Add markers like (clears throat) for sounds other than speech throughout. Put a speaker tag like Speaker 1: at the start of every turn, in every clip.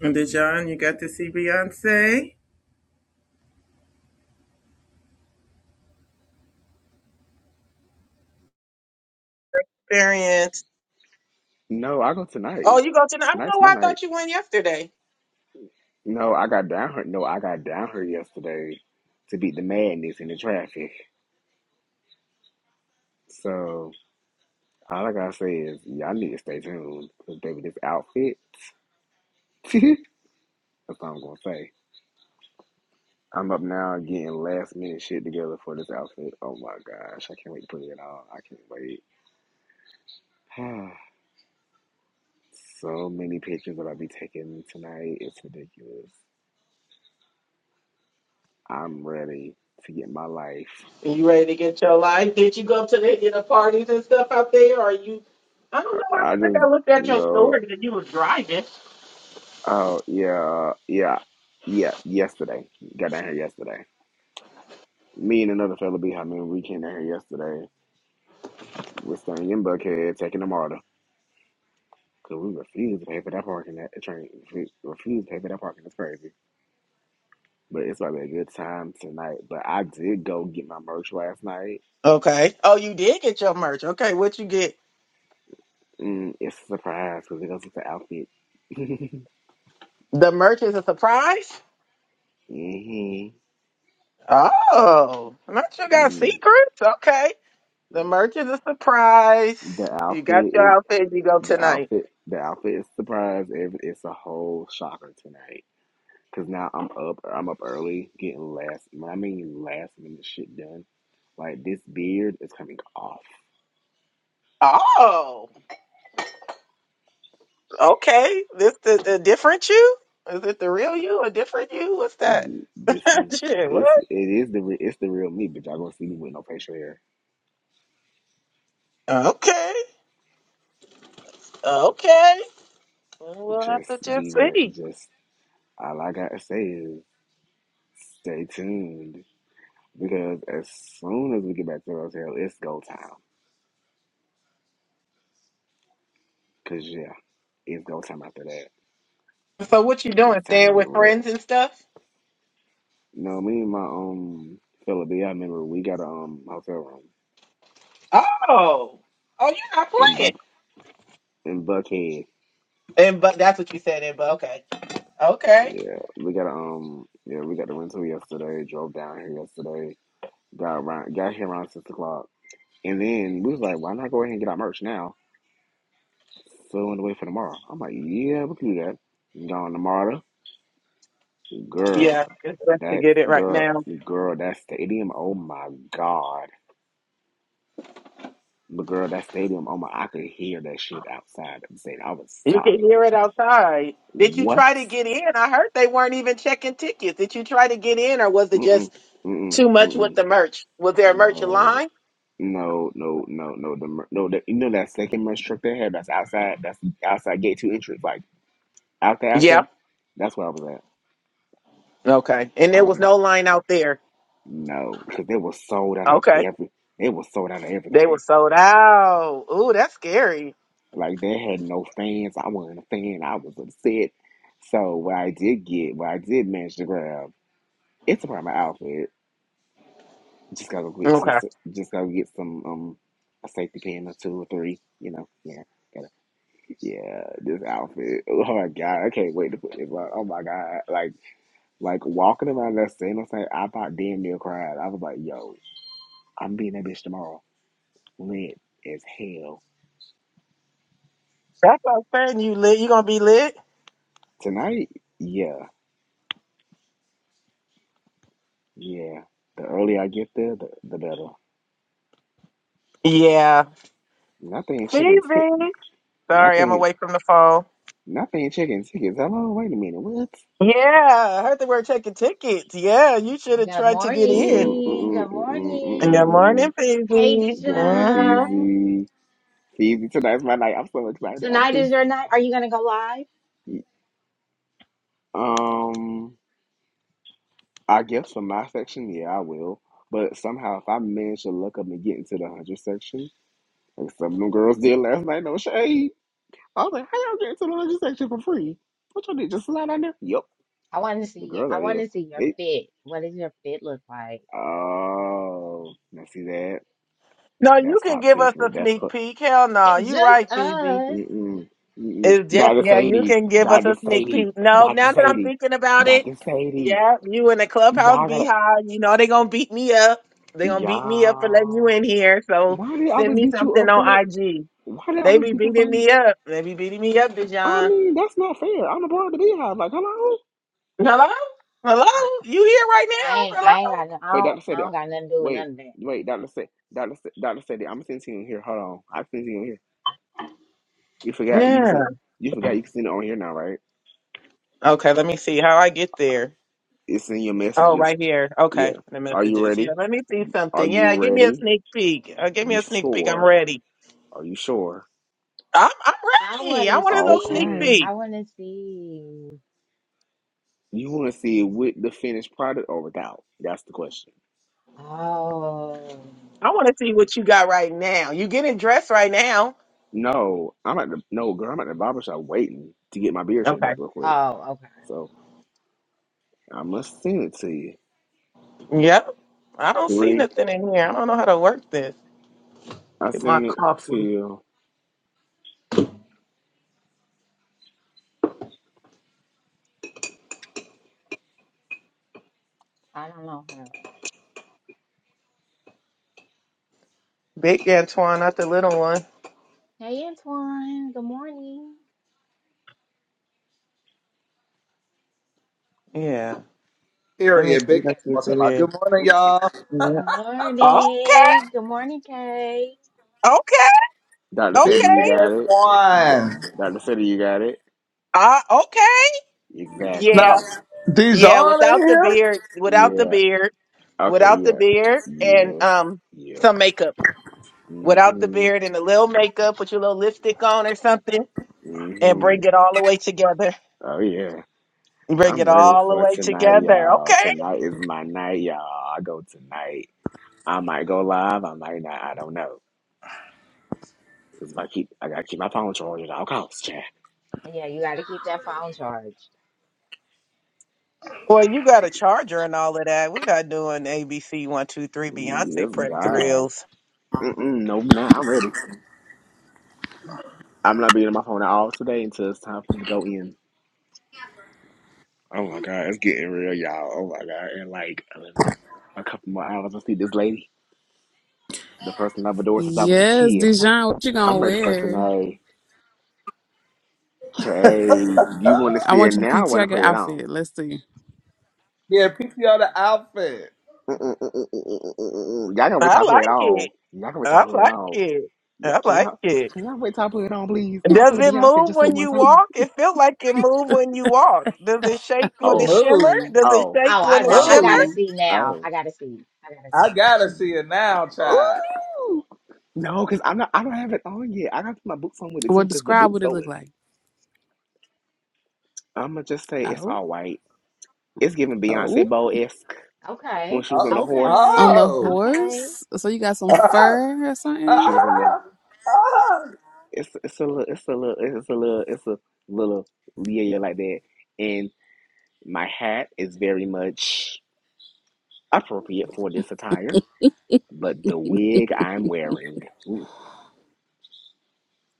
Speaker 1: And Dijon, you got to see Beyonce? Experience.
Speaker 2: No, I go
Speaker 1: Oh,
Speaker 2: tonight.
Speaker 1: you go to the, I don't know
Speaker 2: Tonight's my
Speaker 1: why I
Speaker 2: night.
Speaker 1: thought you went yesterday.
Speaker 2: No, I got down her. No, I got down her yesterday to beat the madness in the traffic. So all I gotta say is y'all need to stay tuned because baby, this outfit. (laughs) That's all I'm gonna say. I'm up now getting last minute shit together for this outfit. Oh my gosh, I can't wait to put it on. I can't wait. (sighs) so many pictures that I'll be taking tonight. It's ridiculous. I'm ready to get my life.
Speaker 1: In a park up out there, or you, I don't know why I
Speaker 2: I just
Speaker 1: thought that your
Speaker 2: no.
Speaker 1: store.
Speaker 2: Oh yeah, yeah, yeah. Yesterday, got down here yesterday. Me and another fella behind me, we came down here yesterday. We're staying in Buckhead, taking the martyr because we refuse to pay for that parking. That train refuse, refuse to pay for that parking. That's crazy. But it's probably a good time tonight. But I did go get my merch last night.
Speaker 1: Okay. Oh, you did get your merch. Okay, what you get?
Speaker 2: Mm, it's a surprise because it goes with the outfit. (laughs)
Speaker 1: The merch is a surprise?
Speaker 2: hmm
Speaker 1: Oh, not you got
Speaker 2: Mm.
Speaker 1: secrets? Okay. The merch is a surprise.
Speaker 2: The
Speaker 1: You got
Speaker 2: outfit
Speaker 1: your
Speaker 2: is
Speaker 1: outfit, you go
Speaker 2: the
Speaker 1: tonight.
Speaker 2: outfit. The outfit is surprise. It, it's a whole shocker tonight. Cause now I'm up, I'm up early, getting last. I mean last minute shit done, like this beard is coming off.
Speaker 1: Oh, okay. This the, the different you? Is it the real you? A different you? What's that? (laughs)
Speaker 2: This is
Speaker 1: Shit, what?
Speaker 2: it's it is the it's the real me, but y'all gonna see me with no facial hair.
Speaker 1: Okay. Okay. Well, we'll have
Speaker 2: Just
Speaker 1: to just
Speaker 2: be
Speaker 1: see.
Speaker 2: just all I gotta say is stay tuned because as soon as we get back to the hotel, it's go time. Cause yeah, it's go time after that.
Speaker 1: So what you
Speaker 2: Cause
Speaker 1: doing?
Speaker 2: it's time to
Speaker 1: Staying
Speaker 2: get
Speaker 1: with
Speaker 2: ripped.
Speaker 1: friends and stuff?
Speaker 2: You know me and my um fella B, I remember we got a um hotel room
Speaker 1: Oh. Oh, you're not
Speaker 2: in
Speaker 1: playing.
Speaker 2: Buck in Buckhead.
Speaker 1: And but that's what you said. And but okay, okay,
Speaker 2: Yeah, we got um, yeah, we got the rental yesterday. Drove down here yesterday. Got around, got here around six o'clock, and then we was like, why not go ahead and get our merch now? So on the way for tomorrow. I'm like, yeah, we can do that. Going tomorrow, girl.
Speaker 1: Yeah, it's best to
Speaker 2: That
Speaker 1: get it right
Speaker 2: girl,
Speaker 1: now.
Speaker 2: girl, that stadium. Oh my god, but girl, that stadium. Oh my, I could hear that shit outside of the stadium. I was
Speaker 1: You can
Speaker 2: sobbing
Speaker 1: hear
Speaker 2: like,
Speaker 1: it outside. Did you
Speaker 2: what?
Speaker 1: try to get in? I heard they weren't even checking tickets. Did you try to get in, or was it
Speaker 2: Mm
Speaker 1: just
Speaker 2: mm mm
Speaker 1: too much
Speaker 2: mm
Speaker 1: with
Speaker 2: mm.
Speaker 1: the merch? Was there a merch
Speaker 2: No.
Speaker 1: line?
Speaker 2: No, no, no, no. The mer- no, the, you know that second merch truck they had. That's outside. That's the outside gate two entrance. Like out there, out there.
Speaker 1: Yeah.
Speaker 2: That's where I was at.
Speaker 1: Okay. And
Speaker 2: I
Speaker 1: there
Speaker 2: was
Speaker 1: was
Speaker 2: like,
Speaker 1: no line out there.
Speaker 2: no, because they were sold out of
Speaker 1: Okay.
Speaker 2: every. They were sold out of
Speaker 1: They were
Speaker 2: everything.
Speaker 1: sold out. Ooh, that's scary.
Speaker 2: Like they had no fans. I wasn't a fan. I was upset. So what I did get, what I did manage to grab, it's a part of my outfit. Just gotta go get some.
Speaker 1: Okay.
Speaker 2: Just gotta get some um a safety pin or two or three. You know, yeah. Yeah, this outfit. Oh my god, I can't wait to put this on. Oh my god, like like walking around that scene, I'm saying I about damn near cried. I was like, yo, I'm being that bitch tomorrow, lit as hell.
Speaker 1: That's what I'm saying. You lit. You gonna be lit?
Speaker 2: Tonight, yeah, yeah. The earlier I get there, the, the better.
Speaker 1: Yeah.
Speaker 2: Nothing chicken, ti-
Speaker 1: Phoebe. Sorry, I'm
Speaker 2: nothing,
Speaker 1: away from the phone.
Speaker 2: nothing chicken tickets. Hello, wait a minute, what?
Speaker 1: Yeah, I heard the word checking tickets. Yeah, you should have
Speaker 3: Good
Speaker 1: tried to get in.
Speaker 2: Mm-mm,
Speaker 3: morning. Good
Speaker 2: mm-mm, mm-mm,
Speaker 3: morning.
Speaker 2: mm-mm,
Speaker 1: Good morning,
Speaker 2: mm-mm.
Speaker 3: Hey,
Speaker 1: Phoebe.
Speaker 2: Good morning,
Speaker 1: Mm-hmm.
Speaker 3: Dijon.
Speaker 2: Feezy. Feezy, tonight's my night. I'm so excited. I'm
Speaker 3: Tonight is your night. Are you gonna go live?
Speaker 2: just um. I guess for my section, yeah, I will. But somehow, if I manage to look up and get into the hundred section, like some of them girls did last night, no shade. I was like, how y'all get into the hundred section for free? What y'all did? Just slide on there? Yep.
Speaker 3: I want to
Speaker 2: The
Speaker 3: see you.
Speaker 2: girls
Speaker 3: I
Speaker 2: out
Speaker 3: want
Speaker 2: there,
Speaker 3: to see your
Speaker 2: they
Speaker 3: fit. What does your fit look like?
Speaker 2: oh, now see that?
Speaker 1: No, you
Speaker 2: That's
Speaker 1: can
Speaker 2: top
Speaker 1: give us
Speaker 2: secret.
Speaker 1: a
Speaker 2: That's
Speaker 1: sneak
Speaker 2: cl-
Speaker 1: peek. Hell no,
Speaker 3: It's
Speaker 1: you
Speaker 3: just
Speaker 1: right, Phoebe.
Speaker 3: us.
Speaker 2: mm-mm, mm-mm.
Speaker 1: It's just
Speaker 2: Dr.
Speaker 1: yeah, you
Speaker 2: Sadie,
Speaker 1: can give us
Speaker 2: Dr.
Speaker 1: a sneak
Speaker 2: Sadie,
Speaker 1: peek. No,
Speaker 2: Dr.
Speaker 1: now that I'm
Speaker 2: Sadie,
Speaker 1: thinking about it,
Speaker 2: Dr. Sadie.
Speaker 1: yeah, you in the clubhouse
Speaker 2: Y'all gotta
Speaker 1: beehive. You know they gonna beat me up. They gonna beat me up for letting you
Speaker 2: y'all.
Speaker 1: in here. So
Speaker 2: Why do they
Speaker 1: send
Speaker 2: always
Speaker 1: me
Speaker 2: beat you
Speaker 1: something
Speaker 2: up for it?
Speaker 1: on IG.
Speaker 2: Why do they
Speaker 1: They
Speaker 2: always
Speaker 1: be
Speaker 2: beat you up
Speaker 1: beating
Speaker 2: for
Speaker 1: me up. They be beating me up,
Speaker 2: I
Speaker 1: Dijon.
Speaker 2: mean, that's not fair. I'm a part of the beehive. Like, hello?
Speaker 1: Hello?
Speaker 3: I,
Speaker 1: Hello? You here right
Speaker 3: I ain't.
Speaker 1: now?
Speaker 3: I ain't got. No, I
Speaker 2: Wait,
Speaker 3: don't.
Speaker 2: Dr.
Speaker 3: I
Speaker 2: Sadie. I-
Speaker 3: don't got nothing to do with
Speaker 2: Wait,
Speaker 3: none of that.
Speaker 2: wait, Dr. Sadie. Dr. Sa- Dr. Sadie, I'm sending you in here. Hold on. I'm sending you in here. You
Speaker 1: Hello?
Speaker 2: forgot you can
Speaker 1: Yeah.
Speaker 2: send you forgot you can send it on here now, right?
Speaker 1: Okay, let me see how I get there.
Speaker 2: It's in your
Speaker 1: Oh,
Speaker 2: messages.
Speaker 1: right here. Okay,
Speaker 2: Yeah.
Speaker 1: the
Speaker 2: Are you
Speaker 1: messages. Yeah,
Speaker 2: ready?
Speaker 1: let me see
Speaker 2: Are
Speaker 1: something.
Speaker 2: you
Speaker 1: Yeah, give me a
Speaker 2: ready?
Speaker 1: sneak peek. Uh, give me
Speaker 2: You
Speaker 1: a sneak peek. I'm
Speaker 2: sure?
Speaker 1: ready.
Speaker 2: Are you sure?
Speaker 1: I'm, I'm
Speaker 3: I
Speaker 1: ready.
Speaker 3: want
Speaker 1: I
Speaker 3: to
Speaker 1: want a little sneak
Speaker 3: see.
Speaker 2: Okay.
Speaker 1: peek.
Speaker 3: I want to see.
Speaker 2: You wanna see it with the finished product or without? That's the question.
Speaker 3: Oh.
Speaker 1: I want to see what you got right now. You getting dressed right now.
Speaker 2: No, I'm at the no girl, I'm at the barber shop waiting to get my beard shaved up
Speaker 1: Okay.
Speaker 2: real quick.
Speaker 3: Oh. Okay.
Speaker 2: So I must send it to you.
Speaker 1: Yep. I don't see
Speaker 2: Three.
Speaker 1: nothing in here. I don't know how to work this.
Speaker 2: I
Speaker 1: Get my
Speaker 2: sent it to
Speaker 1: coffee.
Speaker 3: I don't know her.
Speaker 1: Big Antoine, not the little one.
Speaker 3: Hey, Antoine. Good morning.
Speaker 1: Yeah. Let me
Speaker 4: Period.
Speaker 1: see
Speaker 4: Big
Speaker 1: that you
Speaker 4: ass wine.
Speaker 1: did.
Speaker 4: Good morning, y'all.
Speaker 3: Good
Speaker 1: Yeah. Okay,
Speaker 3: morning. Good morning, Kay.
Speaker 1: okay,
Speaker 2: Dr.
Speaker 1: okay.
Speaker 4: Big
Speaker 2: Fetty, you got
Speaker 4: ass
Speaker 2: it? D-
Speaker 4: wine.
Speaker 2: Dr. Fetty, you got it?
Speaker 1: Uh, okay.
Speaker 4: Now,
Speaker 1: Yeah,
Speaker 2: Exactly.
Speaker 1: yeah.
Speaker 4: Dijon
Speaker 1: Without
Speaker 4: in
Speaker 1: the
Speaker 4: here?
Speaker 1: beard, without the
Speaker 2: Yeah.
Speaker 1: beard,
Speaker 2: Okay,
Speaker 1: without the
Speaker 2: yeah.
Speaker 1: beard, and
Speaker 2: Yes.
Speaker 1: um,
Speaker 2: Yep.
Speaker 1: some makeup. Without the
Speaker 2: Mm-hmm.
Speaker 1: beard and a little makeup, put your little lipstick on or something, and
Speaker 2: Mm-hmm.
Speaker 1: bring it all the way together.
Speaker 2: Oh yeah.
Speaker 1: Bring it
Speaker 2: I'm ready
Speaker 1: all the
Speaker 2: for
Speaker 1: way
Speaker 2: tonight,
Speaker 1: together.
Speaker 2: y'all.
Speaker 1: Okay.
Speaker 2: Tonight is my night, y'all. I go tonight. I might go live, I might not, I don't know. Cause if I keep I gotta keep my phone charged at all costs, chat.
Speaker 3: Yeah, you got to keep that phone charged.
Speaker 1: Well, you got a charger and all of that. We're not doing ABC one two three
Speaker 2: Yes,
Speaker 1: Beyonce prep
Speaker 2: God.
Speaker 1: drills.
Speaker 2: Mm-mm, no, nah, I'm ready. I'm not being on my phone at all today until it's time for me to go in. Oh my god, it's getting real, y'all. Oh my god, and like a couple more hours, I see this lady, the person I've adored since I was a
Speaker 5: Yes,
Speaker 2: kid.
Speaker 5: Dijon, what you gonna
Speaker 2: I'm ready for
Speaker 5: wear?
Speaker 2: tonight. Okay, do you want
Speaker 4: Huh?
Speaker 2: to
Speaker 5: I
Speaker 2: see it
Speaker 5: want you to
Speaker 2: now? I want to
Speaker 5: PTR your
Speaker 2: put it on.
Speaker 5: outfit. Let's see.
Speaker 4: yeah, PTR the outfit.
Speaker 2: Mm-mm-mm-mm-mm-mm-mm-mm. Y'all gonna wait
Speaker 1: I
Speaker 2: till I put
Speaker 1: like
Speaker 2: it on.
Speaker 1: it.
Speaker 2: Y'all gonna wait till I
Speaker 1: I
Speaker 2: put it
Speaker 1: like
Speaker 2: on.
Speaker 1: it.
Speaker 2: Yeah,
Speaker 1: I
Speaker 2: can
Speaker 1: like
Speaker 2: y'all
Speaker 1: it.
Speaker 2: can y'all wait till I put it on, please? Can I
Speaker 1: Does
Speaker 2: pull a
Speaker 1: it
Speaker 2: Beyonce
Speaker 1: move
Speaker 2: just this
Speaker 1: when
Speaker 2: one
Speaker 1: you
Speaker 2: time?
Speaker 1: walk? It feels like it moves when you walk. Does it shake when
Speaker 4: It
Speaker 1: it
Speaker 2: Oh,
Speaker 1: shimmer?
Speaker 4: move.
Speaker 1: Does it
Speaker 2: oh,
Speaker 3: Oh,
Speaker 1: shake
Speaker 3: I
Speaker 1: when it
Speaker 3: got- I
Speaker 2: oh,
Speaker 1: shimmer?
Speaker 3: gotta
Speaker 4: Move.
Speaker 3: see now.
Speaker 2: oh.
Speaker 3: I gotta see. I gotta
Speaker 4: I
Speaker 3: see.
Speaker 4: gotta see it now, child.
Speaker 2: Ooh. No, cause I'm not. I don't have it on yet. I got to put my boots on with it
Speaker 5: Well,
Speaker 2: too, cause the
Speaker 5: describe
Speaker 2: boots
Speaker 5: what
Speaker 2: go
Speaker 5: it look
Speaker 2: with it.
Speaker 5: like.
Speaker 2: I'ma just say it's
Speaker 5: Oh,
Speaker 2: all white. It's giving
Speaker 5: oh,
Speaker 2: Beyonce Bo esque when
Speaker 3: Okay,
Speaker 2: she was on the
Speaker 4: Oh.
Speaker 2: horse.
Speaker 5: on
Speaker 3: okay,
Speaker 5: the
Speaker 4: Oh.
Speaker 3: okay.
Speaker 5: horse. So you got some
Speaker 4: (laughs)
Speaker 5: fur or
Speaker 2: When
Speaker 4: Ah,
Speaker 2: she
Speaker 5: something?
Speaker 2: was on the
Speaker 4: ah, ah.
Speaker 2: it's it's a little it's a little it's a little it's a little yeah yeah like that. And my hat is very much appropriate for this attire, but the wig I'm wearing, ooh,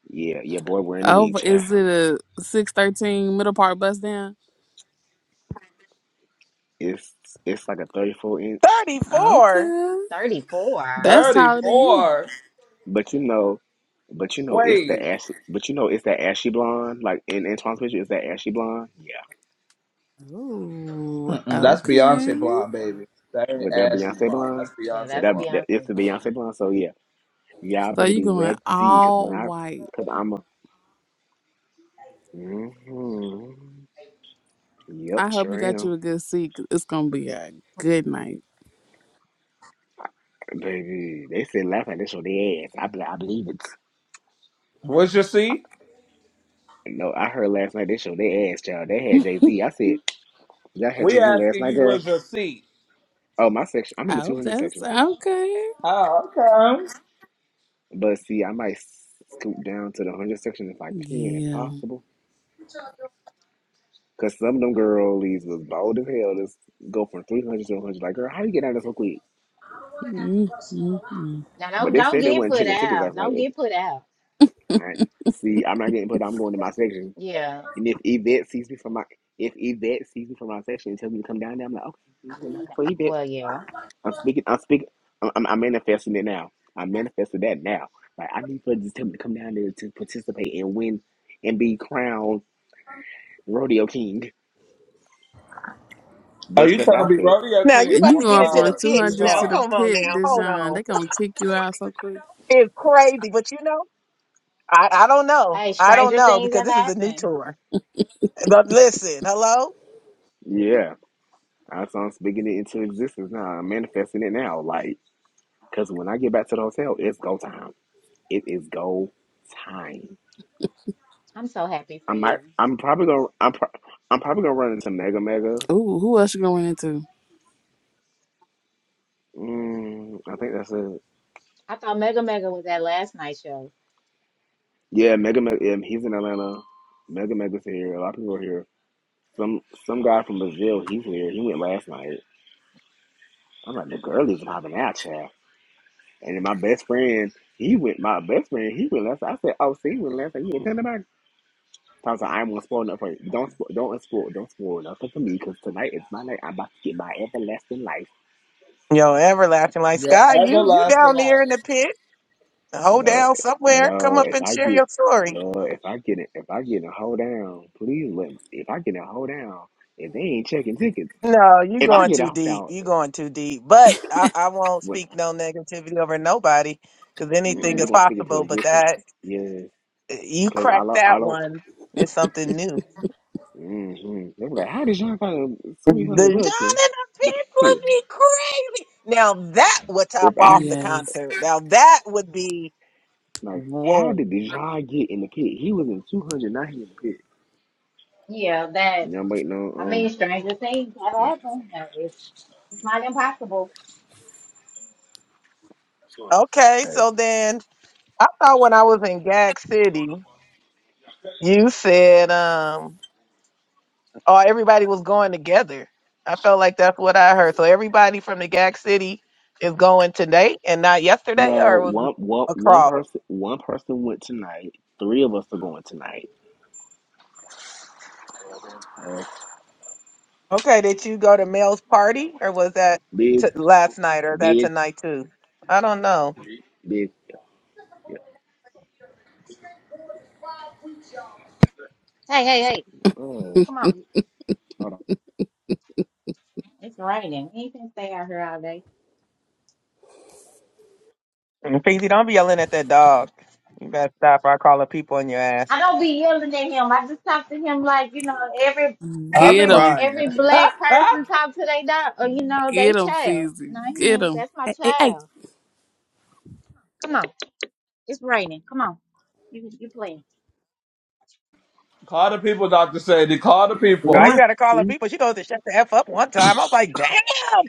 Speaker 2: yeah, your boy wearing a
Speaker 5: Oh,
Speaker 2: wig,
Speaker 5: but
Speaker 2: child.
Speaker 5: is it a six thirteen middle part bust down?
Speaker 2: It's it's like a thirty four inch,
Speaker 1: 34.
Speaker 5: Okay,
Speaker 3: Thirty-four.
Speaker 5: that's
Speaker 4: 30
Speaker 5: taller than you.
Speaker 4: more.
Speaker 2: but you know, but you know it's the
Speaker 4: Wait.
Speaker 2: ashy, but you know it's that ashy blonde. Like in Antoine's picture, it's that ashy blonde.
Speaker 5: Oh,
Speaker 4: Mm-mm, that's Beyonce
Speaker 5: okay.
Speaker 4: blonde, baby. That ain't
Speaker 2: with that
Speaker 4: Ashley
Speaker 2: Beyonce
Speaker 4: blonde.
Speaker 2: blonde,
Speaker 4: That's
Speaker 3: Yeah,
Speaker 2: with
Speaker 4: Beyonce
Speaker 3: that's
Speaker 2: that,
Speaker 4: blonde.
Speaker 2: that it's
Speaker 3: Beyonce's
Speaker 2: the Beyonce
Speaker 3: line.
Speaker 2: blonde. So yeah, y'all
Speaker 5: So
Speaker 2: better
Speaker 5: you
Speaker 2: be
Speaker 5: going
Speaker 2: ready because when
Speaker 5: all
Speaker 2: I,
Speaker 5: white?
Speaker 2: because I'm a, hmm yep,
Speaker 5: I hope you
Speaker 2: sure
Speaker 5: got
Speaker 2: am,
Speaker 5: you a good seat. 'cause It's gonna be a good night.
Speaker 2: baby. They said last night they showed their ass. I, be- like, I believe it.
Speaker 4: What's your seat?
Speaker 2: No, I heard last night they showed their ass, child. They had Jay Z. I said y'all had Jay
Speaker 4: We
Speaker 2: Z last
Speaker 4: asking
Speaker 2: night,
Speaker 4: you
Speaker 2: girl.
Speaker 4: what's your seat.
Speaker 2: Oh, my section. I'm in the
Speaker 5: Oh,
Speaker 2: 200
Speaker 5: that's
Speaker 2: section,
Speaker 5: okay.
Speaker 4: Oh, okay.
Speaker 2: but see, I might scoop down to the 100 section if I can, if
Speaker 5: Yeah.
Speaker 2: possible. Cause some of them girlies was bold as hell. Just go from 300 to 100. Like, girl, how you get out of this so quick?
Speaker 5: Mm-mm-mm.
Speaker 3: Now
Speaker 2: But
Speaker 3: don't
Speaker 2: they
Speaker 3: don't
Speaker 2: said they
Speaker 3: get
Speaker 2: wasn't
Speaker 3: put
Speaker 2: checking tickets
Speaker 3: out.
Speaker 2: last
Speaker 3: Don't
Speaker 2: night.
Speaker 3: get put out.
Speaker 2: All right. See, I'm not getting put. I'm going to my section.
Speaker 3: Yeah.
Speaker 2: And if Yvette sees me from my if Yvette sees me from my section and tells me to come down there, I'm like, okay, you going for Yvette.
Speaker 3: Well, yeah.
Speaker 2: I'm speaking. I'm speaking. I'm, I'm, I'm manifesting it now. I'm manifesting that now. Like I need for this to come down there to participate and win and be crowned rodeo king,
Speaker 4: Are
Speaker 2: best
Speaker 4: you
Speaker 2: dressed
Speaker 4: trying to be
Speaker 2: outfit.
Speaker 4: rodeo
Speaker 1: Now you
Speaker 4: king,
Speaker 1: about
Speaker 5: You
Speaker 1: to get
Speaker 5: going
Speaker 1: into
Speaker 5: from
Speaker 4: uh,
Speaker 5: the
Speaker 1: the pits
Speaker 5: 200s
Speaker 1: now.
Speaker 5: to
Speaker 4: Bijan?
Speaker 5: the
Speaker 1: Come on
Speaker 5: pit,
Speaker 1: now. Hold
Speaker 5: Dijon.
Speaker 1: on.
Speaker 5: They gonna kick you out so quick.
Speaker 1: It's crazy, but you know, I, I don't know.
Speaker 3: Hey,
Speaker 1: I don't
Speaker 3: stranger
Speaker 1: know
Speaker 3: things
Speaker 1: because
Speaker 3: have
Speaker 1: this is a new
Speaker 3: happened.
Speaker 1: tour. But listen, hello?
Speaker 2: Yeah, I- so I'm speaking it into existence now. I'm manifesting it now. Like, cause when I get back to the hotel, it's go time. It is go time.
Speaker 3: I'm so happy
Speaker 2: I
Speaker 3: for
Speaker 2: might.
Speaker 3: you.
Speaker 2: I'm probably gonna. I'm. Pro- I'm probably gonna run into Mega Mega.
Speaker 5: Ooh, who else you going into?
Speaker 2: Mm, I think that's it.
Speaker 3: I thought Mega Mega was that last night show.
Speaker 2: Yeah, Mega Mega. Yeah, he's in Atlanta. Mega Mega's here. A lot of people are here. Some some guy from Brazil. He's here. He went last night. I'm like the girlies and having that chat. And then my best friend, he went. My best friend, he went last. Night. I said, "Oh, see, he went last night. You ain't telling nobody." So I was like, "I'm gonna spoil nothing for you. Don't spoil. Don't spoil. Don't spoil nothing for me because tonight is my night. I'm about to get my everlasting life."
Speaker 1: Yo, everlasting Light
Speaker 4: The
Speaker 1: Sky, you you
Speaker 4: everlasting
Speaker 1: down
Speaker 4: life.
Speaker 1: there in the pit. Hold
Speaker 2: No,
Speaker 1: down somewhere. Come
Speaker 2: no.
Speaker 1: up
Speaker 2: If
Speaker 1: and
Speaker 2: I
Speaker 1: share
Speaker 2: get,
Speaker 1: your story.
Speaker 2: Lord, if I get it, if I get a hold down, please let. me- If I get a hold down, if they ain't checking tickets,
Speaker 1: No, you
Speaker 2: if I
Speaker 1: going
Speaker 2: get a
Speaker 1: too
Speaker 2: hold
Speaker 1: deep.
Speaker 2: down,
Speaker 1: You going too deep. But I, I won't
Speaker 2: what
Speaker 1: speak no negativity over nobody because
Speaker 3: Good
Speaker 2: mm,
Speaker 1: anything
Speaker 2: they're
Speaker 1: is
Speaker 3: morning.
Speaker 2: gonna speak into
Speaker 1: possible. But
Speaker 2: existence?
Speaker 1: that
Speaker 2: Yes,
Speaker 1: you
Speaker 2: because I
Speaker 1: cracked
Speaker 2: do I
Speaker 1: that
Speaker 2: don't.
Speaker 1: one is something new.
Speaker 2: Mm-hmm. they were like, how did John all find
Speaker 1: The
Speaker 2: three
Speaker 1: John
Speaker 2: hundred
Speaker 1: and
Speaker 2: bucks in
Speaker 1: the
Speaker 2: the
Speaker 1: Fist would
Speaker 2: pit?
Speaker 1: be crazy. Now that would top
Speaker 2: If
Speaker 1: off
Speaker 2: I
Speaker 1: the
Speaker 5: Yes.
Speaker 1: concert. Now that would be
Speaker 2: like, how
Speaker 1: whoa.
Speaker 2: did Dejan get in the pit? He was in two hundred, not he in the pit.
Speaker 3: Yeah, that.
Speaker 2: And I'm waiting
Speaker 3: I
Speaker 2: on
Speaker 3: mean,
Speaker 2: um.
Speaker 3: stranger things have
Speaker 2: yeah,
Speaker 3: happened. That is it's not impossible.
Speaker 1: Okay,
Speaker 2: hey.
Speaker 1: so then I thought when I was in Gag City, you said um Oh, everybody was going together. I felt like that's what I heard. So everybody from the GAC city is going today and not yesterday,
Speaker 2: No,
Speaker 1: or was it
Speaker 2: one one one
Speaker 1: across?
Speaker 2: person one person went tonight. Three of us are going tonight. Uh,
Speaker 1: Okay, did you go to Mel's party, or was that
Speaker 2: big,
Speaker 1: t- last night, or that
Speaker 2: big,
Speaker 1: tonight too? I don't know.
Speaker 2: big. Yeah, yeah.
Speaker 3: Hey, hey, hey.
Speaker 2: Girl,
Speaker 3: Come on.
Speaker 2: hold on.
Speaker 3: It's raining. He can stay out here all day.
Speaker 1: And Peasy, don't be yelling at that dog. You better stop or I call her people on your ass.
Speaker 3: I don't be yelling at him. I just talk to him like you know every
Speaker 4: I'm
Speaker 5: get
Speaker 3: every
Speaker 5: them,
Speaker 4: crying.
Speaker 3: every black person
Speaker 4: (laughs)
Speaker 3: talk to their dog or you know they
Speaker 5: get them,
Speaker 3: child. No,
Speaker 5: Feezy.
Speaker 3: he
Speaker 5: Get
Speaker 3: ain't.
Speaker 5: 'em.
Speaker 3: That's my
Speaker 5: Hey, hey, hey,
Speaker 3: child. Come on, it's raining. Come on, you you playing?
Speaker 4: call the people, Doctor Sadie. Call the
Speaker 1: Girl,
Speaker 4: people.
Speaker 1: you
Speaker 2: Not
Speaker 1: gotta call her
Speaker 2: mm,
Speaker 1: people. She goes to shut the F up one time. I was like, damn,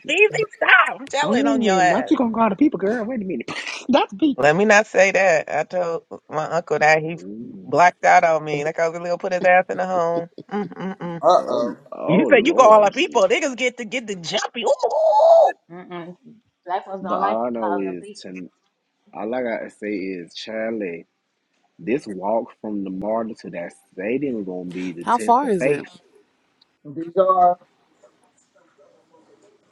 Speaker 1: Peasy, stop. I'm
Speaker 2: wait
Speaker 1: telling
Speaker 2: a
Speaker 1: on your
Speaker 2: minute. Not
Speaker 1: ass.
Speaker 2: you gonna call the people, girl. Wait a minute. (laughs) Not the people.
Speaker 1: Let me not say that. I told my uncle that he
Speaker 2: Mm.
Speaker 1: blacked out on me. Like I was really gonna put his ass in the home. Mm-mm-mm.
Speaker 4: Uh oh,
Speaker 2: Oh,
Speaker 1: You
Speaker 2: oh
Speaker 1: said you call
Speaker 2: Lord,
Speaker 1: our
Speaker 2: gee.
Speaker 1: people. Niggas get to get the jumpy. Ooh.
Speaker 3: Mm-mm. Black folks
Speaker 2: But
Speaker 3: don't like
Speaker 2: all I
Speaker 3: you
Speaker 2: know
Speaker 3: calling them
Speaker 2: is
Speaker 3: people.
Speaker 2: to all I gotta say is Charlie. This walk from the martyr to that stadium gonna be the
Speaker 5: how
Speaker 2: test
Speaker 5: far
Speaker 2: of
Speaker 5: is
Speaker 2: faith.
Speaker 5: it?
Speaker 4: Bijan,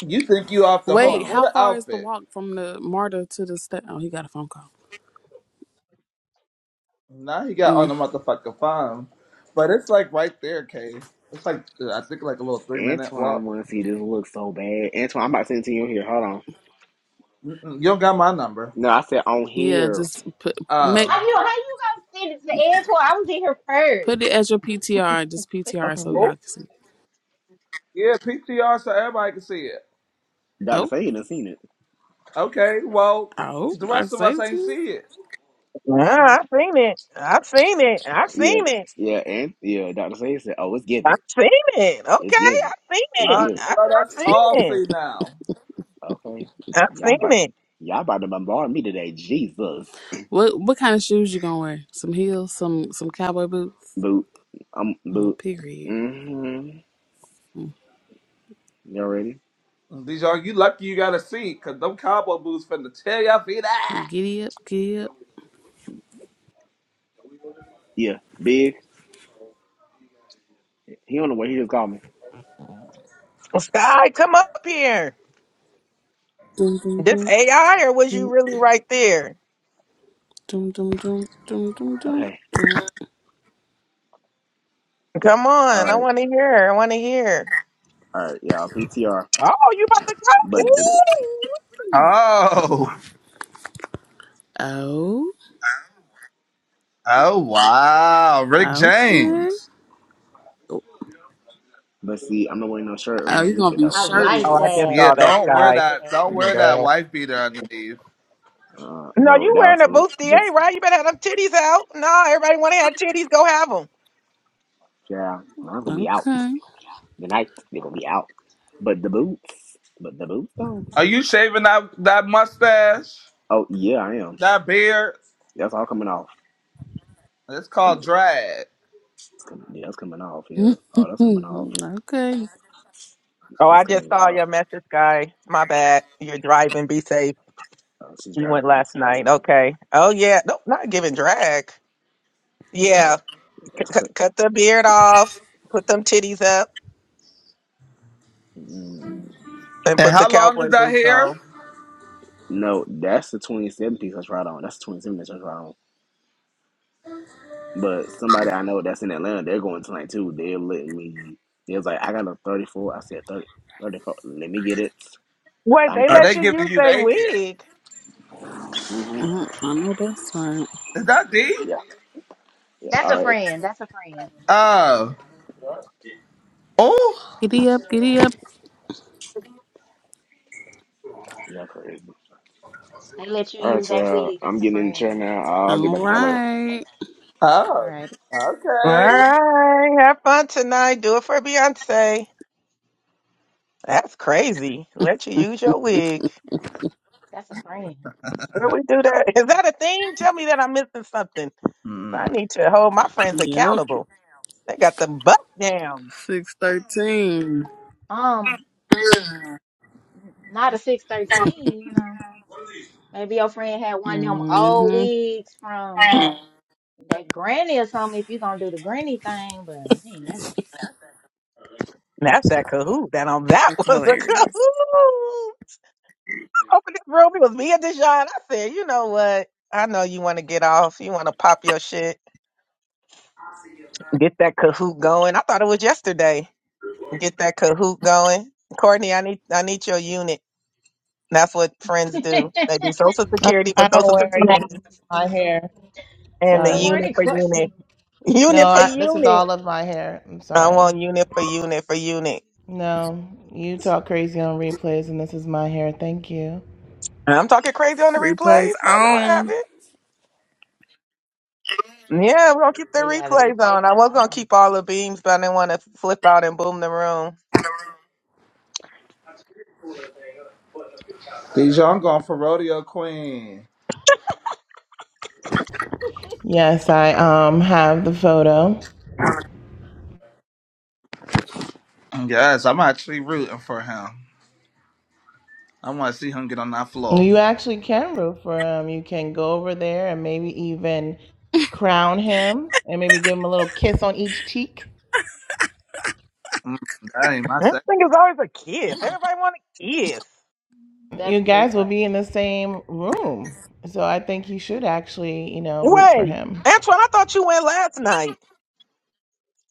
Speaker 4: you think you off the
Speaker 2: Hold
Speaker 5: Wait,
Speaker 4: hook? What
Speaker 2: on.
Speaker 5: how
Speaker 4: an
Speaker 5: far is the
Speaker 4: outfit!
Speaker 5: walk from the martyr to the sta Oh, he got a phone call.
Speaker 4: Now he got on
Speaker 5: Mm.
Speaker 4: the motherfucking phone, but it's like right there, Kay. It's like I think like a little three minute
Speaker 2: Antoine
Speaker 4: walk.
Speaker 2: wanna see this look so bad. Antoine, I'm about to send it to you here. Hold on.
Speaker 4: Mm-mm, you don't got my number.
Speaker 2: No, I said on
Speaker 5: Yeah,
Speaker 2: here.
Speaker 5: just put make
Speaker 4: Oh.
Speaker 3: How you how you gonna send it to Edgewater? I was in here first.
Speaker 5: put it as your PTR, just PTR
Speaker 2: Okay,
Speaker 5: so
Speaker 4: Oh.
Speaker 5: y'all can see.
Speaker 4: Yeah, PTR so everybody can see it.
Speaker 2: Dr.
Speaker 5: Oh,
Speaker 2: Sage done seen it.
Speaker 4: Okay, well,
Speaker 5: oh,
Speaker 4: the
Speaker 5: I
Speaker 4: rest of us
Speaker 5: say to
Speaker 4: ain't see it.
Speaker 2: hold on.
Speaker 1: Yeah, I've seen it. I've seen it. I've
Speaker 2: Yeah,
Speaker 1: seen it.
Speaker 2: yeah, and yeah, Dr. Sage said, "Oh, it's given,
Speaker 1: I've seen it.
Speaker 2: it's
Speaker 1: Okay,
Speaker 2: given,
Speaker 1: I've seen
Speaker 2: it's
Speaker 4: All
Speaker 1: it.
Speaker 4: right,
Speaker 2: given."
Speaker 1: I,
Speaker 4: so let us
Speaker 1: I've seen
Speaker 4: all
Speaker 1: it.
Speaker 4: see now.
Speaker 2: Okay,
Speaker 1: I've
Speaker 2: y'all
Speaker 1: seen
Speaker 2: about
Speaker 1: it.
Speaker 2: y'all about to bombard me today, Jesus.
Speaker 5: What what kind of shoes you gonna wear? Some heels, some some cowboy boots.
Speaker 2: Boot, I'm
Speaker 5: Oh,
Speaker 2: boot.
Speaker 5: period.
Speaker 2: Mm-hmm. Y'all ready?
Speaker 4: These are you lucky you got a seat, cause them cowboy boots finna tear your feet
Speaker 5: Giddy up, giddy up.
Speaker 2: Yeah, big. He on the way. He just called me.
Speaker 1: Sky, come up here.
Speaker 5: Dum dum
Speaker 1: This
Speaker 5: dum
Speaker 1: AI, or was you
Speaker 5: dum
Speaker 1: really right there?
Speaker 5: dum dum dum dum dum dum.
Speaker 2: Okay,
Speaker 5: dum.
Speaker 1: Come
Speaker 2: all
Speaker 1: on, I
Speaker 2: right,
Speaker 1: want to hear. I want to hear.
Speaker 2: all right, y'all. PTR,
Speaker 1: Oh, you about to go?
Speaker 2: but the,
Speaker 4: out.
Speaker 1: Ooh.
Speaker 4: Oh,
Speaker 5: Oh,
Speaker 4: oh wow, Rick
Speaker 5: okay.
Speaker 4: James.
Speaker 2: but see, I'm not wearing no shirt or
Speaker 5: Oh, you're
Speaker 2: underneath
Speaker 5: gonna
Speaker 2: it
Speaker 5: be
Speaker 2: though.
Speaker 3: I
Speaker 2: Yeah,
Speaker 1: Oh,
Speaker 3: like
Speaker 1: I
Speaker 5: shirtless.
Speaker 1: just
Speaker 4: Yeah,
Speaker 1: saw
Speaker 3: that.
Speaker 1: that
Speaker 3: I
Speaker 4: don't wear
Speaker 3: like
Speaker 1: sky.
Speaker 4: that.
Speaker 3: that.
Speaker 4: Don't
Speaker 1: Oh my
Speaker 4: wear that
Speaker 1: god.
Speaker 4: wife beater underneath.
Speaker 2: uh,
Speaker 1: No,
Speaker 2: no,
Speaker 1: you
Speaker 2: that
Speaker 1: wearing
Speaker 2: was
Speaker 1: a
Speaker 2: for just
Speaker 1: bustier, right? You better have them titties out. No, everybody want to have titties, go have them.
Speaker 2: yeah. I was gonna be out.
Speaker 5: Okay.
Speaker 2: The night they're gonna be out. But the boots, but the boots though.
Speaker 4: Are you shaving that that mustache,
Speaker 2: Oh yeah, I am.
Speaker 4: that beard?
Speaker 2: That's all coming off.
Speaker 4: It's
Speaker 2: It's
Speaker 4: called
Speaker 2: coming.
Speaker 4: drag.
Speaker 2: It's coming. Yeah, that's coming off.
Speaker 5: (laughs)
Speaker 2: Yeah.
Speaker 5: okay.
Speaker 2: Oh, that's coming off.
Speaker 1: Oh,
Speaker 2: It's
Speaker 1: I just
Speaker 2: coming
Speaker 1: saw
Speaker 2: off.
Speaker 1: your message, guy. My bad. You're driving. Be safe.
Speaker 2: Oh, she's
Speaker 1: You
Speaker 2: driving
Speaker 1: went
Speaker 2: me
Speaker 1: last night.
Speaker 2: insane.
Speaker 1: Okay. Oh yeah. Nope, not giving drag.
Speaker 2: Yeah.
Speaker 1: Yeah.
Speaker 2: It's
Speaker 1: C-
Speaker 2: co-
Speaker 1: c- cut the beard off. Put them titties up
Speaker 2: mm,
Speaker 1: and
Speaker 4: And
Speaker 1: put the
Speaker 4: how long is
Speaker 1: cowboy
Speaker 4: that
Speaker 1: boots
Speaker 4: hair?
Speaker 1: on.
Speaker 2: no. That's the 2017 piece that's right on. That's the 27 that's right on. But somebody I know that's in Atlanta, they're going tonight too. They let me. They was like, I got a 34. I said 30 34. Let me get it.
Speaker 1: Wait, they
Speaker 2: Thank
Speaker 4: Are
Speaker 2: you.
Speaker 4: they
Speaker 1: let you
Speaker 4: giving
Speaker 1: use
Speaker 4: you
Speaker 1: their
Speaker 4: their hair?
Speaker 1: wig.
Speaker 2: hmm
Speaker 5: Mhm, I know that's right.
Speaker 4: Is that deep?
Speaker 2: Yeah. Yeah.
Speaker 3: That's
Speaker 2: All
Speaker 3: a
Speaker 2: right.
Speaker 3: friend. That's a friend.
Speaker 4: Oh, oh,
Speaker 5: Giddy up, giddy up.
Speaker 2: Yeah. Crazy.
Speaker 3: They let you
Speaker 2: All right,
Speaker 3: use
Speaker 2: so
Speaker 3: that wig.
Speaker 2: uh, I'm
Speaker 3: That's a
Speaker 2: getting in the chair
Speaker 3: friend.
Speaker 2: now. I'll get
Speaker 5: All
Speaker 2: back at y'all later.
Speaker 5: right.
Speaker 3: All
Speaker 4: oh.
Speaker 3: right.
Speaker 1: All
Speaker 4: Okay.
Speaker 1: right. Have fun tonight. Do it for Beyonce. That's crazy. Let you use your wig.
Speaker 3: That's a friend.
Speaker 1: Where we do that? (laughs) Is that a thing? Tell me that I'm missing something.
Speaker 4: Hmm.
Speaker 1: I need to hold my friends
Speaker 5: Yep.
Speaker 1: accountable. They got them buck downs.
Speaker 5: Six thirteen.
Speaker 3: Um, n- not a six thirteen. You know, maybe your friend had one of them old
Speaker 5: Mhm.
Speaker 3: wigs from that granny or something. If you gonna do the granny thing, but I ain't never.
Speaker 1: That's that Kahoot. That on that (laughs)
Speaker 5: That's
Speaker 1: was a
Speaker 5: hilarious.
Speaker 1: Kahoot. Open this room. It was me and Deshaun. I said, you know what? I know you want to get off. You want to pop your shit. Get that Kahoot going. I thought it was yesterday. Get that Kahoot going. Courtney, I need I need your unit. That's what friends do.
Speaker 3: (laughs)
Speaker 1: They do Social
Speaker 6: I,
Speaker 1: Security for
Speaker 6: I don't
Speaker 1: Social
Speaker 6: wear a unit. This
Speaker 1: Security
Speaker 6: is my hair.
Speaker 1: and the
Speaker 3: Good
Speaker 6: Sorry.
Speaker 1: unit
Speaker 3: morning,
Speaker 1: for unit.
Speaker 3: Courtney.
Speaker 6: No,
Speaker 1: Unit for
Speaker 6: I, this is
Speaker 1: unit.
Speaker 6: all of my hair. I'm
Speaker 1: I
Speaker 6: sorry.
Speaker 1: want unit for unit for unit.
Speaker 6: No, you talk crazy on replays, and this is my hair. Thank you.
Speaker 1: And I'm talking crazy on the
Speaker 5: Replays
Speaker 1: replays. I know I
Speaker 5: on.
Speaker 1: haven't. Yeah, we're gonna keep the
Speaker 3: Yeah, the
Speaker 1: replays
Speaker 3: replays
Speaker 1: on. I was
Speaker 3: are
Speaker 1: gonna
Speaker 3: on.
Speaker 1: keep all the beams, but I didn't want to flip out and boom the room.
Speaker 4: Dijon going for rodeo queen.
Speaker 6: Yes, I um have the photo.
Speaker 4: Yes, I'm actually rooting for him. I want to see him get on that floor.
Speaker 6: You actually can root for him. You can go over there and maybe even crown him and maybe give him a little kiss on each cheek.
Speaker 4: Mm, that ain't my
Speaker 1: This
Speaker 4: second.
Speaker 1: thing is always a kiss. Everybody want a kiss.
Speaker 6: You
Speaker 3: That's too
Speaker 6: guys will
Speaker 3: funny.
Speaker 6: be in the same room. So I think you should actually, you know, root for
Speaker 1: Wait,
Speaker 6: him.
Speaker 1: Antoine, I thought you went last night.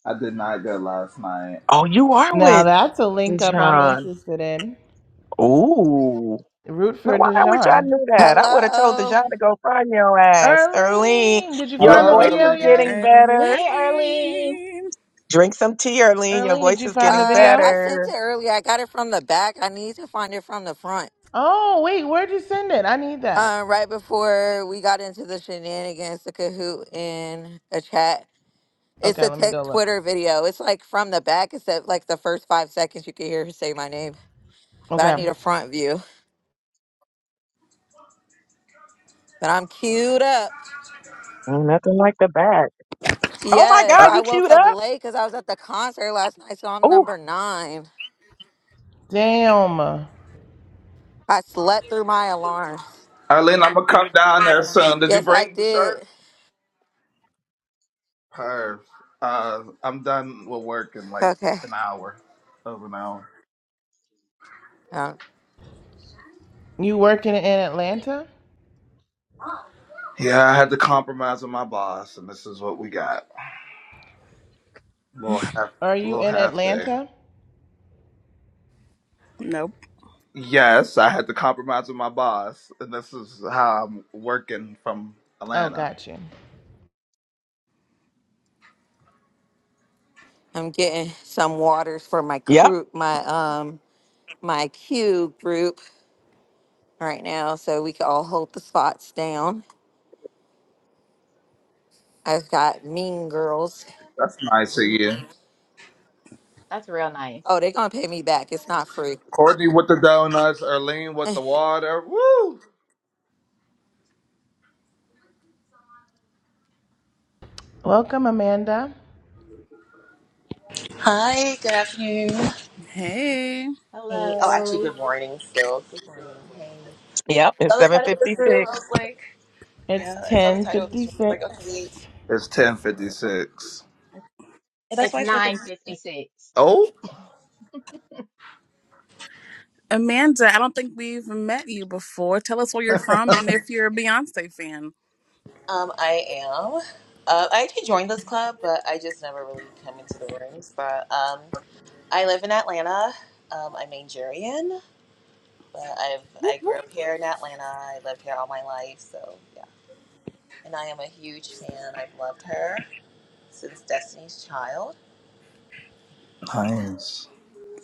Speaker 4: I did not go last night.
Speaker 1: Oh, you are
Speaker 6: Now
Speaker 1: with
Speaker 6: that's a link up I'm
Speaker 1: John.
Speaker 6: interested in.
Speaker 1: Ooh.
Speaker 6: Root
Speaker 1: No,
Speaker 6: for
Speaker 1: why I wish I
Speaker 6: Dijon.
Speaker 1: knew that. I would have told
Speaker 7: Hello.
Speaker 1: Dejan to go find your ass. Erlene,
Speaker 6: Erlene, did you
Speaker 1: your
Speaker 6: find
Speaker 4: Hello,
Speaker 6: the
Speaker 1: voice
Speaker 6: video
Speaker 1: is
Speaker 4: Arlene.
Speaker 1: getting
Speaker 6: yet?
Speaker 5: And
Speaker 1: better.
Speaker 3: Hey, Early.
Speaker 5: leave.
Speaker 1: Drink some tea, Erlene. Your
Speaker 6: Erlene, did
Speaker 1: voice
Speaker 6: you
Speaker 1: is
Speaker 6: find the
Speaker 1: getting
Speaker 7: Uh,
Speaker 6: video?
Speaker 7: I sent
Speaker 1: better.
Speaker 7: it earlier. I got it from the back. I need to find it from the front.
Speaker 6: Oh, wait, where'd you send it? I need
Speaker 7: Uh,
Speaker 6: that.
Speaker 7: right before we got into the shenanigans, the Kahoot in a chat. It's
Speaker 6: Okay,
Speaker 7: a
Speaker 6: let me
Speaker 7: tech
Speaker 6: go look.
Speaker 7: Twitter video. It's like from the back, except like the first five seconds you can hear her say my name. But I
Speaker 6: Okay.
Speaker 7: need a front view. But I'm queued up.
Speaker 1: Oh, nothing like the back. Oh my
Speaker 7: Yes,
Speaker 1: God,
Speaker 4: Uh,
Speaker 7: I
Speaker 1: you
Speaker 7: woke
Speaker 1: queued
Speaker 7: up
Speaker 1: up?
Speaker 7: late because I was at the concert last night, so I'm
Speaker 1: Oh,
Speaker 7: number nine.
Speaker 6: Damn.
Speaker 7: I slept through my alarms.
Speaker 4: Arlene, I'm gonna come down there soon. Did you
Speaker 7: Yes, I
Speaker 4: bring the shirt?
Speaker 7: did.
Speaker 4: Perf. Uh, I'm done with work in like
Speaker 7: Okay.
Speaker 4: an hour, over an hour.
Speaker 6: You working in Atlanta?
Speaker 4: Yeah, I had to compromise with my boss, and this is what we got. little half,
Speaker 6: Are you
Speaker 4: little
Speaker 6: in
Speaker 4: half day.
Speaker 6: Atlanta?
Speaker 5: Nope.
Speaker 4: Yes, I had to compromise with my boss, and this is how I'm working from
Speaker 6: Oh,
Speaker 4: Atlanta.
Speaker 6: got you.
Speaker 7: I'm getting some waters for my
Speaker 1: yep,
Speaker 7: crew, my um, my Q group right now, so we can all hold the spots down. I've got Mean Girls.
Speaker 4: That's nice of you.
Speaker 3: That's real nice.
Speaker 7: Oh, they're gonna pay me back. It's not free.
Speaker 4: Courtney with the donuts, Erlene
Speaker 7: (laughs)
Speaker 4: with the
Speaker 7: they
Speaker 4: water. Woo!
Speaker 6: Welcome, Amanda.
Speaker 8: Hi, good afternoon.
Speaker 5: Hey.
Speaker 8: Hey, oh, actually,
Speaker 3: Hello.
Speaker 8: good morning still. Good morning. Hey.
Speaker 1: yep. It's
Speaker 8: Saw the
Speaker 1: seven
Speaker 8: title of this
Speaker 1: fifty
Speaker 8: room. I
Speaker 1: six.
Speaker 8: was like,
Speaker 6: It's
Speaker 8: yeah, I saw the title of this room. I was
Speaker 6: 1056.
Speaker 8: like, okay,
Speaker 4: It's ten fifty six.
Speaker 8: and that's
Speaker 3: It's
Speaker 8: why I started.
Speaker 3: nine fifty six.
Speaker 4: Oh,
Speaker 5: Amanda, I don't think we've met you before. Tell us where you're from and if you're a Beyonce fan.
Speaker 8: Um, I am. Uh, I actually joined this club, but I just never really come into the rooms. But um, I live in Atlanta. Um, I'm Nigerian, but I've
Speaker 5: Whoop,
Speaker 8: I grew
Speaker 5: whoop.
Speaker 8: up here in Atlanta. I lived here all my life, so yeah. And I am a huge fan. I've loved her since Destiny's Child.
Speaker 4: nice.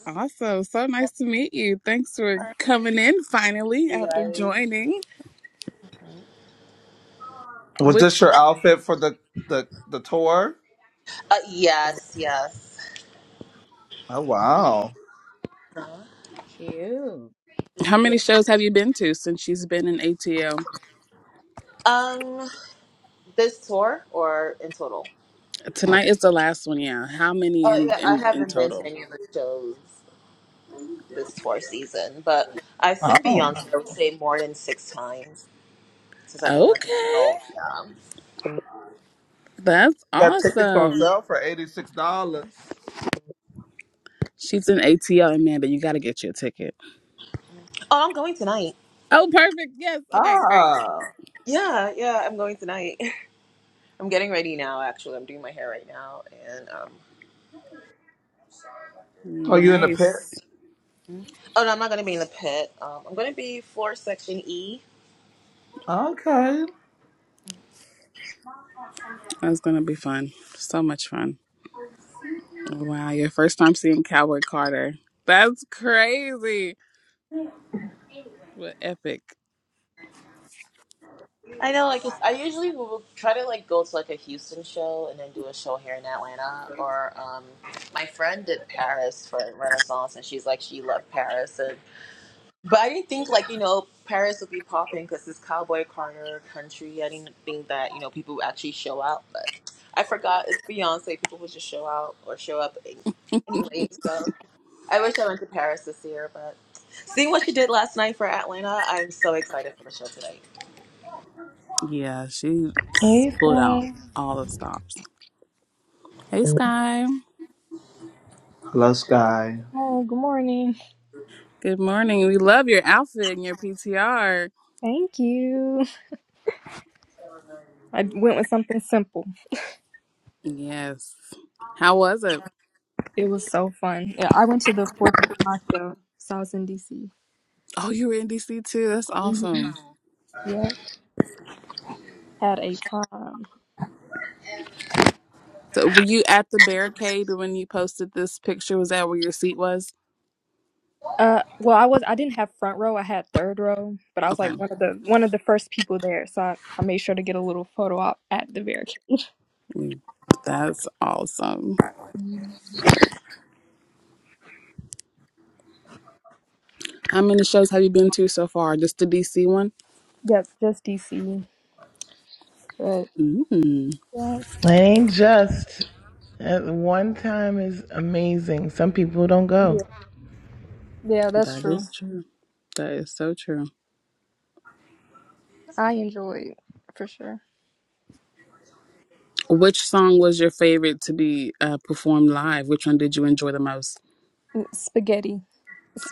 Speaker 5: Awesome. So
Speaker 8: I've
Speaker 5: nice to meet you. Thanks for
Speaker 8: heard
Speaker 5: coming in finally after
Speaker 8: you
Speaker 5: joining.
Speaker 8: guys.
Speaker 4: Was this
Speaker 5: Which,
Speaker 4: your outfit for the the the tour?
Speaker 8: Uh, yes, yes.
Speaker 4: Oh wow!
Speaker 8: Uh-huh.
Speaker 3: Cute.
Speaker 5: how
Speaker 8: Yeah.
Speaker 5: many shows have you been to since she's been in ATL?
Speaker 8: Um, this tour or in total?
Speaker 5: Tonight is the last one, yeah. How many
Speaker 8: Oh
Speaker 5: in,
Speaker 8: yeah, I
Speaker 5: in, in
Speaker 8: haven't been to
Speaker 5: total?
Speaker 8: any of the shows this tour season, but I've seen
Speaker 4: Oh,
Speaker 8: Beyonce. I would say more than six times since I've been like an
Speaker 5: Okay.
Speaker 8: adult. Yeah.
Speaker 5: That's
Speaker 4: got tickets on
Speaker 5: awesome.
Speaker 4: sale for eighty six dollars.
Speaker 5: She's in ATL, Amanda. You got to get you a ticket.
Speaker 8: Oh, I'm going tonight.
Speaker 5: Oh, perfect. Yes. Okay, great.
Speaker 4: Ah,
Speaker 8: Yeah, yeah, I'm going tonight. (laughs) I'm getting ready now. Actually, I'm doing my hair right now, and um,
Speaker 4: are you in the pit?
Speaker 5: Nice.
Speaker 8: oh no, I'm not gonna be in the pit. Um, I'm gonna be floor section E.
Speaker 4: Okay.
Speaker 5: That's going to be fun. So much fun. Wow, your first time seeing Cowboy Carter. That's crazy. But epic.
Speaker 8: I know, like, it's, I usually will try to, like, go to, like, a Houston show and then do a show here in Atlanta. Or, um, my friend did Paris for Renaissance, and she's like, she loved Paris. And, but I didn't think, like, you know, Paris would be popping because it's Cowboy Carter country. I didn't think that, you know, people would actually show out. But I forgot it's Beyonce. People would just show out or show up anyway. So I wish I went to Paris this year. But seeing what she did last night for Atlanta, I'm so excited for the show tonight.
Speaker 5: Yeah, she
Speaker 6: Hey,
Speaker 5: pulled out
Speaker 6: guys.
Speaker 5: all the stops. Hey Sky.
Speaker 4: Hello, Sky.
Speaker 9: Oh, good morning.
Speaker 5: Good morning. We love your outfit and your PTR.
Speaker 9: Thank you. I went with something simple.
Speaker 5: Yes. How was it?
Speaker 9: It was so fun. Yeah, I went to the Fourth of July show, so I was in DC.
Speaker 5: Oh, you were in DC too. That's
Speaker 9: hmm
Speaker 5: awesome.
Speaker 9: Yeah, had a time.
Speaker 5: So were you at the barricade when you posted this picture? Was that where your seat was?
Speaker 9: Uh, well, I was I didn't have front row. I had third row, but I was
Speaker 5: Okay.
Speaker 9: like one of the one of the first people there, so I, I made sure to get a little photo op at the very.
Speaker 5: Mm, That's awesome.
Speaker 9: Mhm.
Speaker 5: How many shows have you been to so far? Just the DC one?
Speaker 9: Yep, just DC. But
Speaker 5: Mm,
Speaker 9: yeah,
Speaker 6: It ain't just. At one time is amazing. Some people don't
Speaker 9: yeah,
Speaker 6: go.
Speaker 9: yeah, that's
Speaker 5: that
Speaker 9: true.
Speaker 5: is true. That is so true.
Speaker 9: I enjoyed it, for sure.
Speaker 5: Which song was your favorite to be uh, performed live? Which one did you enjoy the most?
Speaker 9: Ooh, Spaghetti,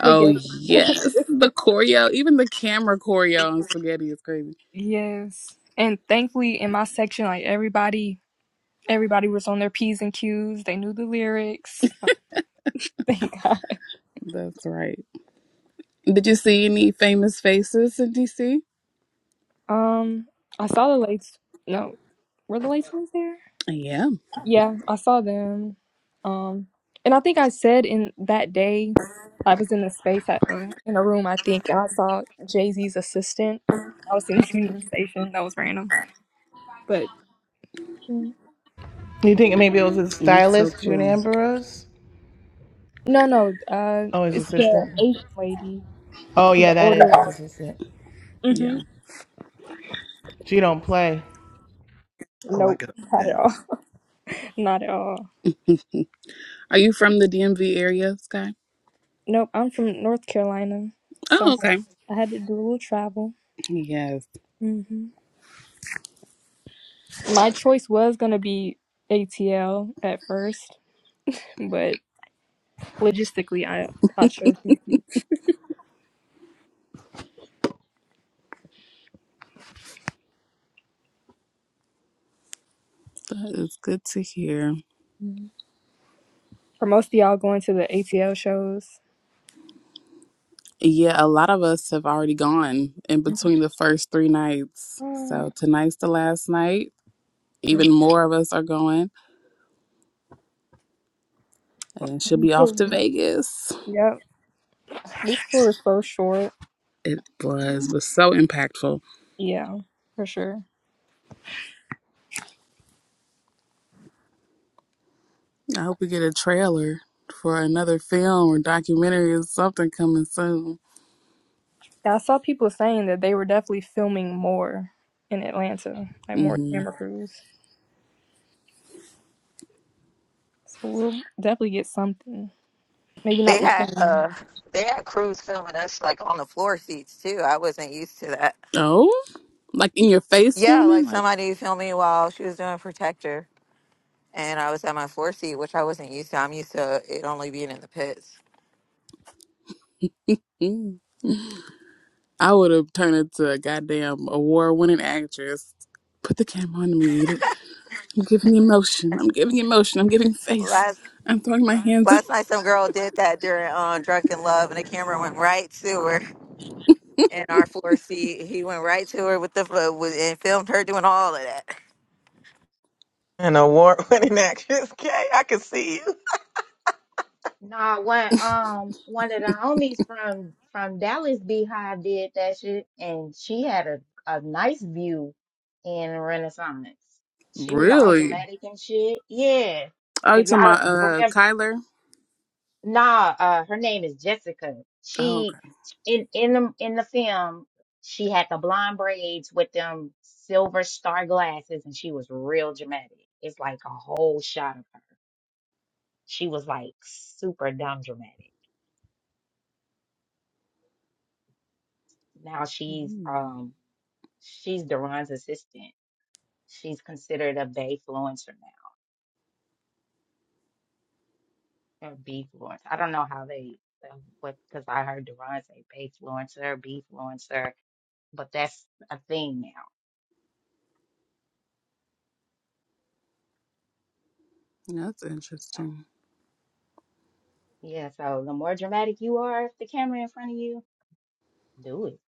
Speaker 5: Oh yes,
Speaker 9: (laughs)
Speaker 5: the choreo, even the camera choreo on Spaghetti is crazy.
Speaker 9: Yes. And thankfully in my section, like everybody everybody was on their P's and Q's. They knew the lyrics. (laughs) Thank God.
Speaker 5: That's right. Did you see any famous faces in DC?
Speaker 9: Um I saw the lights. no. Were the lights ones there?
Speaker 5: Yeah,
Speaker 9: Yeah, I saw them. Um and I think I said in that day I was in a space at, uh, in a room I think and I saw Jay-Z's assistant. I was in the (laughs) union station. That was random. But no
Speaker 6: You think maybe it was a
Speaker 5: that's so
Speaker 6: stylist, June
Speaker 5: cool.
Speaker 6: Ambrose?
Speaker 9: no, uh
Speaker 6: Oh, his
Speaker 9: it's the
Speaker 6: assistant.
Speaker 9: Asian lady.
Speaker 6: Oh
Speaker 9: She's an
Speaker 6: yeah, that is
Speaker 9: older.
Speaker 6: his assistant.
Speaker 9: Mhm.
Speaker 5: Yeah,
Speaker 6: She don't play.
Speaker 4: Oh, I
Speaker 9: Nope,
Speaker 4: got a
Speaker 9: not at
Speaker 4: meeting.
Speaker 9: all. (laughs) Not at all.
Speaker 5: are you from the DMV area, Sky?
Speaker 9: Nope, I'm from North Carolina, so I
Speaker 5: Oh,
Speaker 9: had
Speaker 5: okay.
Speaker 9: I had to do a little travel.
Speaker 5: Yes,
Speaker 9: hmm My choice was gonna be ATL at first, but logistically, I I chose DC.
Speaker 5: that is good to hear.
Speaker 9: Mhm. For most of y'all going to the ATL shows.
Speaker 5: Yeah, a lot of us have already gone in
Speaker 9: Mhm.
Speaker 5: between the first three nights.
Speaker 9: Oh,
Speaker 5: So tonight's the last night
Speaker 9: yeah.
Speaker 5: even more of us are going and she'll be off to vegas
Speaker 9: Yep, this tour is so short.
Speaker 5: it was was so impactful
Speaker 9: Yeah, for sure.
Speaker 5: i hope we get a trailer for another film or documentary or something coming soon
Speaker 9: Yeah, I saw people saying that they were definitely filming more in Atlanta, like more
Speaker 5: hmm
Speaker 9: camera crews. So we'll definitely get something. Maybe not the
Speaker 7: had
Speaker 9: same.
Speaker 7: uh, they had crews filming us like on the floor seats too. I wasn't used to that.
Speaker 5: oh like in your face
Speaker 7: Yeah,
Speaker 5: filming
Speaker 7: like
Speaker 5: like
Speaker 7: somebody filmed me while she was doing Protector, and I was at my floor seat, which I wasn't used to. I'm used to it only being in the pits.
Speaker 5: mm. i would have turned into a goddamn award-winning actress put the camera on me i'm giving emotion i'm giving emotion i'm giving face
Speaker 7: Last.
Speaker 5: i'm throwing my hands up
Speaker 7: Last night, some girl did that during um, Drunken Love, and the camera went right to her in our floor seat. He went right to her with the fo- with and filmed her doing all of that.
Speaker 1: An award winning (laughs) actress. Okay, I can see you.
Speaker 3: Nah, one um one of the homies from from Dallas Beehive did that shit, and she had a a nice view in Renaissance. She was all
Speaker 5: really
Speaker 3: dramatic and shit. Yeah,
Speaker 5: oh you
Speaker 3: if
Speaker 5: talking
Speaker 3: y'all
Speaker 5: about
Speaker 3: don't
Speaker 5: uh
Speaker 3: remember,
Speaker 5: kyler
Speaker 3: nah, uh, her name is Jessica.
Speaker 5: oh
Speaker 3: She
Speaker 5: okay
Speaker 3: in in the in the film, she had the blonde braids with them silver star glasses, and she was real dramatic. It's like a whole shot of her. She was like super dumb dramatic. now she's
Speaker 5: Mm.
Speaker 3: um she's Duran's assistant. She's considered a Bayfluencer now or Bfluencer. I don't know how they uh, what because I heard Duran say Bayfluencer, Bfluencer, but that's a thing now.
Speaker 5: That's
Speaker 3: So
Speaker 5: interesting.
Speaker 3: yeah, so the more dramatic you are, if the camera in front of you, do it.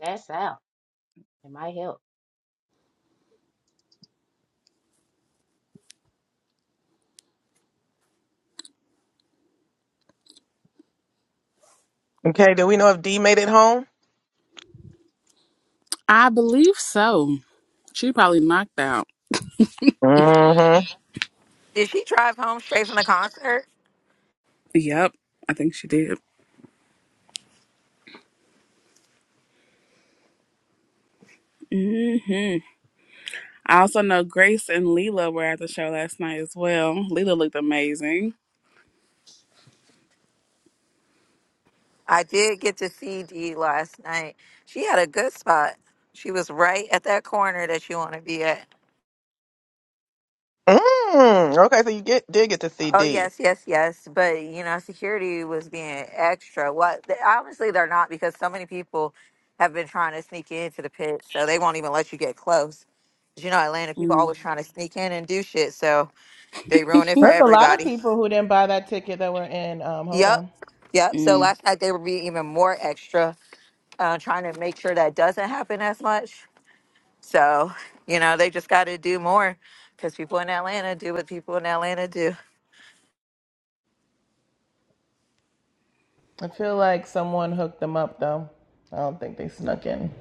Speaker 3: Pass out. It might help.
Speaker 1: Okay, do we know if D made it home?
Speaker 5: I believe so. She probably knocked out.
Speaker 1: Mm-hmm.
Speaker 7: Did she drive home straight from the concert?
Speaker 5: Yep, I think she did. hmm I also know Grace and Leela were at the show last night as well. Leela looked amazing.
Speaker 7: I did get to see Dee last night. She had a good spot. She was right at that corner that you want to be at.
Speaker 1: Mm. Okay, so you get did get to see
Speaker 7: Oh
Speaker 1: D.
Speaker 7: yes, yes, yes. But you know, security was being extra. What? They, honestly, they're not because so many people have been trying to sneak into the pit, so they won't even let you get close. 'Cause you know, Atlanta people
Speaker 5: mm
Speaker 7: always trying to sneak in and do shit, so they ruin it for
Speaker 6: There's a lot of
Speaker 7: everybody.
Speaker 6: people who didn't buy that ticket that were in um hold
Speaker 7: Yep,
Speaker 6: on.
Speaker 7: yep. So
Speaker 5: mm
Speaker 7: last night they were being even more extra, uh, trying to make sure that doesn't happen as much. So you know, they just got to do more because people in Atlanta do what people in Atlanta do.
Speaker 6: I feel like someone hooked them up though. I don't think they snuck in.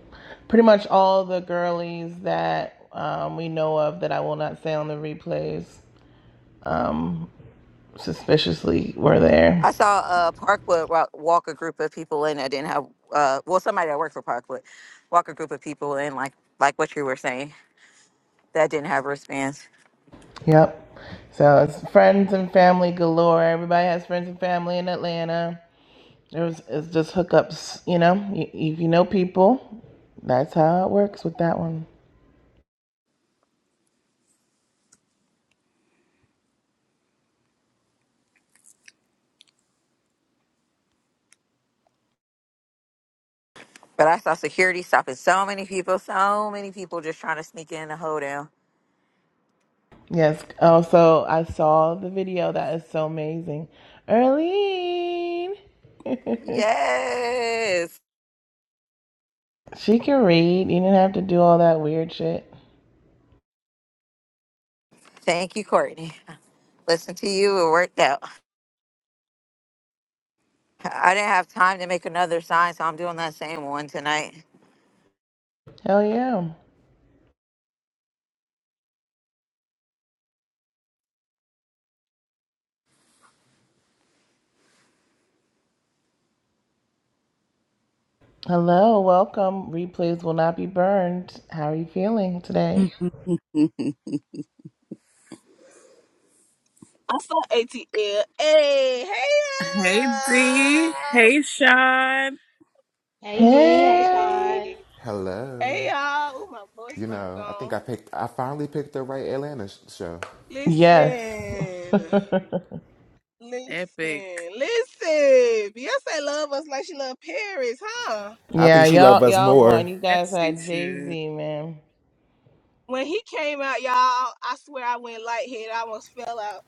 Speaker 6: Pretty much all the girlies that um, we know of that I will not say on the replays um, suspiciously were there.
Speaker 7: I saw a Parkwood wa- walk a group of people in. I didn't have uh, well somebody that worked for Parkwood walk a group of people in like like what you were saying that didn't have wristbands.
Speaker 6: Yep. So it's friends and family galore. Everybody has friends and family in Atlanta. It was it's just hookups, you know. You, if you know people, that's how it works with that one.
Speaker 7: But I saw security stopping so many people, so many people just trying to sneak in the hoedown.
Speaker 6: Yes. Also, I saw the video. That is so amazing, Earlene. (laughs)
Speaker 7: Yes,
Speaker 6: She can read. You didn't have to do all that weird shit.
Speaker 7: thank you, Courtney. Listen to you, it worked out. I didn't have time to make another sign, so I'm doing that same one tonight.
Speaker 6: Hell yeah. Hello, welcome. Replays will not be burned. How are you feeling today?
Speaker 5: mm.
Speaker 10: I saw ATL. Hey, hey,
Speaker 5: Hey D,
Speaker 10: y'all.
Speaker 5: hey Sean,
Speaker 3: Hey D, hey
Speaker 6: Hey.
Speaker 3: Sean.
Speaker 10: hey,
Speaker 11: Hello.
Speaker 10: hey, y'all. Oh, my voice
Speaker 11: You
Speaker 10: about
Speaker 11: know, I think
Speaker 10: gone.
Speaker 11: I picked, I finally picked the right Atlanta sh- show.
Speaker 6: Yes.
Speaker 10: Listen,
Speaker 6: (laughs)
Speaker 5: epic.
Speaker 10: listen, listen. Beyonce love us like she love Paris, huh?
Speaker 11: I
Speaker 6: yeah,
Speaker 11: think she loved
Speaker 6: y'all
Speaker 11: us
Speaker 6: y'all won.
Speaker 11: more.
Speaker 6: You guys
Speaker 5: Etsy
Speaker 6: had Jay
Speaker 5: shoe.
Speaker 6: Z, man.
Speaker 10: When he came out, y'all, I swear I went lightheaded. I almost fell out.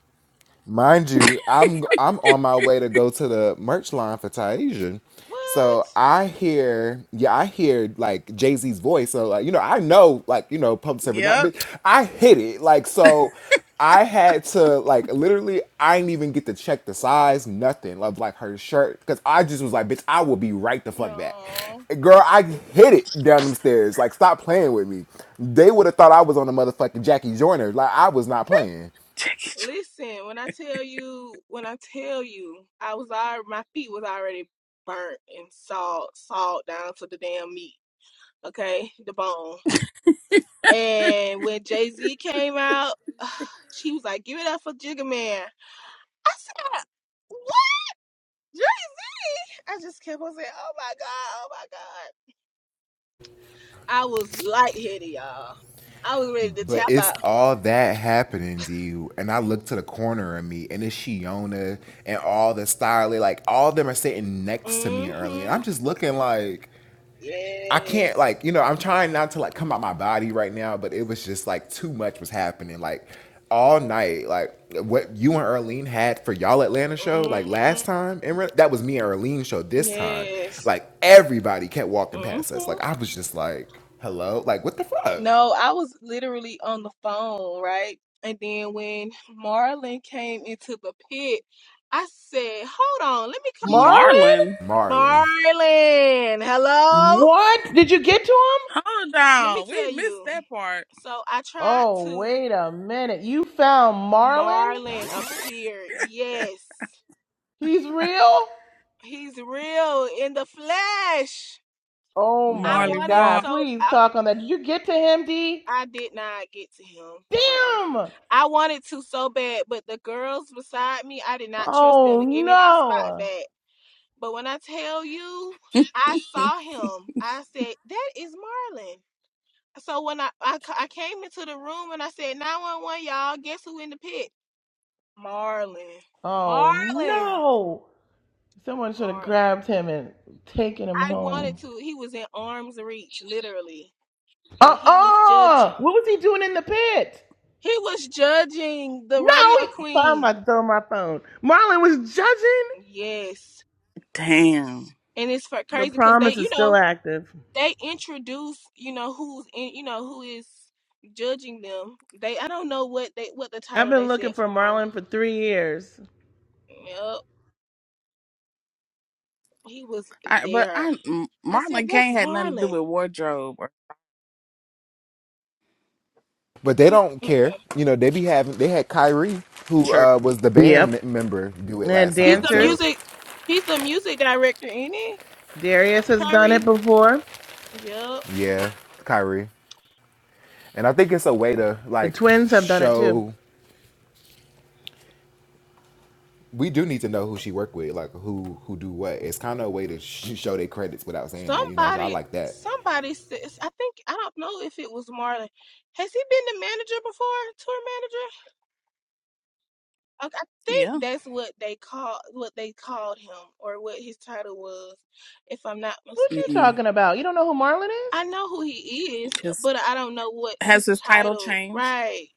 Speaker 11: Mind you, I'm I'm on my way to go to the merch line for Tasia.
Speaker 10: What?
Speaker 11: So I hear, yeah, I hear like Jay Z's voice. So like, you know, I know like you know public service, not,
Speaker 5: Yep.
Speaker 11: but I hit it like so. I had to like literally, I didn't even get to check the size, nothing of like her shirt, because I just was like, bitch, I will be right the fuck back,
Speaker 10: No.
Speaker 11: girl. I hit it down them stairs. Like, stop playing with me. They would have thought I was on a motherfucking Jackie Joyner. Like, I was not playing.
Speaker 5: Check it.
Speaker 10: Listen, when I tell you, when I tell you, I was already, my feet was already burnt and salt, salt down to the damn meat. okay, the bone. And when Jay Z came out, (sighs) she was like, "Give it up for Jigga Man." I said, "What?" Dre?" I just kept on saying, "Oh my god, oh my god." I was lightheaded, y'all. I was ready to
Speaker 11: But
Speaker 10: tap
Speaker 11: it's
Speaker 10: out.
Speaker 11: all that happening to you. And I look to the corner of me and it's Shiona and all the Styler, like all of them are sitting next to me early. And
Speaker 10: Mm-hmm.
Speaker 11: I'm just looking like I can't
Speaker 10: Yes.
Speaker 11: like, you know, I'm trying not to like come out my body right now, but it was just like too much was happening. Like all night, like what you and Earlene had for y'all Atlanta show, like
Speaker 10: Mm-hmm.
Speaker 11: last time, and that was me and Erlene show this time.
Speaker 10: Yes.
Speaker 11: Like everybody kept walking past us.
Speaker 10: Mm-hmm.
Speaker 11: Like I was just like, hello? Like what the fuck?
Speaker 10: No, I was literally on the phone, right? And then when Marlon came into the pit, I said, "Hold on, let me call."
Speaker 6: Marlon?
Speaker 5: Marlon.
Speaker 11: Marlon.
Speaker 10: Marlon, hello.
Speaker 6: What? Did you get to him?
Speaker 5: Hold
Speaker 10: Let me
Speaker 5: on,
Speaker 10: tell
Speaker 5: we missed
Speaker 10: you.
Speaker 5: that part.
Speaker 10: So I tried
Speaker 6: Oh,
Speaker 10: to.
Speaker 6: wait a minute. You found Marlon?
Speaker 10: Marlon appeared. Yes,
Speaker 6: He's real?
Speaker 10: he's real in the flesh.
Speaker 6: Oh
Speaker 10: I
Speaker 6: my
Speaker 5: Marley
Speaker 10: wanted
Speaker 5: Mar.
Speaker 6: god.
Speaker 10: so.
Speaker 6: Please
Speaker 10: I,
Speaker 6: talk on that. Did you get to him, D?
Speaker 10: I did not get to him, Courtney.
Speaker 6: Damn!
Speaker 10: I wanted to so bad, but the girls beside me, I did not trust them
Speaker 6: Oh
Speaker 10: to give me my spot
Speaker 6: no.
Speaker 10: back. But when I tell you, I saw
Speaker 5: (laughs)
Speaker 10: him. I said, "That is Marlon." So when I, I c- I came into the room and I said 911, y'all, guess who in the pit? Marlon.
Speaker 6: Oh
Speaker 10: Marlon.
Speaker 6: no. Someone should have
Speaker 10: Marlon.
Speaker 6: grabbed him and taken him
Speaker 10: I wanted
Speaker 6: home.
Speaker 10: to. He was in arm's reach, literally, and he was judge.
Speaker 6: Uh-uh! What was he doing in the pit?
Speaker 10: He was judging the
Speaker 6: No!
Speaker 10: rodeo
Speaker 6: he- I'm
Speaker 10: queen.
Speaker 6: about to throw my phone. Marlon was judging?
Speaker 10: Yes,
Speaker 5: Damn.
Speaker 10: and it's for
Speaker 6: The
Speaker 10: crazy because they,
Speaker 6: promise is
Speaker 10: you
Speaker 6: still
Speaker 10: know,
Speaker 6: active.
Speaker 10: they introduce, you know, who's in, you know, who is judging them. They, I don't know what they, what the
Speaker 6: I've
Speaker 10: title
Speaker 6: been
Speaker 10: they said
Speaker 6: looking for
Speaker 10: for Marlon.
Speaker 6: Marlon for three years.
Speaker 10: Yep, he was
Speaker 5: I, but
Speaker 10: there.
Speaker 5: I M-
Speaker 10: I said,
Speaker 5: Marlon
Speaker 10: "That's
Speaker 5: Kane had nothing to do with
Speaker 10: Marlon.
Speaker 5: wardrobe or
Speaker 11: But they
Speaker 10: Mm-mm.
Speaker 11: don't care. You know, they be having. They had Kyrie, who
Speaker 5: true.
Speaker 11: uh, was the band
Speaker 6: Yep.
Speaker 11: m- member, do it
Speaker 6: And
Speaker 11: last
Speaker 10: He's
Speaker 11: time.
Speaker 10: a
Speaker 11: So,
Speaker 6: dancers.
Speaker 10: music. He's a music director, ain't he,
Speaker 6: Darius has done it
Speaker 10: Kyrie?
Speaker 6: before.
Speaker 10: Yep.
Speaker 11: yeah, Kyrie. And I think it's a way to
Speaker 6: The
Speaker 11: like
Speaker 6: twins have done it too.
Speaker 11: show. We do need to know who she worked with, like who who do what. It's kind of a way to sh- show their credits without saying it. You know, so I
Speaker 10: Somebody,
Speaker 11: like that.
Speaker 10: somebody says. I think I don't know if it was Marlon. Has he been the manager before? Tour manager? Okay, I think
Speaker 5: Yeah.
Speaker 10: that's what they called what they called him, or what his title was, if I'm not
Speaker 6: What you
Speaker 10: mistaken.
Speaker 5: Mm.
Speaker 6: talking about? You don't know who Marlon is?
Speaker 10: I know who he is,
Speaker 5: Just
Speaker 10: but I don't know what
Speaker 5: has
Speaker 10: his
Speaker 5: his title
Speaker 10: title.
Speaker 5: changed.
Speaker 10: Right?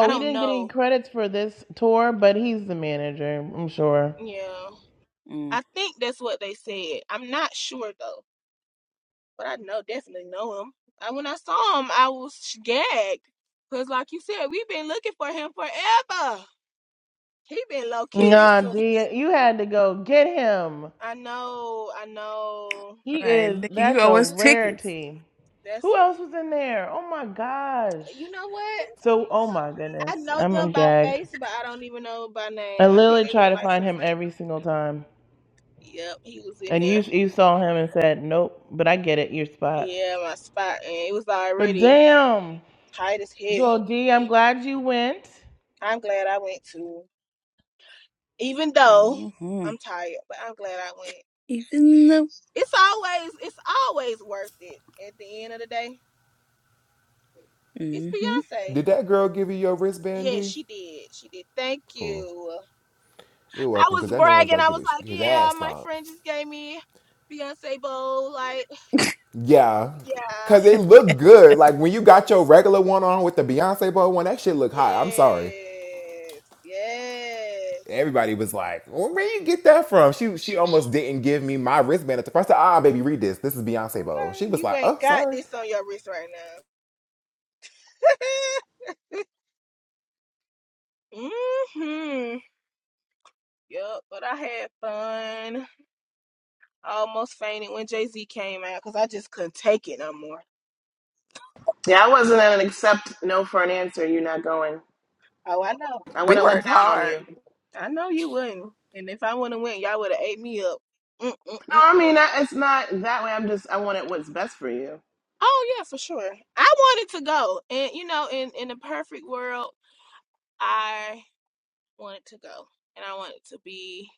Speaker 10: I
Speaker 6: we
Speaker 10: don't
Speaker 6: didn't get any
Speaker 10: know.
Speaker 6: credits for this tour, but he's the manager, I'm sure.
Speaker 10: Yeah.
Speaker 5: Mm.
Speaker 10: I think that's what they said. I'm not sure though, but I know definitely know him. I, when I saw him, I was gagged because, like you said, we've been looking for him forever. He been low key this
Speaker 6: Nah,
Speaker 10: tour for
Speaker 6: D,
Speaker 10: sure.
Speaker 6: you had to go get him.
Speaker 10: I know, I know.
Speaker 6: He
Speaker 5: Right,
Speaker 6: is,
Speaker 5: Nikki, you
Speaker 6: that's
Speaker 5: owe
Speaker 6: a
Speaker 5: us tickets.
Speaker 6: rarity.
Speaker 10: That's
Speaker 6: Who else was in there? Oh my gosh.
Speaker 10: a, you know what?
Speaker 6: So, oh my
Speaker 10: I
Speaker 6: goodness.
Speaker 10: know
Speaker 6: I'm,
Speaker 10: them
Speaker 6: I'm
Speaker 10: by
Speaker 6: gagged.
Speaker 10: face, but I don't even know by
Speaker 6: I
Speaker 10: name. I think
Speaker 6: literally
Speaker 10: they were
Speaker 6: try to
Speaker 10: like
Speaker 6: find
Speaker 10: some.
Speaker 6: him every single time.
Speaker 10: Yep, he was in
Speaker 6: And
Speaker 10: there.
Speaker 6: you you saw him and said, Nope, but I get it, your spot.
Speaker 10: Yeah, my spot, and it was
Speaker 6: But
Speaker 10: already
Speaker 6: damn,
Speaker 10: tight as
Speaker 6: Joel
Speaker 10: hell.
Speaker 6: D, I'm glad you went.
Speaker 10: I'm glad I went to. even though
Speaker 5: Mm-hmm.
Speaker 10: I'm tired, but I'm glad I went.
Speaker 5: Even though.
Speaker 10: It's always it's always worth it at the end of the day. It's
Speaker 5: Mm-hmm.
Speaker 10: Beyonce.
Speaker 11: Did that girl give you your wristband,
Speaker 10: Yeah,
Speaker 11: D?
Speaker 10: she did. She did. Thank
Speaker 11: Cool.
Speaker 10: you.
Speaker 11: You're
Speaker 10: I
Speaker 11: welcome, because
Speaker 10: was
Speaker 11: that man was
Speaker 10: bragging.
Speaker 11: about
Speaker 10: I
Speaker 11: to get
Speaker 10: was
Speaker 11: his
Speaker 10: like, yeah,
Speaker 11: ass
Speaker 10: my
Speaker 11: stomped.
Speaker 10: friend just gave me Beyonce bowl. Like,
Speaker 11: Yeah,
Speaker 10: yeah.
Speaker 11: because it looked good. Like when you got your regular one on with the Beyonce boy one, that shit looked hot. I'm sorry.
Speaker 10: Yes. Yes.
Speaker 11: everybody was like, well, "Where you get that from?" She she almost didn't give me my wristband at the first. time. Ah, baby, read this. This is Beyonce Bo.
Speaker 10: Okay.
Speaker 11: She was
Speaker 10: You
Speaker 11: like,
Speaker 10: ain't
Speaker 11: "Oh,
Speaker 10: got
Speaker 11: sorry,
Speaker 10: this on your wrist right now. (laughs) mm-hmm. Yup, but I had fun. I almost fainted when Jay Z came out because I just couldn't take it no more.
Speaker 6: Yeah, I wasn't an accept no for an answer. You're not going.
Speaker 10: Oh, I know.
Speaker 6: I
Speaker 7: We
Speaker 6: wouldn't let
Speaker 7: worked
Speaker 6: down on you.
Speaker 7: hard.
Speaker 10: I know you wouldn't. And if I would have went, y'all would have ate me up.
Speaker 6: No, I
Speaker 10: Mm-mm-mm-mm.
Speaker 6: mean I, it's not that way. I'm just I wanted what's best for you.
Speaker 10: Oh yeah, for sure. I wanted to go, and you know, in in the perfect world, I wanted to go, and I wanted to be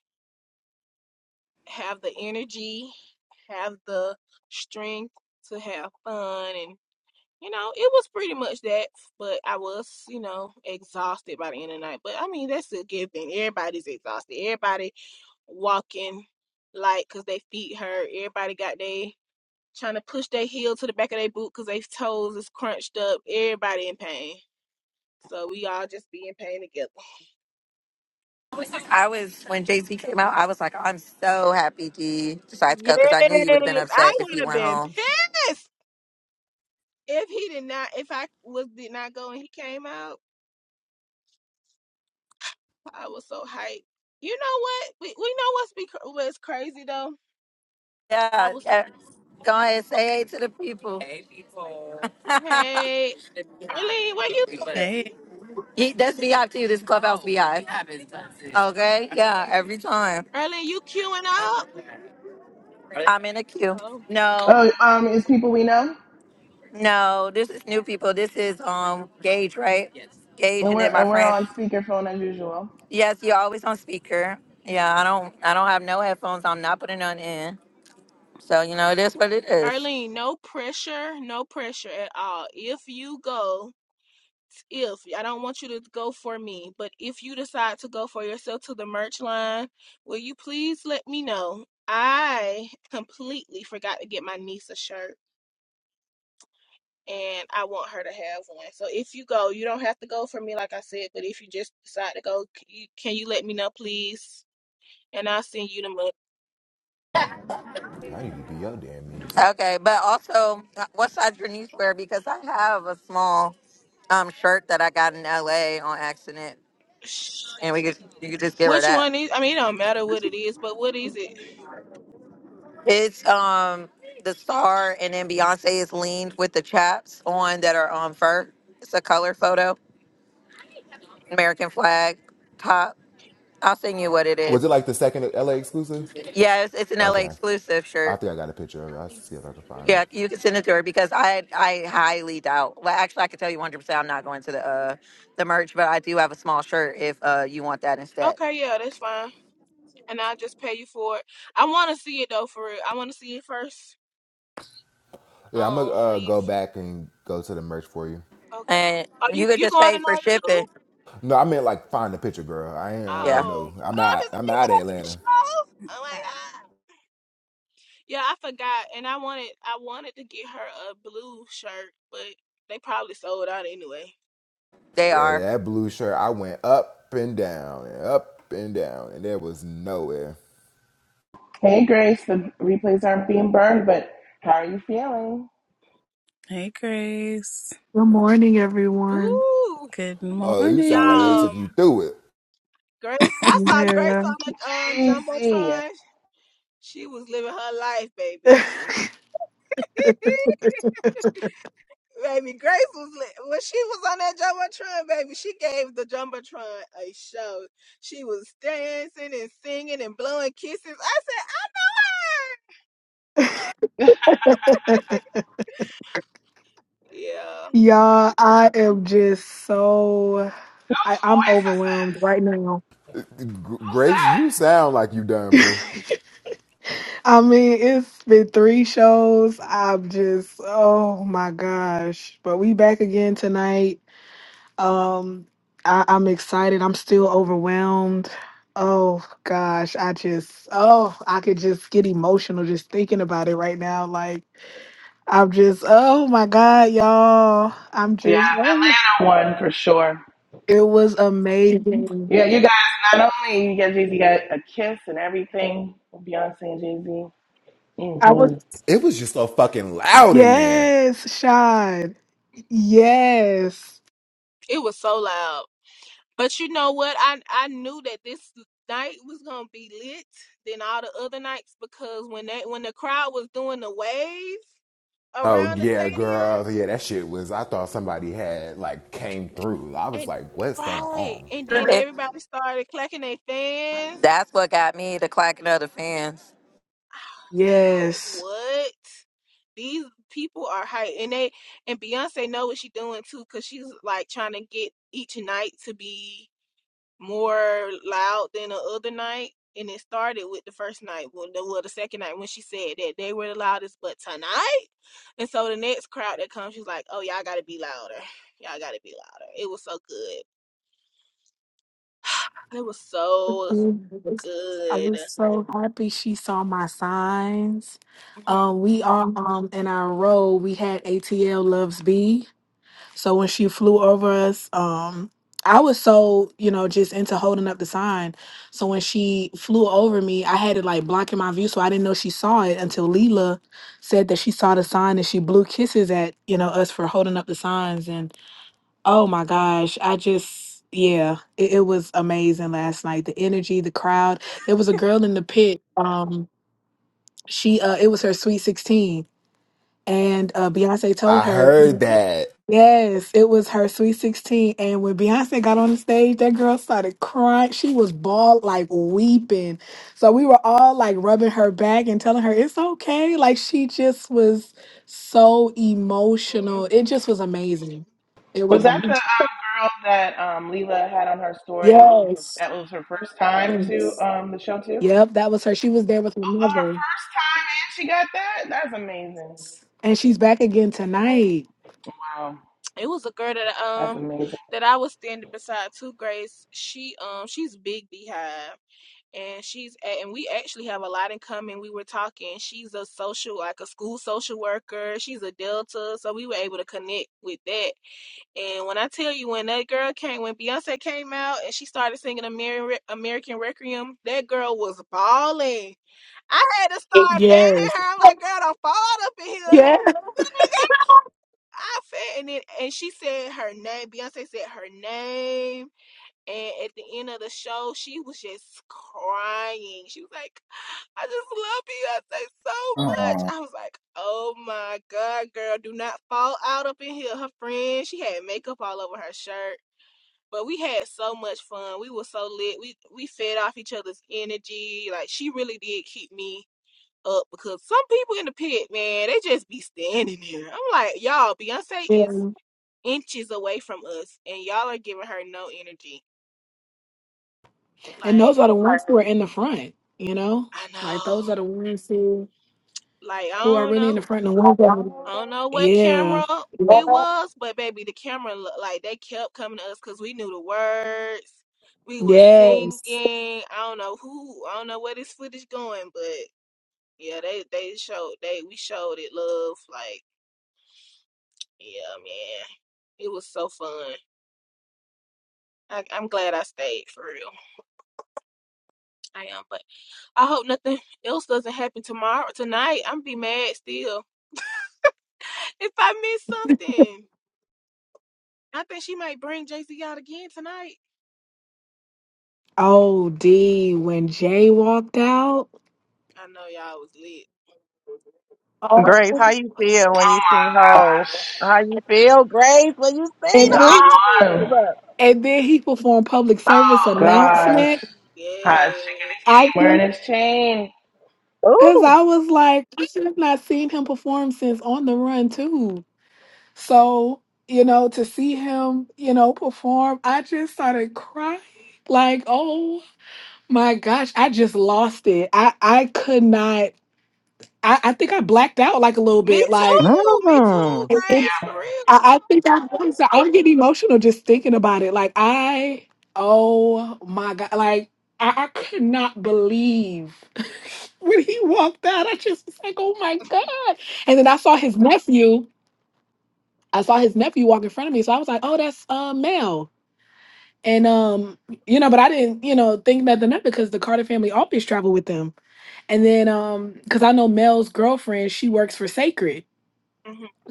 Speaker 10: have the energy, have the strength to have fun and. you know, it was pretty much that, but I was, you know, exhausted by the end of the night. But I mean, that's a good thing. Everybody's exhausted. Everybody walking like, cause they feet hurt. Everybody got they trying to push their heel to the back of their boot, cause their toes is crunched up. Everybody in pain. So we all just be in pain together.
Speaker 7: I was when Jay Z came out. I was like, I'm so happy D decided to go
Speaker 10: Yes,
Speaker 7: because I knew you would have been upset
Speaker 10: I
Speaker 7: if
Speaker 10: would
Speaker 7: you
Speaker 10: have
Speaker 7: went
Speaker 10: been
Speaker 7: home.
Speaker 10: pissed if he did not. If I was did not go and he came out, I was so hyped. You know what? We we know what's be cr- what's crazy though I
Speaker 7: Yeah,
Speaker 10: was
Speaker 7: yeah.
Speaker 10: talking
Speaker 7: go ahead, say hey to the people. Hey people.
Speaker 10: about, hey, Arlene, where you at?
Speaker 5: Hey,
Speaker 7: (laughs) Ye- That's beehive too. This is clubhouse beehive. Okay, yeah, every time
Speaker 10: Arlene, you queuing up?
Speaker 7: I'm in a queue.
Speaker 10: Oh.
Speaker 7: No,
Speaker 6: Oh, um, it's people we know,
Speaker 7: no, this is new people. This is um Gage, right? Yes. Gage
Speaker 6: and
Speaker 7: and
Speaker 6: we're
Speaker 7: then my
Speaker 6: and we're
Speaker 7: friend.
Speaker 6: on speakerphone as usual.
Speaker 7: Yes, you're always on speaker. Yeah, I don't, I don't have no headphones. I'm not putting none in. So you know, it is what it is.
Speaker 10: Arlene, no pressure, no pressure at all. If you go, if I don't want you to go for me, but if you decide to go for yourself to the merch line, will you please let me know? I completely forgot to get my niece a shirt. And I want her to have one. So if you go, you don't have to go for me, like I said. But if you just decide to go, c- you- can you let me know, please? and I'll send you the money.
Speaker 11: I need to be your damn niece."
Speaker 7: Okay, but also, uh, what size your niece wear? Because I have a small um shirt that I got in LA on accident, and we could you could just give her
Speaker 10: Which
Speaker 7: that.
Speaker 10: one is? I mean, it don't matter what it is, but what is it?
Speaker 7: It's um the star, and then Beyonce is leaned with the chaps on that are on fur. It's a color photo, American flag top. I'll send you what it
Speaker 11: Was
Speaker 7: is.
Speaker 11: it like the second LA exclusive?
Speaker 7: Yeah, it's, it's an LA
Speaker 11: Okay,
Speaker 7: exclusive
Speaker 11: I
Speaker 7: shirt.
Speaker 11: think I got a picture of it. I'll see if I can find it.
Speaker 7: Yeah, you can send it to her because I I highly doubt. Well, actually, I can tell you 100. percent I'm not going to the uh the merch, but I do have a small shirt if uh you want that instead.
Speaker 10: Okay, yeah, that's fine, and I'll just pay you for it. I want to see it though, for real. I want to see it first.
Speaker 11: Yeah, I'm gonna
Speaker 10: Um,
Speaker 11: uh, go
Speaker 10: please.
Speaker 11: back and go to the merch for you.
Speaker 10: Okay.
Speaker 7: And
Speaker 10: Are
Speaker 7: you
Speaker 10: you
Speaker 7: could
Speaker 10: you
Speaker 7: just
Speaker 10: going
Speaker 7: pay for
Speaker 10: tonight too?
Speaker 7: shipping.
Speaker 11: No, I meant like find the picture, girl. I ain't uh,
Speaker 7: Yeah,
Speaker 10: Oh,
Speaker 11: no. I'm out.
Speaker 10: Officer,
Speaker 11: I'm
Speaker 10: you
Speaker 11: out of
Speaker 10: going to the
Speaker 11: Atlanta.
Speaker 10: show? Oh my god. Yeah, I forgot, and I wanted I wanted to get her a blue shirt, but they probably sold out anyway.
Speaker 7: they
Speaker 11: Yeah,
Speaker 7: are.
Speaker 11: that blue shirt. I went up and down and up and down, and there was nowhere.
Speaker 6: Hey, Grace, the replays aren't being burned, but how are you feeling?
Speaker 5: hey, Grace.
Speaker 12: Good morning, everyone.
Speaker 10: Ooh,
Speaker 5: Good
Speaker 11: Oh, you
Speaker 10: yeah.
Speaker 11: sound like they
Speaker 5: morning.
Speaker 11: took you
Speaker 10: Um,
Speaker 11: through it.
Speaker 10: Grace, I saw Grace
Speaker 12: Yeah.
Speaker 10: on the um
Speaker 6: Daisy, whose
Speaker 10: jumbotron. She was living her life, baby.
Speaker 12: (laughs)
Speaker 10: (laughs) baby Grace was li- when she was on that jumbotron, baby. She gave the jumbotron a show. She was dancing and singing and blowing kisses. I said, yeah,
Speaker 12: Y'all, I am just so, I, I'm
Speaker 6: voice is
Speaker 12: overwhelmed
Speaker 6: this?
Speaker 12: right now.
Speaker 11: Grace, you
Speaker 6: Who's
Speaker 11: sound like you done, boo.
Speaker 12: I mean, it's been three shows. I'm just, oh my gosh. But we back again tonight. Um, I, I'm excited. I'm still overwhelmed. Oh gosh, I just, oh, I could just get emotional just thinking about it right now. Like, I'm just, oh my God, y'all. I'm
Speaker 6: that?
Speaker 12: just, (laughs) oh,
Speaker 6: Yeah, Atlanta one for sure.
Speaker 12: it was amazing.
Speaker 6: Yeah, you guys, not only you guys, you got a kiss and everything with Beyonce and Jay Z.
Speaker 12: I was,
Speaker 6: hmm
Speaker 11: It was just so fucking loud in there.
Speaker 12: yes, Sean. Yes,
Speaker 10: it was so loud. But you know what? I I knew that this night was gonna be lit than all the other nights because when they when the crowd was doing the wave
Speaker 11: Oh
Speaker 10: around the
Speaker 11: yeah,
Speaker 10: stadium
Speaker 11: girl. Yeah, that shit was. I thought somebody had like came through. I was
Speaker 10: and
Speaker 11: like, what's going
Speaker 10: right,
Speaker 11: on?
Speaker 10: and then
Speaker 7: It,
Speaker 10: everybody started clacking their fans.
Speaker 7: that's what got me to clacking other fans.
Speaker 10: (sighs) I was like,
Speaker 12: yes.
Speaker 10: what? These people are hype, and they and Beyonce know what she's doing too, cause she's like trying to get each night to be more loud than the other night. And it started with the first night, Well, the well, the second night when she said that they were the loudest, but tonight, and so the next crowd that comes, she's like, "Oh, y'all gotta be louder, y'all gotta be louder." It was so good, (sighs) it was
Speaker 12: (laughs)
Speaker 10: so
Speaker 12: I
Speaker 10: good.
Speaker 12: was so happy she saw my signs. Um, we are um in our role. We had ATL Loves B. So when she flew over us, um, I was so, you know, just into holding up the sign. So when she flew over me, I had it like blocking my view. So I didn't know she saw it until Leela said that she saw the sign and she blew kisses at, you know, us for holding up the signs. And oh my gosh, I just, yeah, it, it was amazing last night. The energy, the crowd. There was a girl in the pit. Um, she, uh, it was her sweet 16. And uh, Beyonce told
Speaker 11: I
Speaker 12: her,
Speaker 11: heard that.
Speaker 12: Yes, it was her Sweet 16. And when Beyonce got on the stage, that girl started crying. She was bald, like weeping. So we were all like rubbing her back and telling her it's okay. Like she just was so
Speaker 10: (laughs)
Speaker 12: emotional. It just was amazing. It
Speaker 6: Was
Speaker 12: was
Speaker 6: that the
Speaker 12: amazing.
Speaker 6: um, girl that um, Leela had on her story?
Speaker 12: Yes.
Speaker 6: That was her first time to
Speaker 12: yes.
Speaker 6: um, the show, too?
Speaker 12: Yep, that was her. She was there with her
Speaker 6: Oh, her
Speaker 12: mother.
Speaker 6: first time, and she got that? That's amazing.
Speaker 12: And she's back again tonight.
Speaker 6: Wow,
Speaker 10: it was a girl that
Speaker 6: that's
Speaker 10: um
Speaker 6: amazing.
Speaker 10: that I was standing beside too, Grace. She um she's big beehive and she's a- and we actually have a lot in common. We were talking. She's a social like a school social worker. She's a Delta, so we were able to connect with that. And when I tell you when that girl came when Beyonce came out and she started singing Ameri- American Requiem, that girl was bawling. I had to start fanning
Speaker 12: Yes.
Speaker 10: her. I'm like, girl, don't fall out up in here
Speaker 12: Yeah.
Speaker 10: outfit and then and she said her name beyonce said her name and at the end of the show she was just crying she was like i just love beyonce so
Speaker 4: Oh.
Speaker 10: much i was like oh my god girl do not fall out up in here her friend she had makeup all over her shirt but we had so much fun we were so lit we we fed off each other's energy like she really did keep me up because some people in the pit, man, they just be standing there. I'm like, y'all, Beyonce
Speaker 12: yeah.
Speaker 10: is inches away from us, and y'all are giving her no energy.
Speaker 12: And those
Speaker 10: Like,
Speaker 12: are the ones who are in the front, you know?
Speaker 10: I
Speaker 12: Like
Speaker 10: know.
Speaker 12: those are the ones who
Speaker 10: Like, I
Speaker 12: who are
Speaker 10: don't
Speaker 12: really in
Speaker 10: know.
Speaker 12: the front of the
Speaker 10: I
Speaker 12: window.
Speaker 10: don't know what
Speaker 12: Yeah.
Speaker 10: camera it was, but baby, the camera looked like they kept coming to us because we knew the words. We were singing.
Speaker 12: Yes.
Speaker 10: I don't know who. I don't know where this footage going, but yeah, they they showed they we showed it love. Like, yeah, man, it was so fun. I, I'm glad I stayed for real. I am. but. I hope nothing (laughs) else doesn't happen tomorrow tonight. I'm be mad still. If I miss something. I think she might bring Jay Z out again tonight.
Speaker 12: Oh, D. When Jay walked out.
Speaker 10: I know y'all was lit.
Speaker 12: Oh.
Speaker 1: Grace, how you feel when
Speaker 6: Oh
Speaker 1: you seen
Speaker 6: my
Speaker 1: home? How
Speaker 6: gosh.
Speaker 1: you feel, Grace, when you seen
Speaker 12: And then,
Speaker 6: Y'all
Speaker 1: home?
Speaker 6: won.
Speaker 12: and then he performed public service
Speaker 6: Oh gosh.
Speaker 12: announcement.
Speaker 6: Hot the
Speaker 10: Yes.
Speaker 12: I
Speaker 6: game wearing his chain.
Speaker 12: because
Speaker 1: Ooh.
Speaker 12: I was like, I should have not seen him perform since On the Run too. So you know, to see him, you know, perform, I just started crying. Like, oh my gosh, I just lost it. I I could not. I, I think I blacked out like a little
Speaker 10: Me
Speaker 12: bit. Like
Speaker 10: too. Me
Speaker 1: Mm.
Speaker 10: too,
Speaker 12: it- it-
Speaker 10: Grace,
Speaker 12: I,
Speaker 10: for
Speaker 12: I think I was, I'm getting emotional just thinking about it. Like I, oh my god, like I, I could not believe (laughs) when he walked out. I just was like, oh my god. And then I saw his nephew. I saw his nephew walk in front of me, so I was like, oh, that's uh, Mel. And um, you know, but I didn't, you know, think nothing of it because the Carter family always traveled with them. And then um, because I know Mel's girlfriend, she works for Sacred.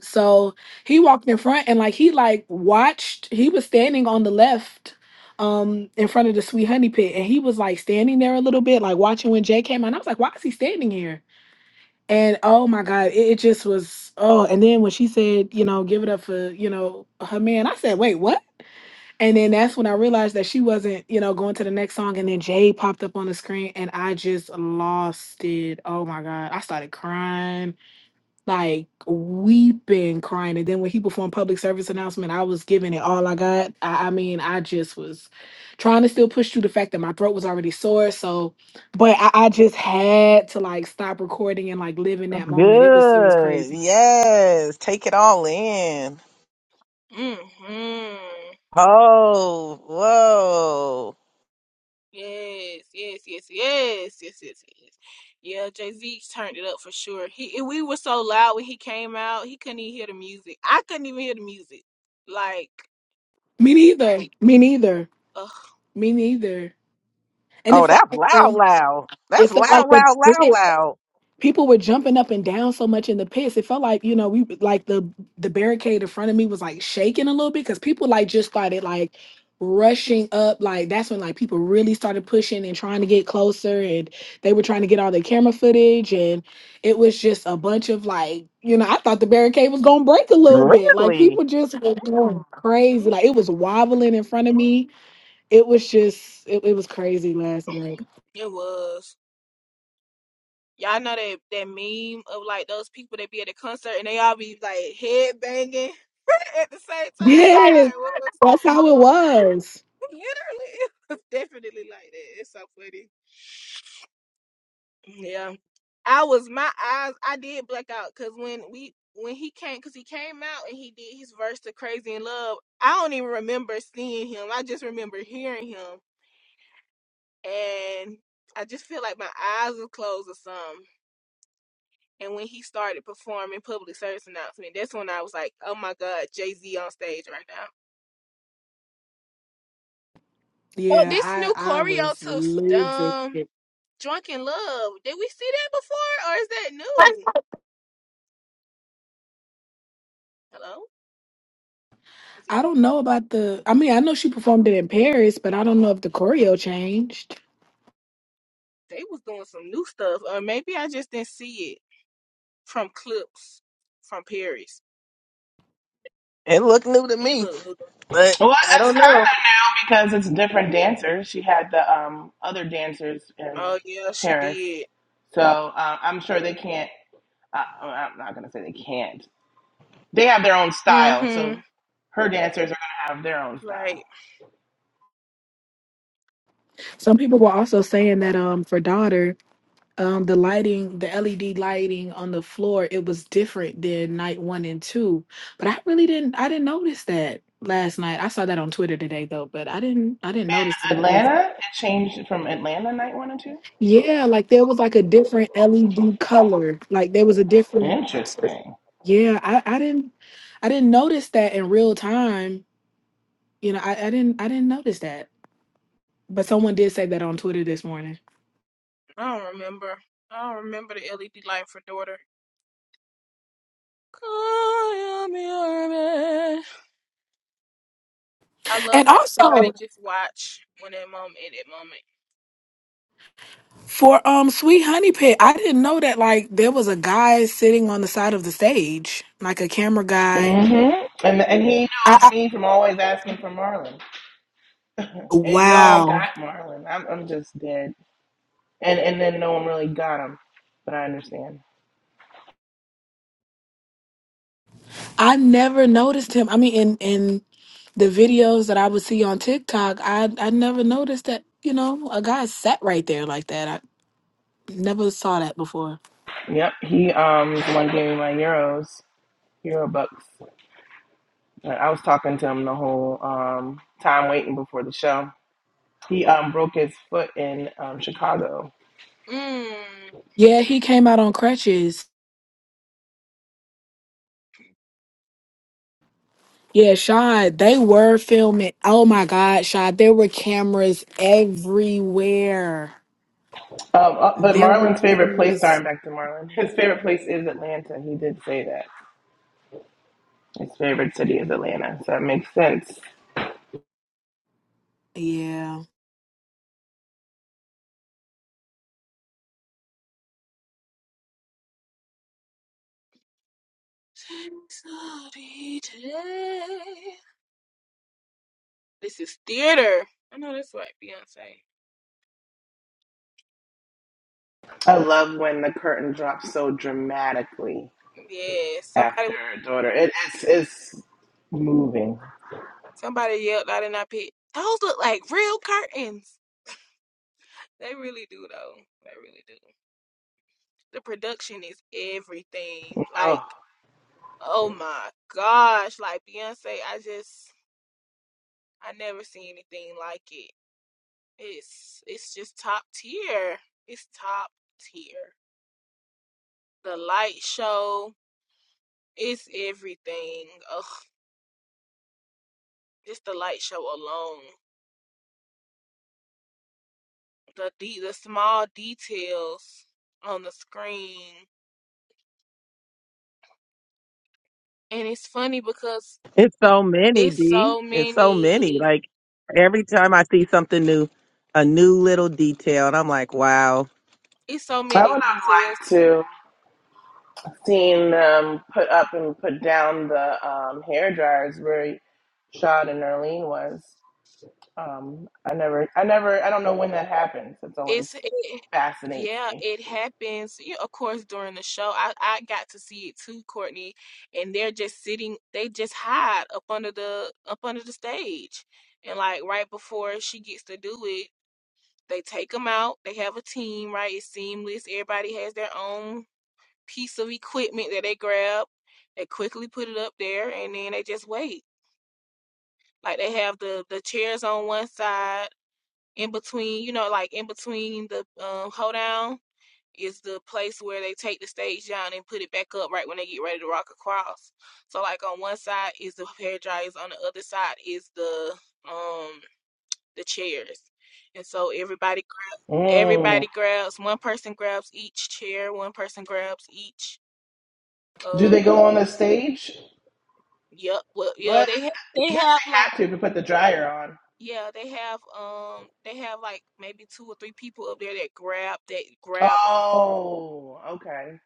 Speaker 12: So he walked in front and like he like watched, he was standing on the left um in front of the sweet honey pit and he was like standing there a little bit, like watching when Jay came out. And I was like, why is he standing here? And oh my God, it, it just was oh, and then when she said, you know, give it up for, you know, her man, I said, wait, what? And then that's when I realized that she wasn't, you know, going to the next song. And then Jay popped up on the screen and I just lost it. Oh my God. I started crying like weeping, crying. And then when he performed public service announcement, I was giving it all I got. I, I mean, I just was trying to still push through the fact that my throat was already sore. So, but I, I just had to like stop recording and like live in that moment. It was it was
Speaker 1: Good.
Speaker 12: crazy.
Speaker 1: Yes. Take it all in.
Speaker 10: real. hmm hmm
Speaker 1: Oh, whoa.
Speaker 10: Yes, yes, yes, yes, yes, yes, yes. Yeah, Jay Z turned it up for sure. He we were so loud when he came out, he couldn't even hear the music. I couldn't even hear the music. Like,
Speaker 12: Me neither. Me neither.
Speaker 10: ugh,
Speaker 12: Me neither. And
Speaker 1: Oh,
Speaker 12: it felt
Speaker 1: that's
Speaker 12: like
Speaker 1: loud,
Speaker 12: the
Speaker 1: loud.
Speaker 12: it
Speaker 1: That's
Speaker 12: felt
Speaker 1: loud,
Speaker 12: like
Speaker 1: loud, loud,
Speaker 12: the
Speaker 1: loud.
Speaker 12: people were jumping up and down so much in the pits. It felt like you know we like the the barricade in front of me was like shaking a little bit because people like just started like rushing up. Like that's when like people really started pushing and trying to get closer, and they were trying to get all their camera footage, and it was just a bunch of like you know I thought the barricade was gonna break a little bit. Like
Speaker 1: Really?
Speaker 12: people just were going crazy. Like it
Speaker 10: Mhm.
Speaker 12: was wobbling in front of me. It was just it, it was crazy last night. (laughs)
Speaker 10: it was. Y'all know that that meme of like those people that be at a concert and they all be like head banging (laughs) at the same time. That's how
Speaker 12: Yes,
Speaker 10: it was.
Speaker 12: that's how it was.
Speaker 10: (laughs) Literally, it was definitely like that. It's so funny. Yeah, I was my eyes. I did black out because when we when he came because he came out and he did his verse to Crazy in Love. I don't even remember seeing him. I just remember hearing him, and I just feel like my eyes were closed or something. And when he started performing public service announcement, that's when I was like, "Oh my God, Jay Z on stage right now!" Oh,
Speaker 12: Yeah,
Speaker 10: this new
Speaker 12: I I
Speaker 10: choreo
Speaker 12: was
Speaker 10: to
Speaker 12: losing
Speaker 10: um
Speaker 12: it.
Speaker 10: "Drunken Love." Did we see that before, or is that new? Hello, is it?
Speaker 12: I don't know about the. I mean, I know she performed it in Paris, but I don't know if the choreo changed.
Speaker 10: They was doing some new stuff, or maybe I just didn't see it from clips from Paris.
Speaker 1: It looked new to
Speaker 10: He
Speaker 1: me,
Speaker 10: looked new.
Speaker 1: but
Speaker 6: Well,
Speaker 1: I don't know.
Speaker 6: it's kind of now because it's different dancers. She had the um, other dancers in
Speaker 10: Oh yeah, she
Speaker 6: Paris,
Speaker 10: did.
Speaker 6: so uh, I'm sure they can't. Uh, oh, I'm not gonna say they can't. They have their own style, so
Speaker 10: Mm-hmm.
Speaker 6: her dancers are gonna have their own
Speaker 10: Like
Speaker 6: style.
Speaker 12: Some people were also saying that um for daughter, um the lighting, the LED lighting on the floor, it was different than night one and two. But I really didn't. I didn't notice that last night. I saw that on Twitter today though, but I didn't. I didn't notice.
Speaker 6: In
Speaker 12: it.
Speaker 6: Atlanta, it changed from Atlanta night one and two.
Speaker 12: Yeah, like there was like a different LED color. Like there was a different
Speaker 6: Interesting.
Speaker 12: Yeah, I, I didn't I didn't notice that in real time. You know, I, I didn't I didn't notice that. But someone did say that on Twitter this morning.
Speaker 10: I don't remember. I don't remember the LED light for daughter. Call me I love
Speaker 12: And
Speaker 10: how everybody
Speaker 12: also
Speaker 10: just watch when that moment in that
Speaker 12: for um Sweet Honey Pit, I didn't know that like there was a guy sitting on the side of the stage, like a camera guy.
Speaker 6: Mm-hmm. And and he
Speaker 12: I,
Speaker 6: knows
Speaker 12: I
Speaker 6: me from always asking for Marlon, and y'all
Speaker 12: wow.
Speaker 6: got Marlon. I'm I'm just dead, and and then no one really got him, but I understand.
Speaker 12: I never noticed him. I mean, in in the videos that I would see on TikTok, I I never noticed that you know a guy sat right there like that. I never saw that before.
Speaker 6: Yep, he um the one who gave me my euros, euro bucks. But I was talking to him the whole um time waiting before the show. He um broke his foot in um Chicago.
Speaker 10: moment. Mm.
Speaker 12: Yeah, he came out on crutches. Yeah, Shad, they were filming. Oh my God, Shad, there were cameras everywhere.
Speaker 6: Um, uh, but
Speaker 12: There were
Speaker 6: Marlon's favorite place. Sorry,
Speaker 12: cameras.
Speaker 6: back to Marlon. His favorite place is Atlanta. He did say that his favorite city is Atlanta, so that makes sense.
Speaker 12: Yeah.
Speaker 10: Somebody today. This is theater. I know that's right, Beyonce.
Speaker 6: I love when the curtain drops so dramatically
Speaker 10: Yeah,
Speaker 6: after
Speaker 10: somebody
Speaker 6: a daughter. It is it's moving.
Speaker 10: somebody yelled out and I picked. Those look like real curtains. They really do though. They really do. The production is everything. Like,
Speaker 6: Oh,
Speaker 10: oh my gosh. Like Beyonce, I just I never seen anything like it. It's it's just top tier. It's top tier. The light show is everything. Ugh, just the light show alone. The de- the small details on the screen. And it's funny because
Speaker 1: It's so many,
Speaker 10: it's
Speaker 1: D.
Speaker 10: so
Speaker 1: It's so many.
Speaker 10: many
Speaker 1: Like every time I see something new, a new little detail, and I'm like, wow.
Speaker 10: it's so
Speaker 6: I
Speaker 10: many
Speaker 6: would have
Speaker 10: details
Speaker 6: liked to. seen them put up and put down the um, hair dryers where Shad and Erlene was. Um, I never, I never, I don't know when that happens. It's always
Speaker 10: It's it,
Speaker 6: fascinates
Speaker 10: yeah,
Speaker 6: me.
Speaker 10: it happens. You, of course, during the show, I I got to see it too, Courtney, and they're just sitting. They just hide up under the up under the stage, and like right before she gets to do it, they take them out. They have a team, right? It's seamless. Everybody has their own piece of equipment that they grab. They quickly put it up there, and then they just wait. Like they have the the chairs on one side, in between, you know, like in between the um, hold down is the place where they take the stage down and put it back up right when they get ready to rock across. So like on one side is the hair dryers, on the other side is the um the chairs. And so everybody
Speaker 6: Mm.
Speaker 10: everybody grabs one person grabs each chair, one person grabs each
Speaker 6: Do
Speaker 10: Uh,
Speaker 6: they go on the stage?
Speaker 10: yep, well
Speaker 6: Well, I
Speaker 10: yeah, they ha-
Speaker 6: I guess
Speaker 10: they
Speaker 6: they
Speaker 10: have like
Speaker 6: have to if you put the dryer on.
Speaker 10: yeah, they have um they have like maybe two or three people up there that grab that grab them.
Speaker 6: Oh, okay.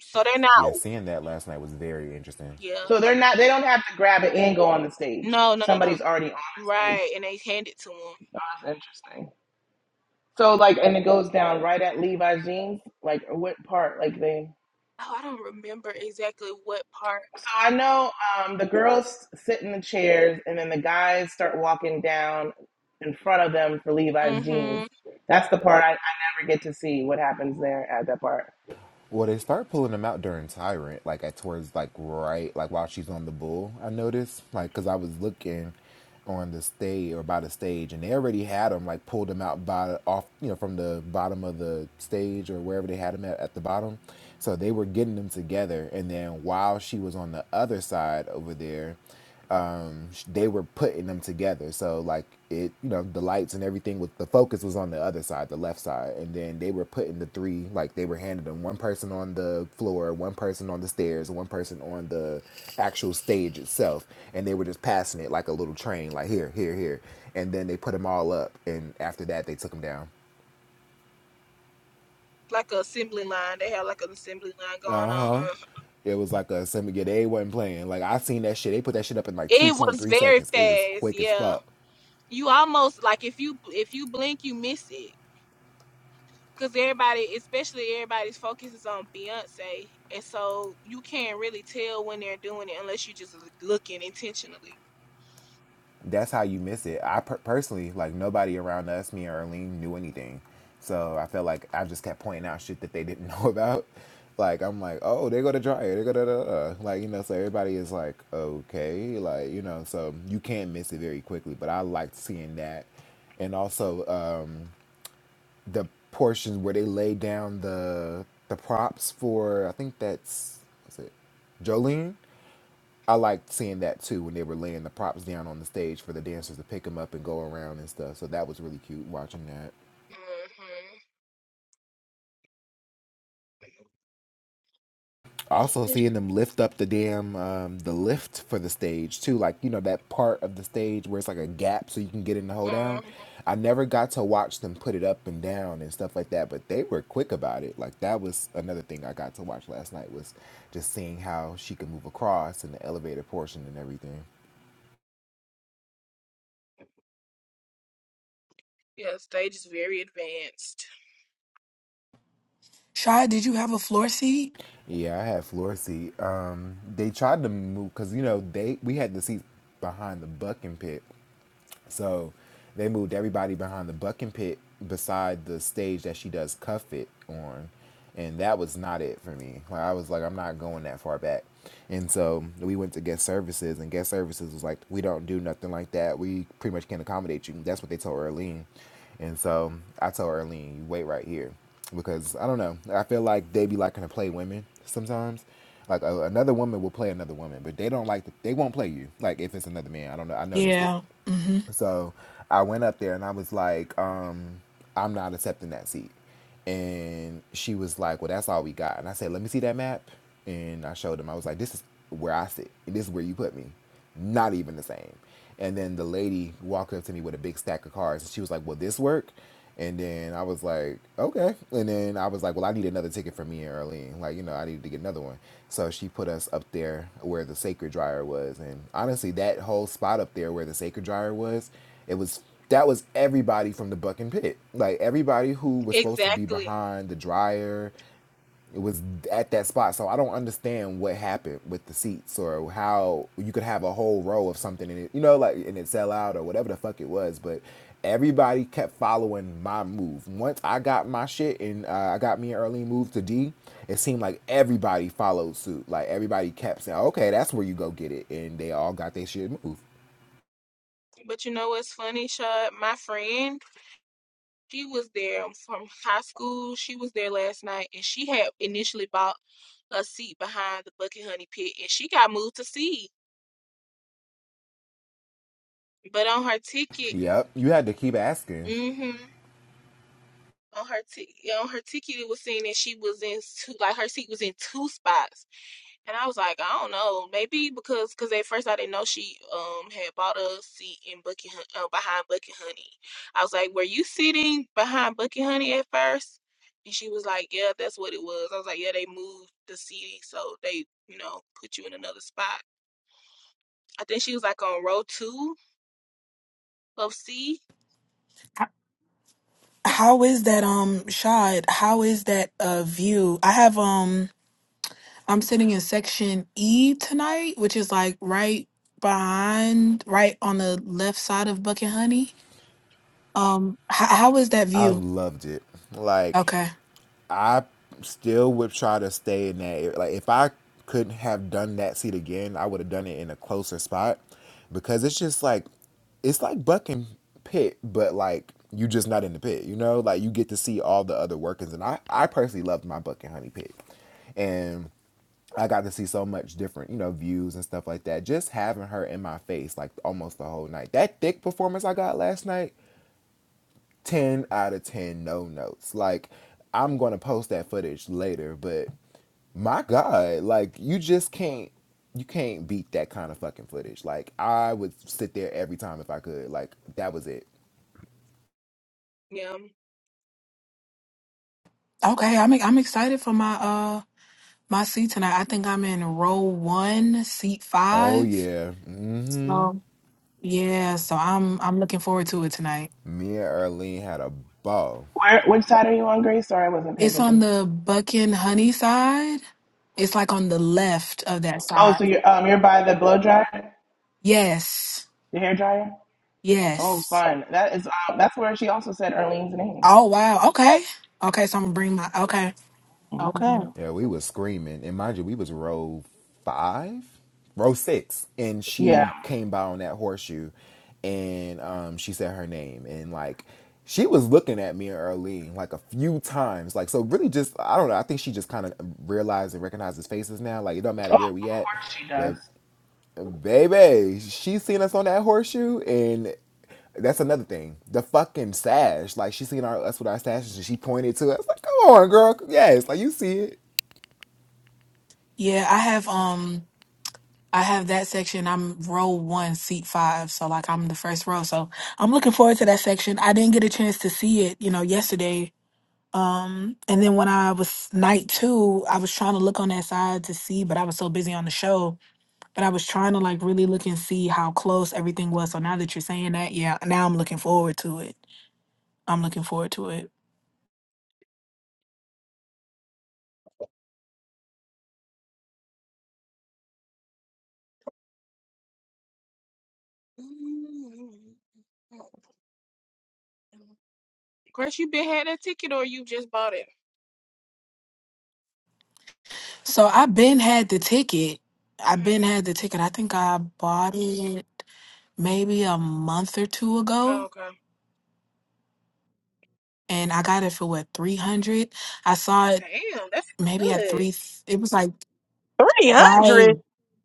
Speaker 10: So they're
Speaker 11: Yeah,
Speaker 10: not
Speaker 11: seeing that last night was very interesting.
Speaker 10: yeah,
Speaker 6: So
Speaker 10: but
Speaker 6: they're not, they don't have to grab it and go on the stage.
Speaker 10: no, no, no, no.
Speaker 6: Somebody's already on the stage.
Speaker 10: Right, and they hand it to him.
Speaker 6: Oh, that's interesting. So like, and it goes down right at Levi's jeans. Like, what part? Like they.
Speaker 10: Oh, I don't remember exactly what part.
Speaker 6: So I know um, the girls sit in the chairs, and then the guys start walking down in front of them for Levi's jeans.
Speaker 10: Mm-hmm.
Speaker 6: That's the part I, I never get to see. What happens there at that part?
Speaker 11: Well, they start pulling them out during Tyrant, like at towards like right, like while she's on the bull. I noticed, like, cause I was looking on the stage or by the stage, and they already had them like pulled them out by off, you know, from the bottom of the stage or wherever they had them at, at the bottom. So they were getting them together, and then while she was on the other side over there, um, they were putting them together. So like it, you know, the lights and everything with the focus was on the other side, the left side, and then they were putting the three like they were handing them one person on the floor, one person on the stairs, one person on the actual stage itself, and they were just passing it like a little train, like here, here, here, and then they put them all up, and after that they took them down.
Speaker 10: Like an assembly line. They had like an assembly line going on. Uh,
Speaker 11: It was like a semi. Yeah, they wasn't playing. Like I seen that shit. They put that shit up in like two
Speaker 10: It
Speaker 11: point
Speaker 10: was
Speaker 11: three
Speaker 10: very
Speaker 11: seconds. It was
Speaker 10: fast.
Speaker 11: quick as
Speaker 10: Yeah,
Speaker 11: fuck.
Speaker 10: you almost like if you if you blink, you miss it. Cause everybody, especially everybody's focus is on Beyonce, and so you can't really tell when they're doing it unless you're just l- looking intentionally.
Speaker 11: that's how you miss it. I per- personally, like nobody around us, me or Arlene, knew anything. So I felt like I just kept pointing out shit that they didn't (laughs) know about. Like I'm like, oh, they go to dryer, they go to da, da, da. like you know. So everybody is like, okay, like you know. So you can miss it very quickly. But I liked seeing that, and also um, the portions where they lay down the the props for. I think that's what's it, Jolene I liked seeing that too when they were laying the props down on the stage for the dancers to pick them up and go around and stuff. So that was really cute watching that.
Speaker 10: Mm-hmm.
Speaker 11: Also seeing them lift up the damn um, the lift for the stage too, like you know that part of the stage where it's like a gap so you can get in the
Speaker 10: (laughs)
Speaker 11: hold down.
Speaker 10: hmm
Speaker 11: I never got to watch them put it up and down and stuff like that, but they were quick about it. Like that was another thing I got to watch last night was just seeing how she could move across and the elevator portion and everything.
Speaker 10: Yeah, stage is very advanced.
Speaker 12: Shad, did you have a floor seat?
Speaker 11: Yeah, I had floor seat. Um, they tried to move because you know they we had the seats behind the bucking pit, so they moved everybody behind the bucking pit beside the stage that she does cuff it on. And that was not it for me. Like I was like, I'm not going that far back. And so we went to guest services and guest services was like, We don't do nothing like that. We pretty much can't accommodate you. That's what they told Earlene. And so I told Earlene, you wait right here. Because I don't know. I feel like they be liking to play women sometimes. Like a, another woman will play another woman, but they don't like, the, they won't play you. Like if it's another man, I don't know. I noticed it.
Speaker 12: Yeah. hmm
Speaker 11: So I went up there and I was like, um, I'm not accepting that seat. And she was like, Well, that's all we got. And I said, Let me see that map. And I showed him. I was like, This is where I sit. And this is where you put me. Not even the same. And then the lady walked up to me with a big stack of cards and she was like, Will this work? And then I was like, okay. And then I was like, well, I need another ticket for me and Arlene. Like, you know, I needed to get another one. So she put us up there where the sacred dryer was. And honestly, that whole spot up there where the sacred dryer was, it was that was everybody from the buck and pit. Like everybody who was supposed to be
Speaker 10: Exactly.
Speaker 11: behind the dryer it was at that spot. So I don't understand what happened with the seats or how you could have a whole row of something in it, you know, like and it sell out or whatever the fuck it was. But everybody kept following my move. Once I got my shit and uh, I got me and Earlene moved to D, it seemed like everybody followed suit. Like everybody kept saying, okay, that's where you go get it. And they all got their shit moved.
Speaker 10: But you know what's funny, Shad? My friend, she was there from high school. She was there last night, and she had initially bought a seat behind the Bucket Honey Pit, and she got moved to C. But on her ticket,
Speaker 11: Yep. You had to keep asking.
Speaker 10: mm-hmm, on her ticket, on her ticket, it was saying that she was in two, like her seat was in two spots. And I was like, I don't know, maybe because because at first I didn't know she um had bought a seat in Bucky Hun- uh, behind Bucky Honey. I was like, were you sitting behind Bucky Honey at first? And she was like, yeah, that's what it was. I was like, yeah, they moved the seating, so they you know put you in another spot. I think she was like on row two of C.
Speaker 12: How is that um Shad, how is that a view? I have um I'm sitting in section E tonight, which is like right behind, right on the left side of Bucket Honey. Um, h- how is that
Speaker 11: I
Speaker 12: view?
Speaker 11: loved it. Like,
Speaker 12: Okay,
Speaker 11: I still would try to stay in that Like if I could have done that seat again, I would have done it in a closer spot because it's just like it's like bucking pit, but like you just not in the pit, you know? Like you get to see all the other workings and I, I personally loved my buck and honey pit. And I got to see so much different, you know, views and stuff like that. Just having her in my face like almost the whole night. That thick performance I got last night 10 out of 10 no notes. Like, I'm going to post that footage later, but my God, like, you just can't. You can't beat that kind of fucking footage. Like I would sit there every time if I could. Like that was it.
Speaker 10: Yeah.
Speaker 12: okay. I'm e, I'm excited for my uh my seat tonight. I think I'm in row one, seat
Speaker 11: Oh
Speaker 12: five.
Speaker 11: yeah. Mm-hmm.
Speaker 12: So yeah, so I'm I'm looking forward to it tonight.
Speaker 11: Me and Erlene had a ball.
Speaker 6: Where? Which side are you on, Grace? Sorry, I wasn't paying
Speaker 12: It's on
Speaker 6: attention.
Speaker 12: the Buckin Honey side. It's like on the left of that
Speaker 6: Oh,
Speaker 12: side.
Speaker 6: so you're um, you're by the blow dryer,
Speaker 12: Yes,
Speaker 6: the hair dryer. Oh,
Speaker 12: yes.
Speaker 6: fun. That is um, that's where she also said Arlene's name.
Speaker 12: Oh wow. Okay. Okay, so I'm gonna bring my okay. Okay.
Speaker 6: hmm
Speaker 11: Yeah, we was screaming, and mind you, we was row five, row six, and
Speaker 6: Yeah.
Speaker 11: she came by on that horseshoe, and um, she said her name, and like she was looking at me and Earlene like a few times, like so really just I don't know, I think she just kind of realized and recognizes faces now, like it don't
Speaker 6: Oh, of
Speaker 11: matter where we at,
Speaker 6: course she does.
Speaker 11: but baby, she seen us on that horseshoe, and that's another thing. The fucking sash. Like she seen our us with our sashes and she pointed to us like, come on, girl. Yes, like you see it.
Speaker 12: Yeah, I have um I have that section. I'm row one, seat five. So like I'm the first row. So I'm looking forward to that section. I didn't get a chance to see it, you know, yesterday. Um and then when I was night two, I was trying to look on that side to see, but I was so busy on the show. But I was trying to like really look and see how close everything was. So now that you're saying that, yeah, now I'm looking forward to it. I'm looking forward to it.
Speaker 10: Chris, you been had that ticket or you just bought it?
Speaker 12: So I been had the ticket.
Speaker 10: (clears throat)
Speaker 12: I been had the ticket. I think I bought it maybe a month or two
Speaker 10: Oh,
Speaker 12: ago,
Speaker 10: okay.
Speaker 12: and I got it for what three hundred. I saw it
Speaker 10: Damn, that's
Speaker 12: maybe at
Speaker 10: good.
Speaker 12: three. It was like right.
Speaker 1: 300?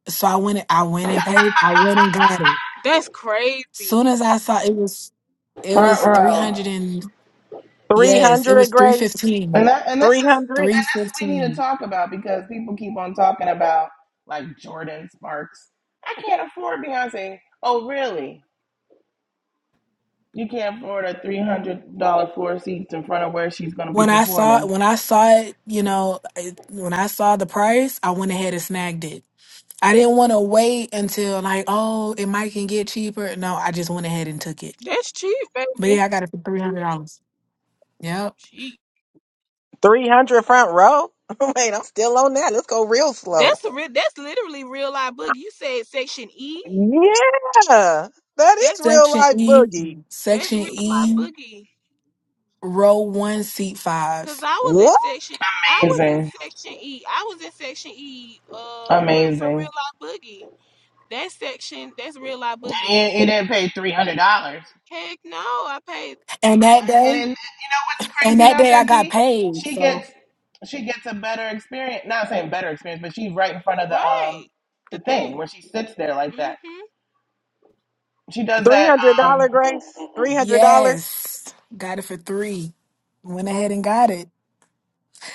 Speaker 12: So I went. I went and paid. I went and got it.
Speaker 10: That's crazy.
Speaker 12: Soon as I saw it was, it
Speaker 6: Front
Speaker 12: was three
Speaker 6: row.
Speaker 12: hundred and yes, it
Speaker 1: 300,
Speaker 12: was three
Speaker 1: Grace?
Speaker 6: And
Speaker 12: fifteen.
Speaker 6: that and this is
Speaker 1: 300?
Speaker 6: and
Speaker 12: Three
Speaker 6: that's what we need to
Speaker 12: fifteen.
Speaker 6: talk about because people keep on talking about like Jordan Sparks. I can't afford Beyonce. Oh really? You can't afford a three hundred dollar floor seats in front of where she's gonna be
Speaker 12: When I saw
Speaker 6: performing.
Speaker 12: when I saw it, you know, it- when I saw the price, I went ahead and snagged it. I didn't want to wait until like, oh, it might can get cheaper. No, I just went ahead and took it.
Speaker 10: That's cheap,
Speaker 12: But
Speaker 10: baby.
Speaker 12: yeah, I got it for three hundred dollars. Yep.
Speaker 10: Cheap.
Speaker 1: 300 front row? (laughs) Wait, I'm still on that. Let's go real slow.
Speaker 10: That's a real. That's literally real life boogie. You said section E.
Speaker 1: Yeah. That is
Speaker 10: That's
Speaker 1: real
Speaker 12: Section
Speaker 1: life
Speaker 12: E,
Speaker 1: boogie.
Speaker 10: that's
Speaker 12: Section
Speaker 10: real life
Speaker 12: E,
Speaker 10: boogie.
Speaker 12: row one, seat five.
Speaker 10: Cause I was in
Speaker 1: What?
Speaker 10: section. I was
Speaker 6: Amazing.
Speaker 10: in section E. I was in section E. Uh, re- for real
Speaker 6: Amazing.
Speaker 10: life boogie. That section. That's real life boogie.
Speaker 6: And you, you didn't pay three hundred dollars.
Speaker 10: Heck no, I paid
Speaker 12: And that
Speaker 6: And,
Speaker 12: day,
Speaker 6: and you know what's
Speaker 12: and
Speaker 6: crazy
Speaker 12: that
Speaker 6: about
Speaker 12: day I
Speaker 6: that
Speaker 12: got
Speaker 6: D?
Speaker 12: paid.
Speaker 6: She
Speaker 12: So
Speaker 6: gets she gets a better experience. Not saying better experience, but she's right in front of the um
Speaker 10: right. The
Speaker 6: the
Speaker 10: thing.
Speaker 6: thing where she sits there like that.
Speaker 10: Mhm.
Speaker 6: She does that. Um,
Speaker 1: $300,
Speaker 6: mm,
Speaker 1: Grace?
Speaker 6: mm, mm.
Speaker 1: $300?
Speaker 12: yes, got it for three. Went ahead and got it,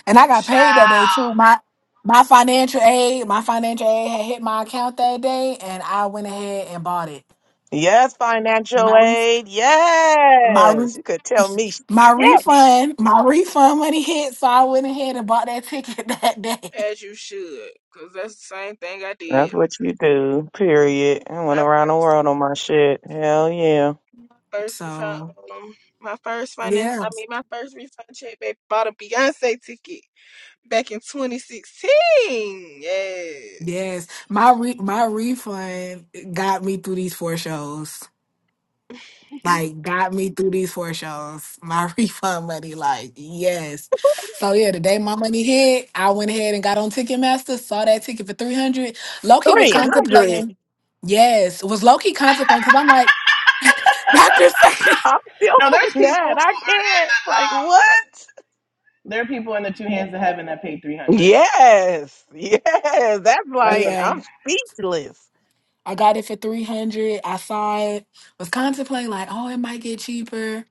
Speaker 12: and I got paid that day too.
Speaker 6: Child.
Speaker 12: My my financial aid, my financial aid had hit my account that day, and I went ahead and bought it.
Speaker 1: Yes, financial
Speaker 12: My
Speaker 1: aid.
Speaker 12: My re-
Speaker 1: Yes. You could tell me
Speaker 12: my
Speaker 1: shit.
Speaker 12: refund, my refund money hit, so I went ahead and bought that ticket (laughs) that day.
Speaker 10: As you should. Cause that's the same thing I
Speaker 1: That's
Speaker 10: did.
Speaker 1: what you do, period. I went around
Speaker 10: I
Speaker 1: the world on my shit. Hell yeah.
Speaker 10: first refund,
Speaker 12: So
Speaker 10: um, my first finance,
Speaker 12: yeah,
Speaker 10: I mean, my first refund check back bought a Beyonce ticket back in 2016. Yes.
Speaker 12: yes, my re- my refund got me through these four shows.
Speaker 10: (laughs)
Speaker 12: Like got me through these four shows. My (laughs) refund money, like yes. So yeah, the day my money hit, I went ahead and got on Ticketmaster. Saw that ticket for three hundred. Loki was
Speaker 1: 300.
Speaker 12: contemplating. Yes, was Loki contemplating? Because I'm like, Doctor Sadie.
Speaker 1: I'm still
Speaker 6: No,
Speaker 1: (laughs)
Speaker 6: there's
Speaker 1: on
Speaker 6: people who
Speaker 1: that. I
Speaker 6: are in
Speaker 1: can't.
Speaker 6: the.
Speaker 1: Like, what?
Speaker 6: Um, there are people in the two hands of heaven that paid three hundred.
Speaker 1: Yes. Yes. That's
Speaker 6: That's
Speaker 1: like,
Speaker 6: amazing.
Speaker 12: (laughs)
Speaker 1: I'm speechless.
Speaker 12: I got it for 300. I saw it, was contemplating like, oh, it might get cheaper.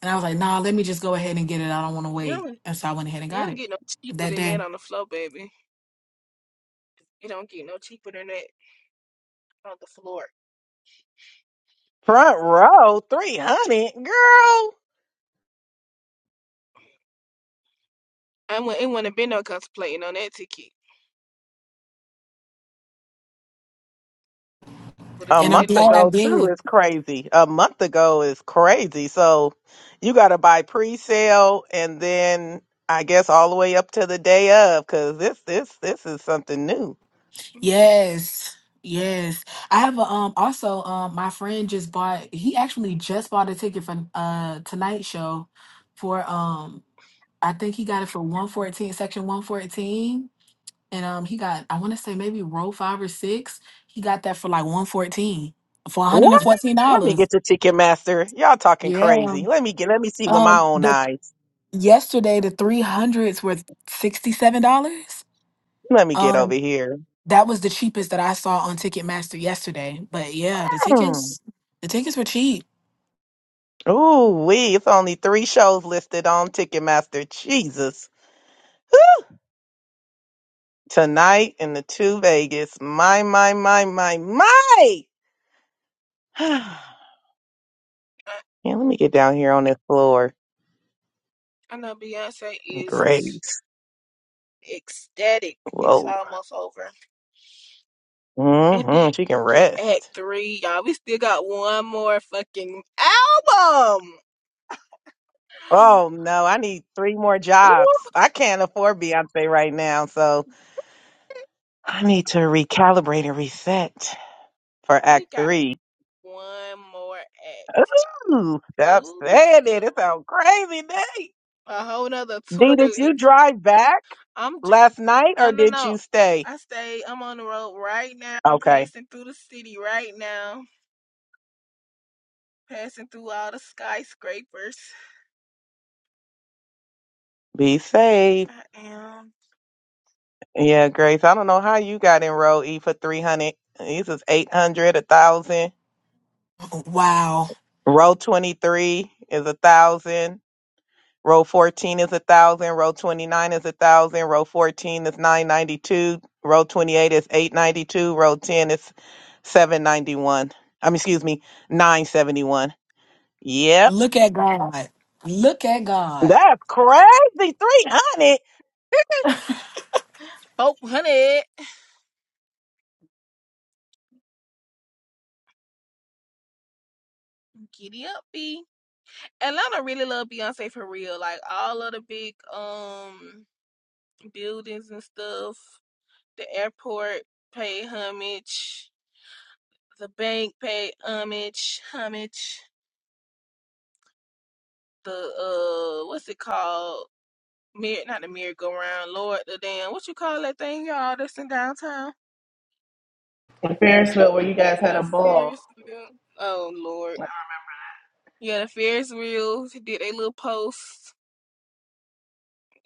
Speaker 12: And I was like, nah, let me just go ahead and get it. I don't want to
Speaker 10: You
Speaker 12: wait.
Speaker 10: don't,
Speaker 12: And so I went ahead and
Speaker 10: you
Speaker 12: got
Speaker 10: don't
Speaker 12: it
Speaker 10: get no cheaper
Speaker 12: that
Speaker 10: than
Speaker 12: day.
Speaker 10: that on the floor, baby. You don't get no cheaper than that on the floor.
Speaker 1: Front row, 300. Girl.
Speaker 10: I wouldn't, it wouldn't have been no contemplating on that ticket. Would have
Speaker 1: a
Speaker 12: And
Speaker 10: got
Speaker 12: I'm
Speaker 10: that
Speaker 1: month
Speaker 10: in it.
Speaker 12: glad I
Speaker 1: ago too
Speaker 12: did.
Speaker 1: is crazy. A month ago is crazy. So you got to buy pre-sale and then I guess all the way up to the day of cuz this this this is something new.
Speaker 10: Mhm.
Speaker 12: Yes. Yes. I have a um also um my friend just bought he actually just bought a ticket for uh tonight show for um I think he got it for 114 section 114 and um he got I want to say maybe row five or six. He got that for like one fourteen for one hundred and
Speaker 1: What?
Speaker 12: fourteen
Speaker 1: Let me
Speaker 12: dollars.
Speaker 1: get to Ticketmaster. Y'all talking
Speaker 12: Yeah.
Speaker 1: crazy. Let me get let me see with my
Speaker 12: Um.
Speaker 1: own
Speaker 12: The
Speaker 1: eyes.
Speaker 12: yesterday the three hundreds were sixty seven dollars.
Speaker 1: Let me get over
Speaker 12: Um.
Speaker 1: here.
Speaker 12: That was the cheapest that I saw on Ticketmaster yesterday. But yeah, the
Speaker 1: Hmm.
Speaker 12: tickets the tickets were cheap.
Speaker 1: Ooh, wee. it's only 3 shows listed on Ticketmaster. Jesus. Tonight and the two Vegas. My my my my my. (sighs)
Speaker 10: I,
Speaker 1: Yeah, let me get down here on this floor.
Speaker 10: I know Beyonce
Speaker 1: Great.
Speaker 10: is ecstatic. It's
Speaker 1: Whoa.
Speaker 10: almost over. And
Speaker 1: hmm
Speaker 10: then
Speaker 1: She can
Speaker 10: get Act
Speaker 1: rest.
Speaker 10: Three, y'all. We still got one more fucking album.
Speaker 1: Oh no, I need three more
Speaker 10: Ooh,
Speaker 1: jobs. I can't afford Beyonce right now, so I need to recalibrate and reset for
Speaker 10: we
Speaker 1: Act
Speaker 10: got
Speaker 1: Three.
Speaker 10: one more act,
Speaker 1: Ooh,
Speaker 10: y'all.
Speaker 1: stop
Speaker 10: Ooh,
Speaker 1: saying it. It sounds crazy, Nate.
Speaker 10: a whole nother tour
Speaker 1: D, did
Speaker 10: to.
Speaker 1: you
Speaker 10: and
Speaker 1: drive back
Speaker 10: I'm j-
Speaker 1: last night
Speaker 10: no,
Speaker 1: or
Speaker 10: no,
Speaker 1: did
Speaker 10: no.
Speaker 1: you stay?
Speaker 10: I stay. I'm on the road right now. I'm
Speaker 1: Okay.
Speaker 10: passing through the city right now. Passing through all the skyscrapers.
Speaker 1: Be safe.
Speaker 10: I am.
Speaker 1: Yeah, Grace. I don't know how you got enrolled E for three hundred. This is eight hundred, a thousand.
Speaker 12: Wow.
Speaker 1: Row 23 is a thousand. Row 14 is a thousand. Row 29 is a thousand. Row 14 is 992. Row 28 is 892. Row 10 is 791. I'm excuse me, 971. Yep.
Speaker 12: Look at God. Look at God.
Speaker 1: That's crazy. 300.
Speaker 10: Oh, honey, giddy up, B. Atlanta really love Beyonce for real. Like all of the big um buildings and stuff. The airport paid homage. the bank paid homage, homage. The uh, what's it called? Mir not the merry-go-round, Lord, the damn, what you call that thing, y'all? That's in downtown.
Speaker 6: In Ferrisville, where you guys had
Speaker 10: The
Speaker 6: a ball.
Speaker 10: Ferris wheel. Oh Lord, yeah, the Ferris wheel did a little post.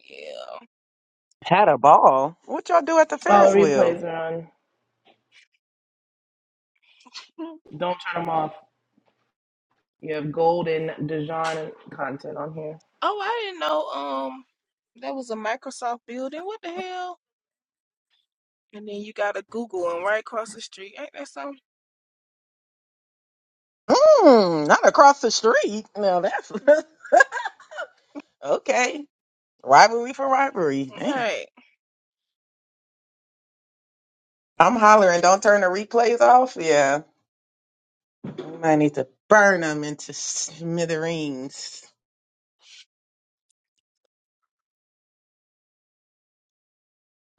Speaker 10: Yeah.
Speaker 1: Had a ball. What y'all do at the
Speaker 6: Oh,
Speaker 1: Ferris wheel?
Speaker 6: replays are on.
Speaker 10: Hmm.
Speaker 6: Don't turn them off. You have golden Dijon content on here.
Speaker 10: Oh, I didn't know. Um, that was a Microsoft building. What the hell? And then you got a Google one right across the street. Ain't that something?
Speaker 1: Mmm, not across the street. Now that's (laughs) okay. Rivalry for rivalry. Damn.
Speaker 10: Right.
Speaker 1: I'm hollering. Don't turn the replays off. Yeah. I might need to burn them into smithereens.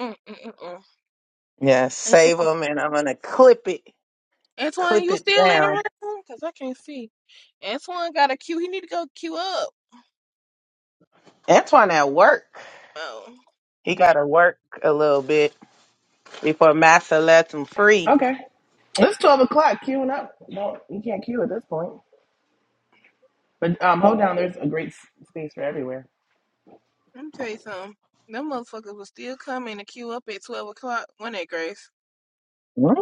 Speaker 10: Mm-mm-mm.
Speaker 1: Yeah, save them, and I'm gonna clip it,
Speaker 10: Antoine,
Speaker 1: clip
Speaker 10: you
Speaker 1: it
Speaker 10: still in
Speaker 1: down.
Speaker 10: the room? Cause I can't see. Antoine got a queue. He need to go queue up.
Speaker 1: Antoine at work.
Speaker 10: Oh,
Speaker 1: He gotta work a little bit before Massa lets him free.
Speaker 6: Okay, it's twelve o'clock. Queuing up. Don't you can't queue at this point. But um, hold down. There's a great s- space for everywhere.
Speaker 10: let me tell you something. Them motherfuckers was still coming to queue up at twelve o'clock. When that Grace?
Speaker 1: Hmm?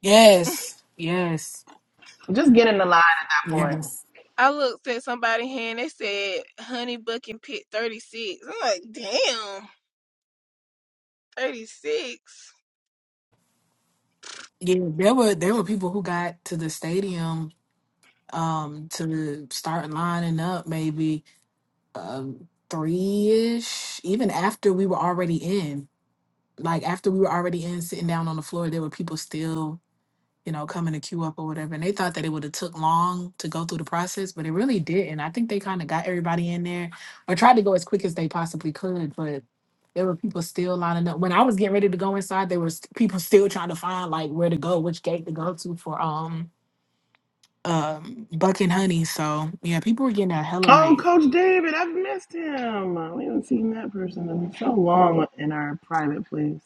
Speaker 12: Yes. Yes.
Speaker 6: Just get in the line at that point.
Speaker 12: Yes.
Speaker 10: (laughs) I looked at somebody hand. They said Honey Buck and Pit thirty six. I'm like, damn, thirty six.
Speaker 12: Yeah, there were there were people who got to the stadium um, to start lining up maybe um, three ish, even after we were already in. Like after we were already in, sitting down on the floor, there were people still, you know, coming to queue up or whatever. And they thought that it would have took long to go through the process, but it really didn't. I think they kind of got everybody in there or tried to go as quick as they possibly could, but there were people still lining up. When I was getting ready to go inside, there was people still trying to find like where to go, which gate to go to for um um buck and honey so yeah people were getting out hella
Speaker 6: Oh,
Speaker 12: late
Speaker 6: Coach David, I've missed him. We haven't seen that person in so long in our private place.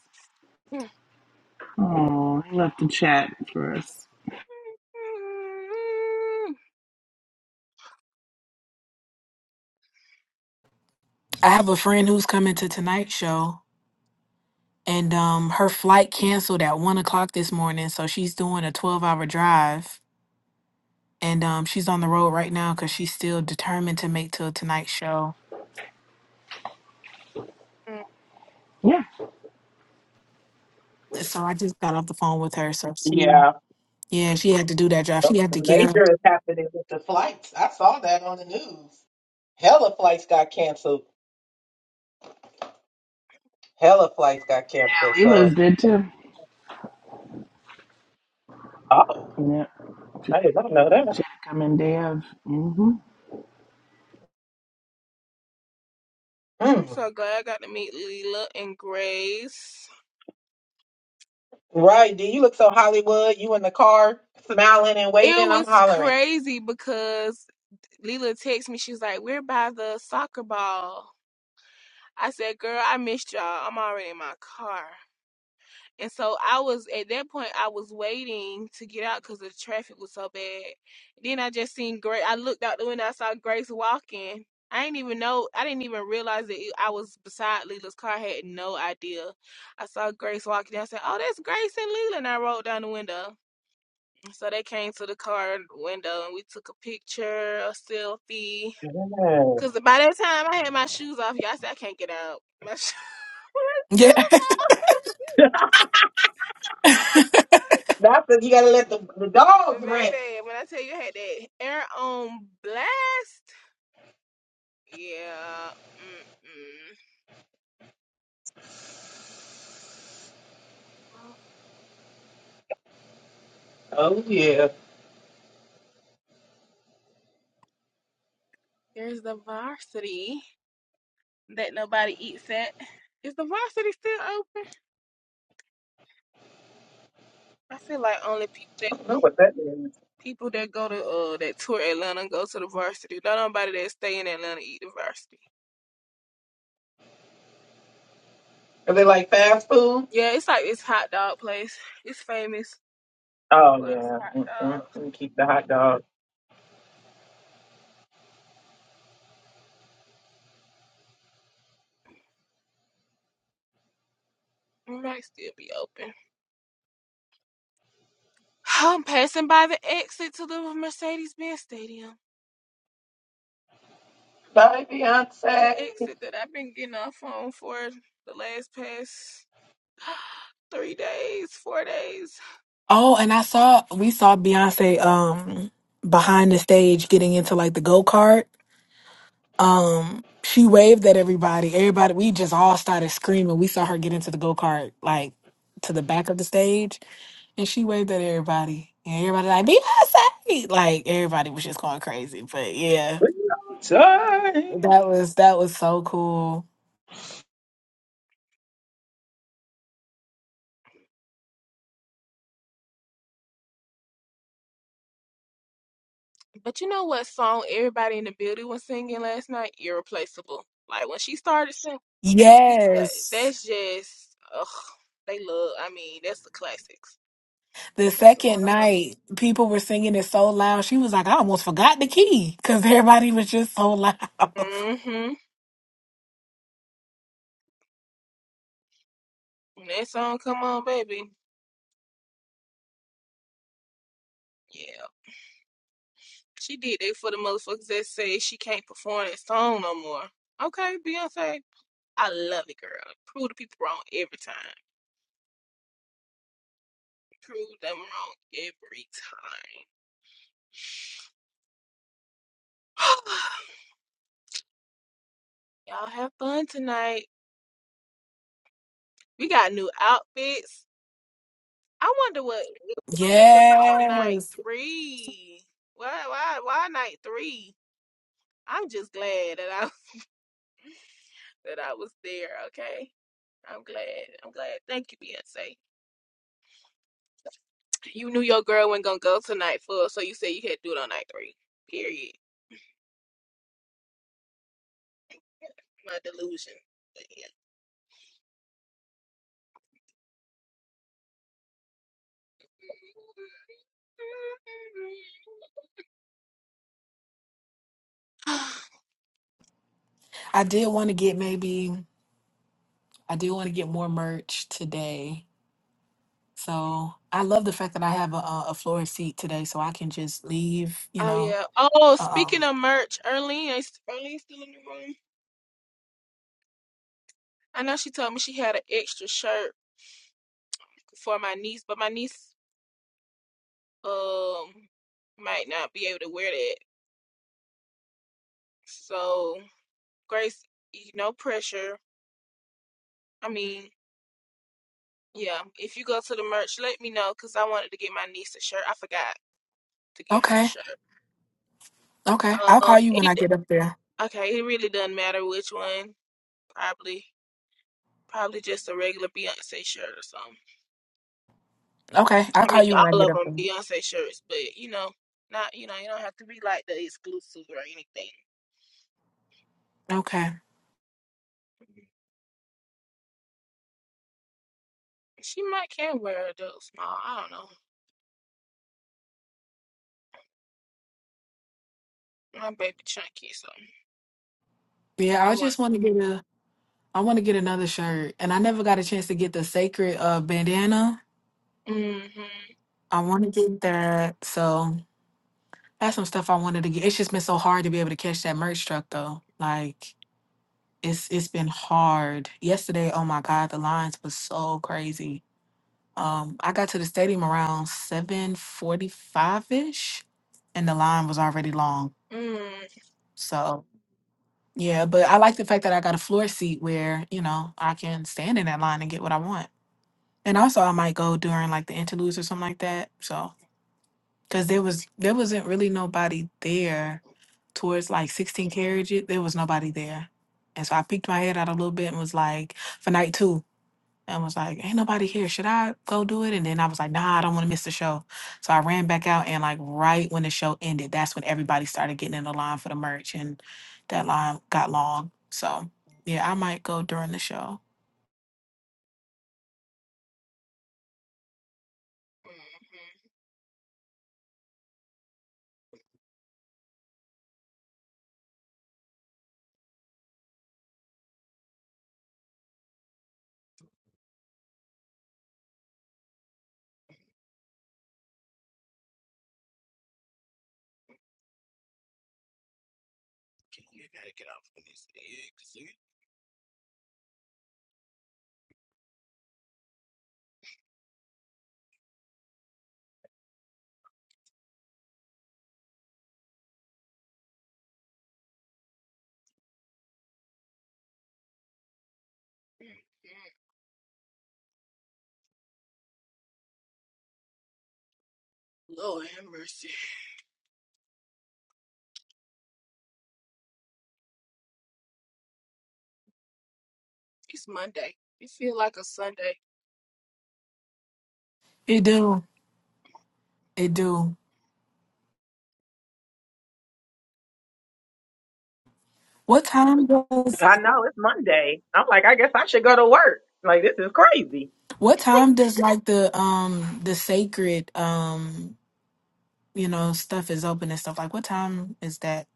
Speaker 6: Oh, he left the chat for us.
Speaker 12: i have a friend who's coming to tonight's show and um her flight canceled at one o'clock this morning so she's doing a 12 hour drive and um she's on the road right now because she's still determined to make till tonight's show
Speaker 6: Yeah,
Speaker 12: so i just got off the phone with her so she
Speaker 1: Yeah,
Speaker 12: yeah she had to do that drive she had to
Speaker 1: something
Speaker 12: get up
Speaker 1: major is happening with the flights. I saw that on the news. Hella flights got canceled. Hella flights got canceled.
Speaker 6: Leila's
Speaker 1: So,
Speaker 6: did too.
Speaker 1: oh,
Speaker 6: Yeah, she
Speaker 1: I did not know
Speaker 6: had
Speaker 1: that.
Speaker 6: to come in day of. hmm
Speaker 10: I'm
Speaker 1: Mm.
Speaker 10: so glad I got to meet Leela and Grace.
Speaker 1: Right, do you look so Hollywood? You in the car smiling and
Speaker 10: It
Speaker 1: waving? I'm
Speaker 10: was
Speaker 1: hollering.
Speaker 10: crazy because Leela texted me. She was like, "We're by the soccer ball." I said, "Girl, I missed y'all. I'm already in my car." And so I was at that point. I was waiting to get out because the traffic was so bad. Then I just seen Grace. I looked out the window. I saw Grace walking. I didn't even know. I didn't even realize that it- I was beside Leela's car. I had no idea. I saw Grace walking. I said, "Oh, that's Grace and Leela." And I rolled down the window. So they came to the car window and we took a picture, a selfie
Speaker 1: Yeah.
Speaker 10: Cause by that time I had my shoes off, y'all said I can't get out. My shoes, (laughs) my
Speaker 12: (laughs) yeah
Speaker 10: shoes off. (laughs)
Speaker 1: That's because you gotta let the, the
Speaker 10: But
Speaker 1: dogs rest.
Speaker 10: baby, when I tell you I had that air on blast, yeah. Mm-mm. Well,
Speaker 1: Oh yeah.
Speaker 10: there's the varsity that nobody eats at. Is the varsity still open? I feel like only people that
Speaker 1: I don't know what that is.
Speaker 10: people that go to uh that tour Atlanta go to the varsity. Not nobody that stay in Atlanta eat the varsity.
Speaker 1: Are they like fast food?
Speaker 10: Yeah, it's like this hot dog place. It's famous
Speaker 1: Oh
Speaker 10: for its
Speaker 1: yeah.
Speaker 10: hot
Speaker 1: Mm-mm.
Speaker 10: dog.
Speaker 1: We keep the hot dog.
Speaker 10: It might still be open. I'm passing by the exit to the Mercedes Benz Stadium.
Speaker 1: Bye,
Speaker 10: The
Speaker 1: Beyonce.
Speaker 10: exit that I've been getting off on for the last past (gasps) three days, four days.
Speaker 12: oh and i saw we saw beyonce um behind the stage getting into like the go-kart um she waved at everybody everybody we just all started screaming we saw her get into the go-kart like to the back of the stage and she waved at everybody and everybody like beyonce like everybody was just going crazy but yeah
Speaker 1: Beyonce.
Speaker 12: that was that was so cool
Speaker 10: But you know what song everybody in the building was singing last night? Irreplaceable. Like when she started singing, that,
Speaker 12: yes
Speaker 10: that's just, ugh, they love, I mean, that's the classics.
Speaker 12: the
Speaker 10: That's a lot
Speaker 12: second
Speaker 10: of her.
Speaker 12: night people were singing it so loud she was like i almost forgot the key because everybody was just so loud (laughs)
Speaker 10: Mm-hmm. When that song come on, baby. Yeah. She did that for the motherfuckers that say she can't perform that song no more. Okay, Beyonce. I love it, girl. Prove the people wrong every time. Prove them wrong every time. (gasps) (sighs) Y'all have fun tonight. We got new outfits. I wonder what it was about night
Speaker 12: yes
Speaker 10: three. Why why why night three? I'm just glad that I (laughs) that I was there, okay? I'm glad. I'm glad. Thank you, Beyonce. You knew your girl wasn't gonna go tonight full, so you said you had to do it on night three. Period. My delusion. But yeah. (sighs)
Speaker 12: i did want to get maybe I do want to get more merch today. So I love the fact that I have a, a a floor seat today, so I can just leave. You
Speaker 10: Oh
Speaker 12: know.
Speaker 10: yeah. Oh, speaking
Speaker 12: Um.
Speaker 10: of merch, Erlene, is Erlene still in the room? I know she told me she had an extra shirt for my niece, but my niece um might not be able to wear that. So Grace, y- no pressure. I mean, yeah, if you go to the merch, let me know because I wanted to get my niece a shirt. I forgot to get her a
Speaker 12: Okay.
Speaker 10: shirt.
Speaker 12: Okay.
Speaker 10: Um,
Speaker 12: I'll call you when I
Speaker 10: it
Speaker 12: get up there.
Speaker 10: okay. It really doesn't matter which one. Probably, probably just a regular Beyonce shirt or something.
Speaker 12: Okay. I'll
Speaker 10: I mean,
Speaker 12: call you when I
Speaker 10: all
Speaker 12: get
Speaker 10: of
Speaker 12: up
Speaker 10: them
Speaker 12: there.
Speaker 10: Beyonce shirts, but you know, not you know, you don't have to be like the exclusive or anything.
Speaker 12: Okay.
Speaker 10: She might can wear a those small. I don't know. My baby chunky, so
Speaker 12: Yeah.
Speaker 10: I
Speaker 12: I
Speaker 10: want.
Speaker 12: just want to get a. I want to get another shirt, and I never got a chance to get the sacred uh bandana.
Speaker 10: Mm-hmm.
Speaker 12: I want to get that. So that's some stuff I wanted to get. It's just been so hard to be able to catch that merch truck though. Like. it's it's been hard. Yesterday, oh my God, the lines was so crazy. Um, I got to the stadium around seven forty five ish, and the line was already long.
Speaker 10: Mm-hmm.
Speaker 12: So yeah, but I like the fact that I got a floor seat where you know I can stand in that line and get what I want. And also, I might go during like the interludes or something like that. So because there was there wasn't really nobody there towards like sixteen carriages. There was nobody there, and so I peeked my head out a little bit and was like for night two. and was like, "Ain't nobody here. Should I go do it?" And then I was like, "Nah, I don't want to miss the show." So I ran back out, and like right when the show ended, that's when everybody started getting in the line for the merch, and that line got long. So yeah, I might go during the show.
Speaker 10: Mm-hmm. You gotta get off of this egg, see? Mm-hmm. Lord have mercy. It's Monday. It feel like a Sunday.
Speaker 12: It do, it do. What time does
Speaker 1: I know it's Monday. I'm like, I guess I should go to work. Like this is crazy.
Speaker 12: what time does like the um the sacred um you know stuff is open and stuff like what time is that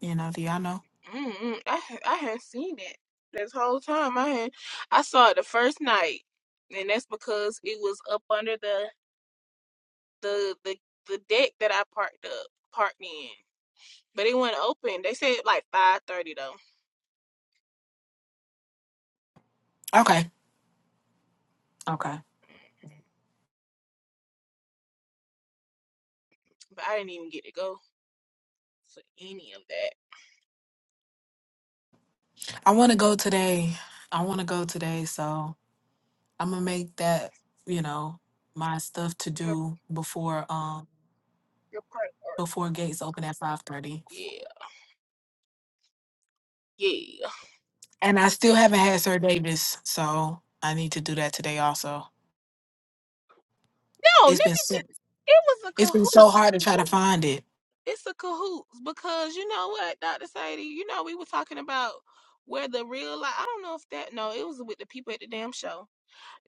Speaker 12: you know do y'all know?
Speaker 10: Mm-mm. I ha- I hadn't seen it this whole time. I had I saw it the first night, and that's because it was up under the the the, the deck that I parked up parked in. But it wasn't open. They said like five thirty though,
Speaker 12: Okay, okay.
Speaker 10: but I didn't even get to go to any of that.
Speaker 12: I want to go today. I want to go today, so. I'm gonna make that, you know, my stuff to
Speaker 10: Your,
Speaker 12: do before um
Speaker 10: your park park.
Speaker 12: before gates open at five thirty.
Speaker 10: Yeah, yeah.
Speaker 12: And I still haven't had Sir Davis, so I need to do that today also.
Speaker 10: No, let
Speaker 12: It's been
Speaker 10: me tell
Speaker 12: so
Speaker 10: you, it was a
Speaker 12: it's been
Speaker 10: cahoot.
Speaker 12: so hard to try to find it.
Speaker 10: it's a cahoots because you know what, Dr. Sadie, you know we were talking about where the real life I don't know if that no, it was with the people at the damn show.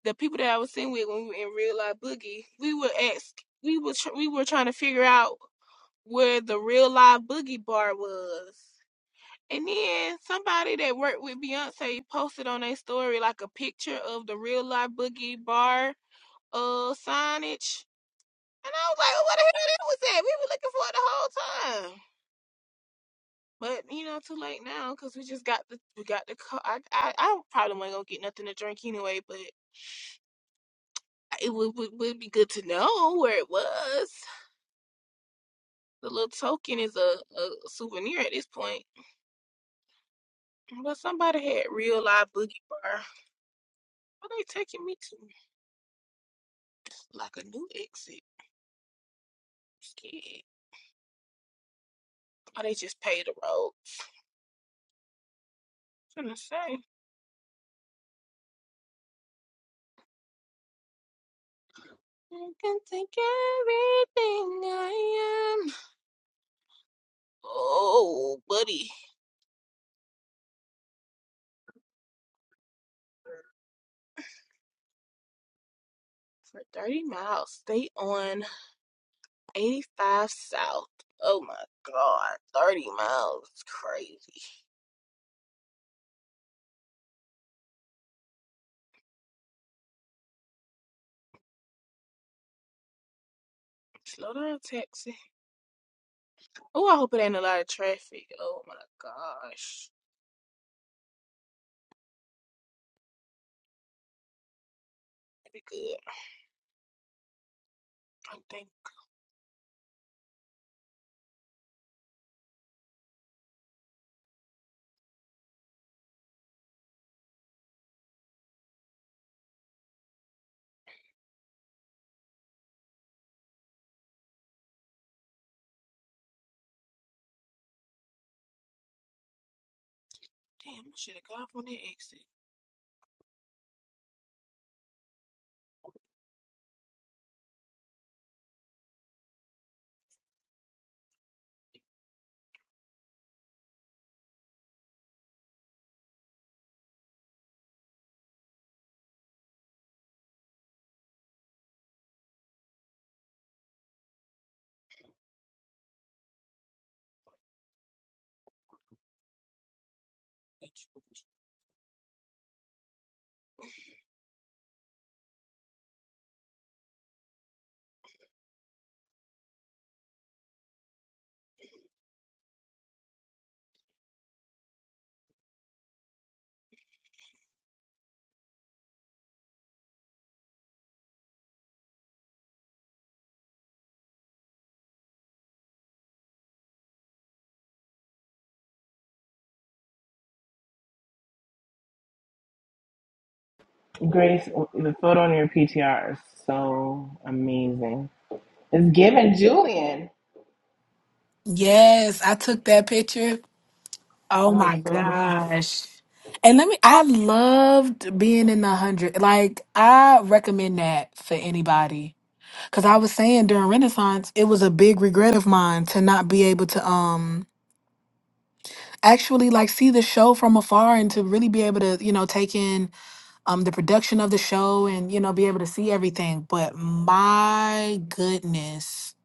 Speaker 10: The people that I was sitting with when we were in real life boogie, we were ask we were tr- we were trying to figure out where the real life boogie bar was. And then somebody that worked with Beyonce posted on their story like a picture of the real life boogie bar uh signage. And I was like, oh, what the hell that was that? We were looking for it the whole time. But you know, too late now because we just got the we got the car. I I, I probably wasn't gonna get nothing to drink anyway, but it would, would would be good to know where it was. The little token is a, a souvenir at this point. But somebody had real live boogie bar. What Are they taking me to? Like a new exit. Scared. Or they just paved the road. I'm gonna say. I can take everything I am. Oh, buddy. For 30 miles, stay on 85 South. Oh my God. 30 miles. It's crazy. Slow down, taxi. Oh, I hope it ain't a lot of traffic. Oh my gosh. That'd be good. I'm thinking, damn, I should have got off on that exit.
Speaker 6: Grace, the photo on your PTR is so amazing. It's giving Julian.
Speaker 12: Yes, I took that picture. Oh
Speaker 6: That
Speaker 12: my
Speaker 6: was so good.
Speaker 12: gosh. And let me I loved being in the hundred. Like I recommend that for anybody. Cause I was saying during Renaissance, it was a big regret of mine to not be able to um actually like see the show from afar and to really be able to you know take in um the production of the show and you know be able to see everything but my goodness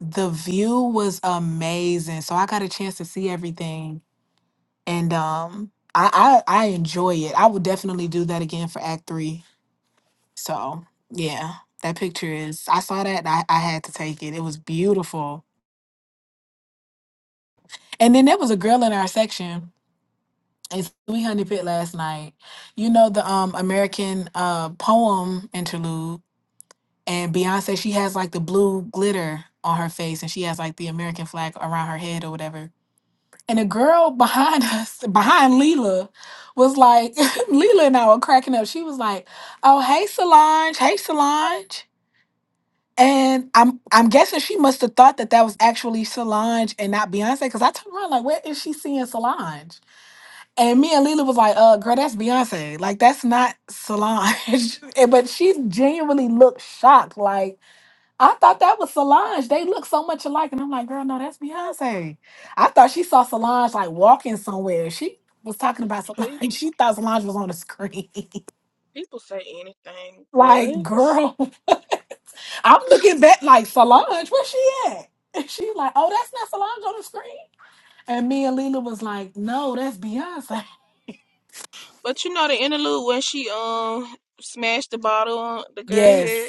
Speaker 12: the view was amazing so i got a chance to see everything and um i i, I enjoy it i would definitely do that again for act three so yeah that picture is i saw that and I, I had to take it it was beautiful and then there was a girl in our section And so we honey pit last night. You know the um American uh poem interlude and Beyonce she has like the blue glitter on her face and she has like the American flag around her head or whatever. And the girl behind (laughs) us, behind Leela, was like (laughs) Leela and I were cracking up. She was like, "Oh, hey Solange, hey Solange." And I'm I'm guessing she must have thought that that was actually Solange and not Beyonce cuz I turned around like, "Where is she seeing Solange?" And me and Lila was like, uh, girl, that's Beyonce. Like, that's not Solange. (laughs) And- but she genuinely looked shocked. Like, I thought that was Solange. They look so much alike. And I'm like, girl, no, that's Beyonce. I thought she saw Solange like walking somewhere. She was talking about Solange. (laughs)
Speaker 10: Pe-
Speaker 12: She thought Solange was on the screen.
Speaker 10: People say anything.
Speaker 12: (laughs) like,
Speaker 10: What?
Speaker 12: girl, (laughs) I'm looking back like Solange, where she at? And she like, oh, that's not Solange on the screen. And me and Lila was like, no, that's Beyonce.
Speaker 10: But you know the interlude where she um smashed the bottle on the
Speaker 12: (laughs)
Speaker 10: girl
Speaker 12: Yes.
Speaker 10: head.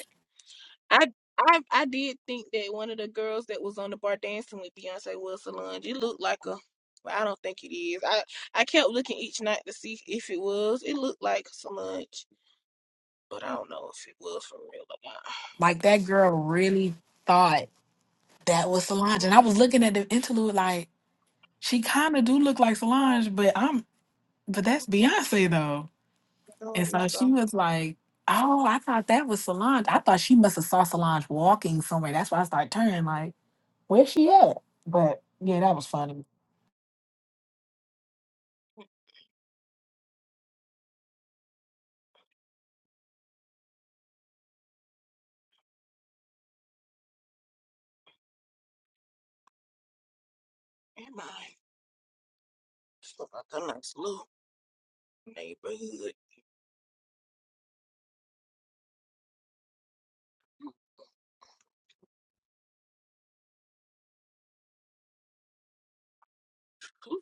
Speaker 10: I I I did think that one of the girls that was on the bar dancing with Beyonce was Solange. It looked like a, but I don't think it is. I I kept looking each night to see if it was. It looked like Solange, but I don't know if it was for real or
Speaker 12: Like that girl really thought that was Solange,
Speaker 10: not.
Speaker 12: and I
Speaker 10: Mm-mm.
Speaker 12: was looking at the interlude like she kind of do look like Solange, but I'm but that's Beyonce though.
Speaker 10: Oh,
Speaker 12: And
Speaker 10: there you
Speaker 12: so
Speaker 10: go.
Speaker 12: she was like, "Oh, I thought that was Solange. I thought she must have saw Solange walking somewhere. That's why I started turning like, where's she at?" But yeah, that was funny.
Speaker 10: Am I? Just look like a nice little neighborhood. Ooh,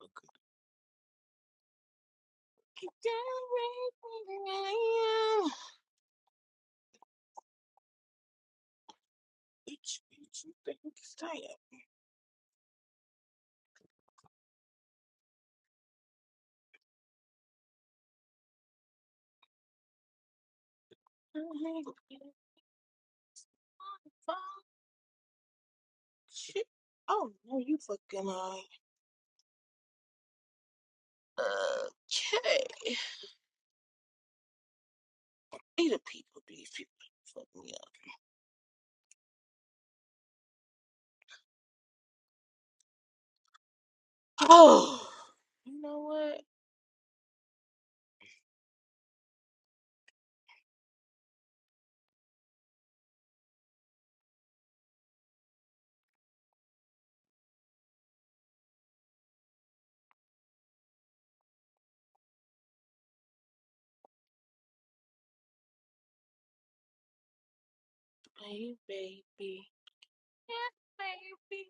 Speaker 10: look at it. Down where I am. Bitch, bitch, you think it's time? I'm gonna get it on Shit. Oh no, you fucking lying. Okay. Need people these people fuck me up. Oh you know what? Hey baby. Yeah, baby.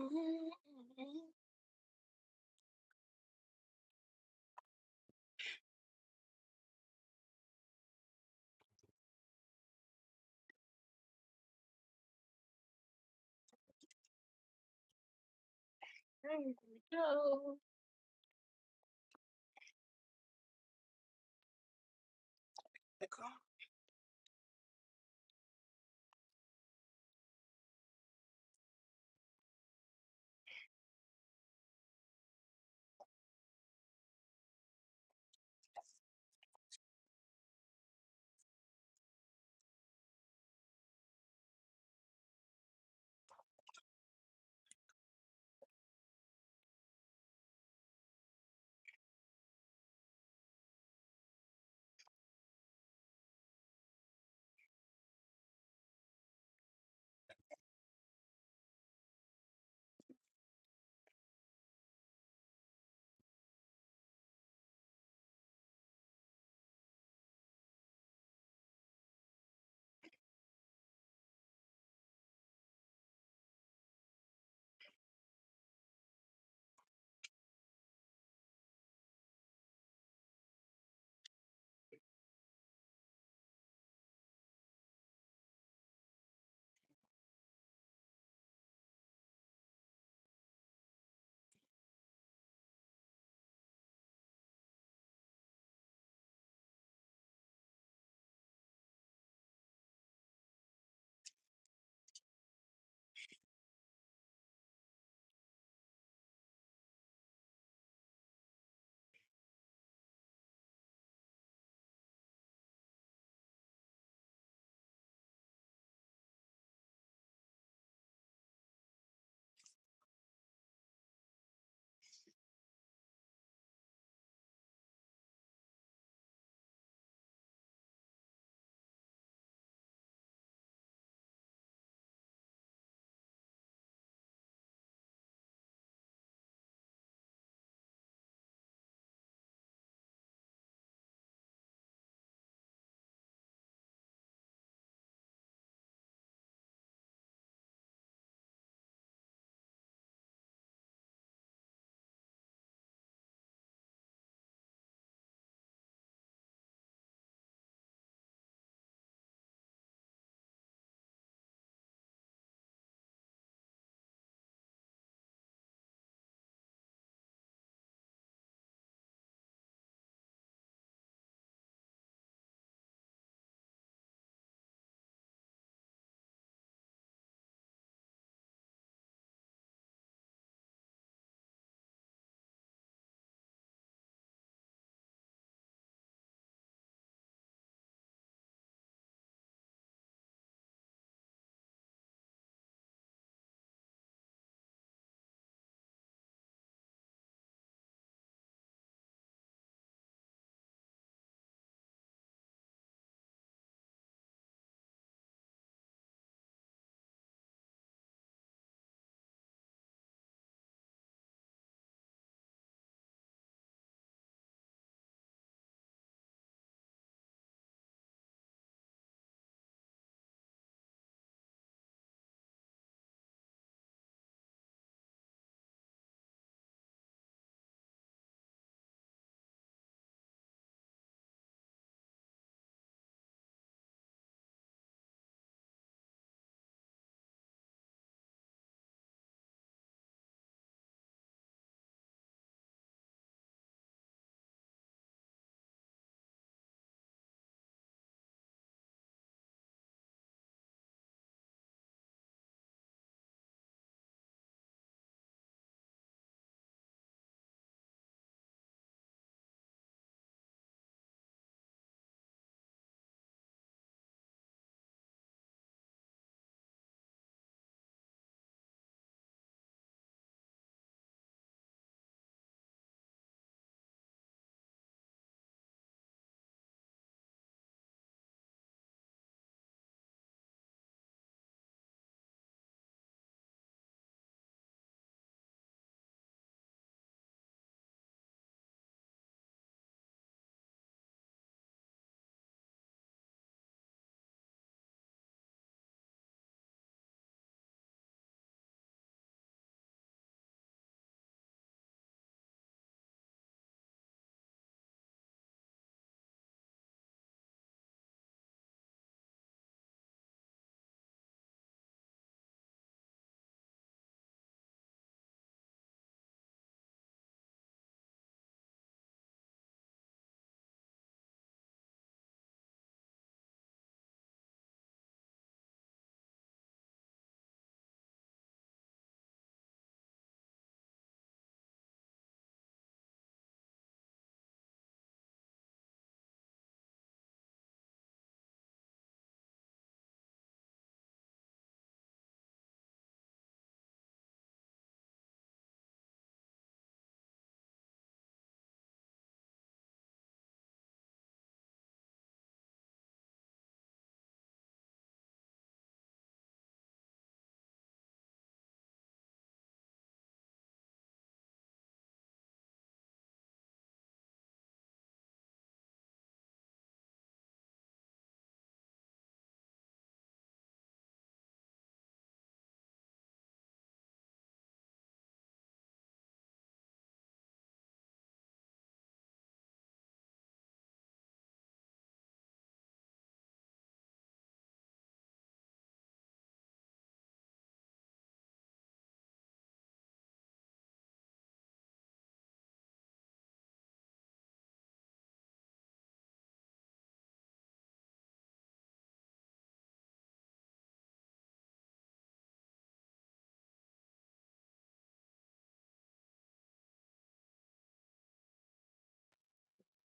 Speaker 10: Mm, There we go. The car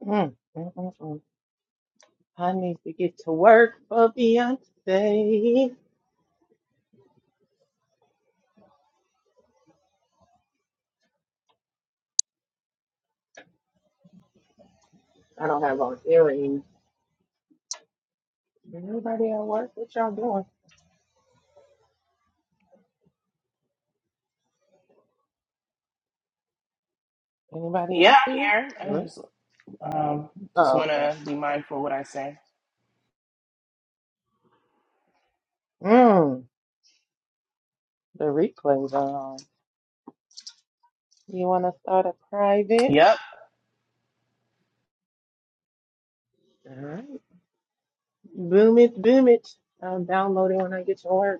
Speaker 1: Mm, mm, mm, mm. I need to get to work for Beyonce. Anybody at work? What y'all doing? Anybody
Speaker 6: Yeah,
Speaker 1: out there?
Speaker 6: I'm here. I
Speaker 1: Hello?
Speaker 6: just um, just
Speaker 1: Oh,
Speaker 6: want
Speaker 1: okay.
Speaker 6: to be mindful of what I say.
Speaker 1: Mm, the replays are on. You want to start a private?
Speaker 6: Yep.
Speaker 1: All right. Boom it, boom it. I'll download it when I get to work.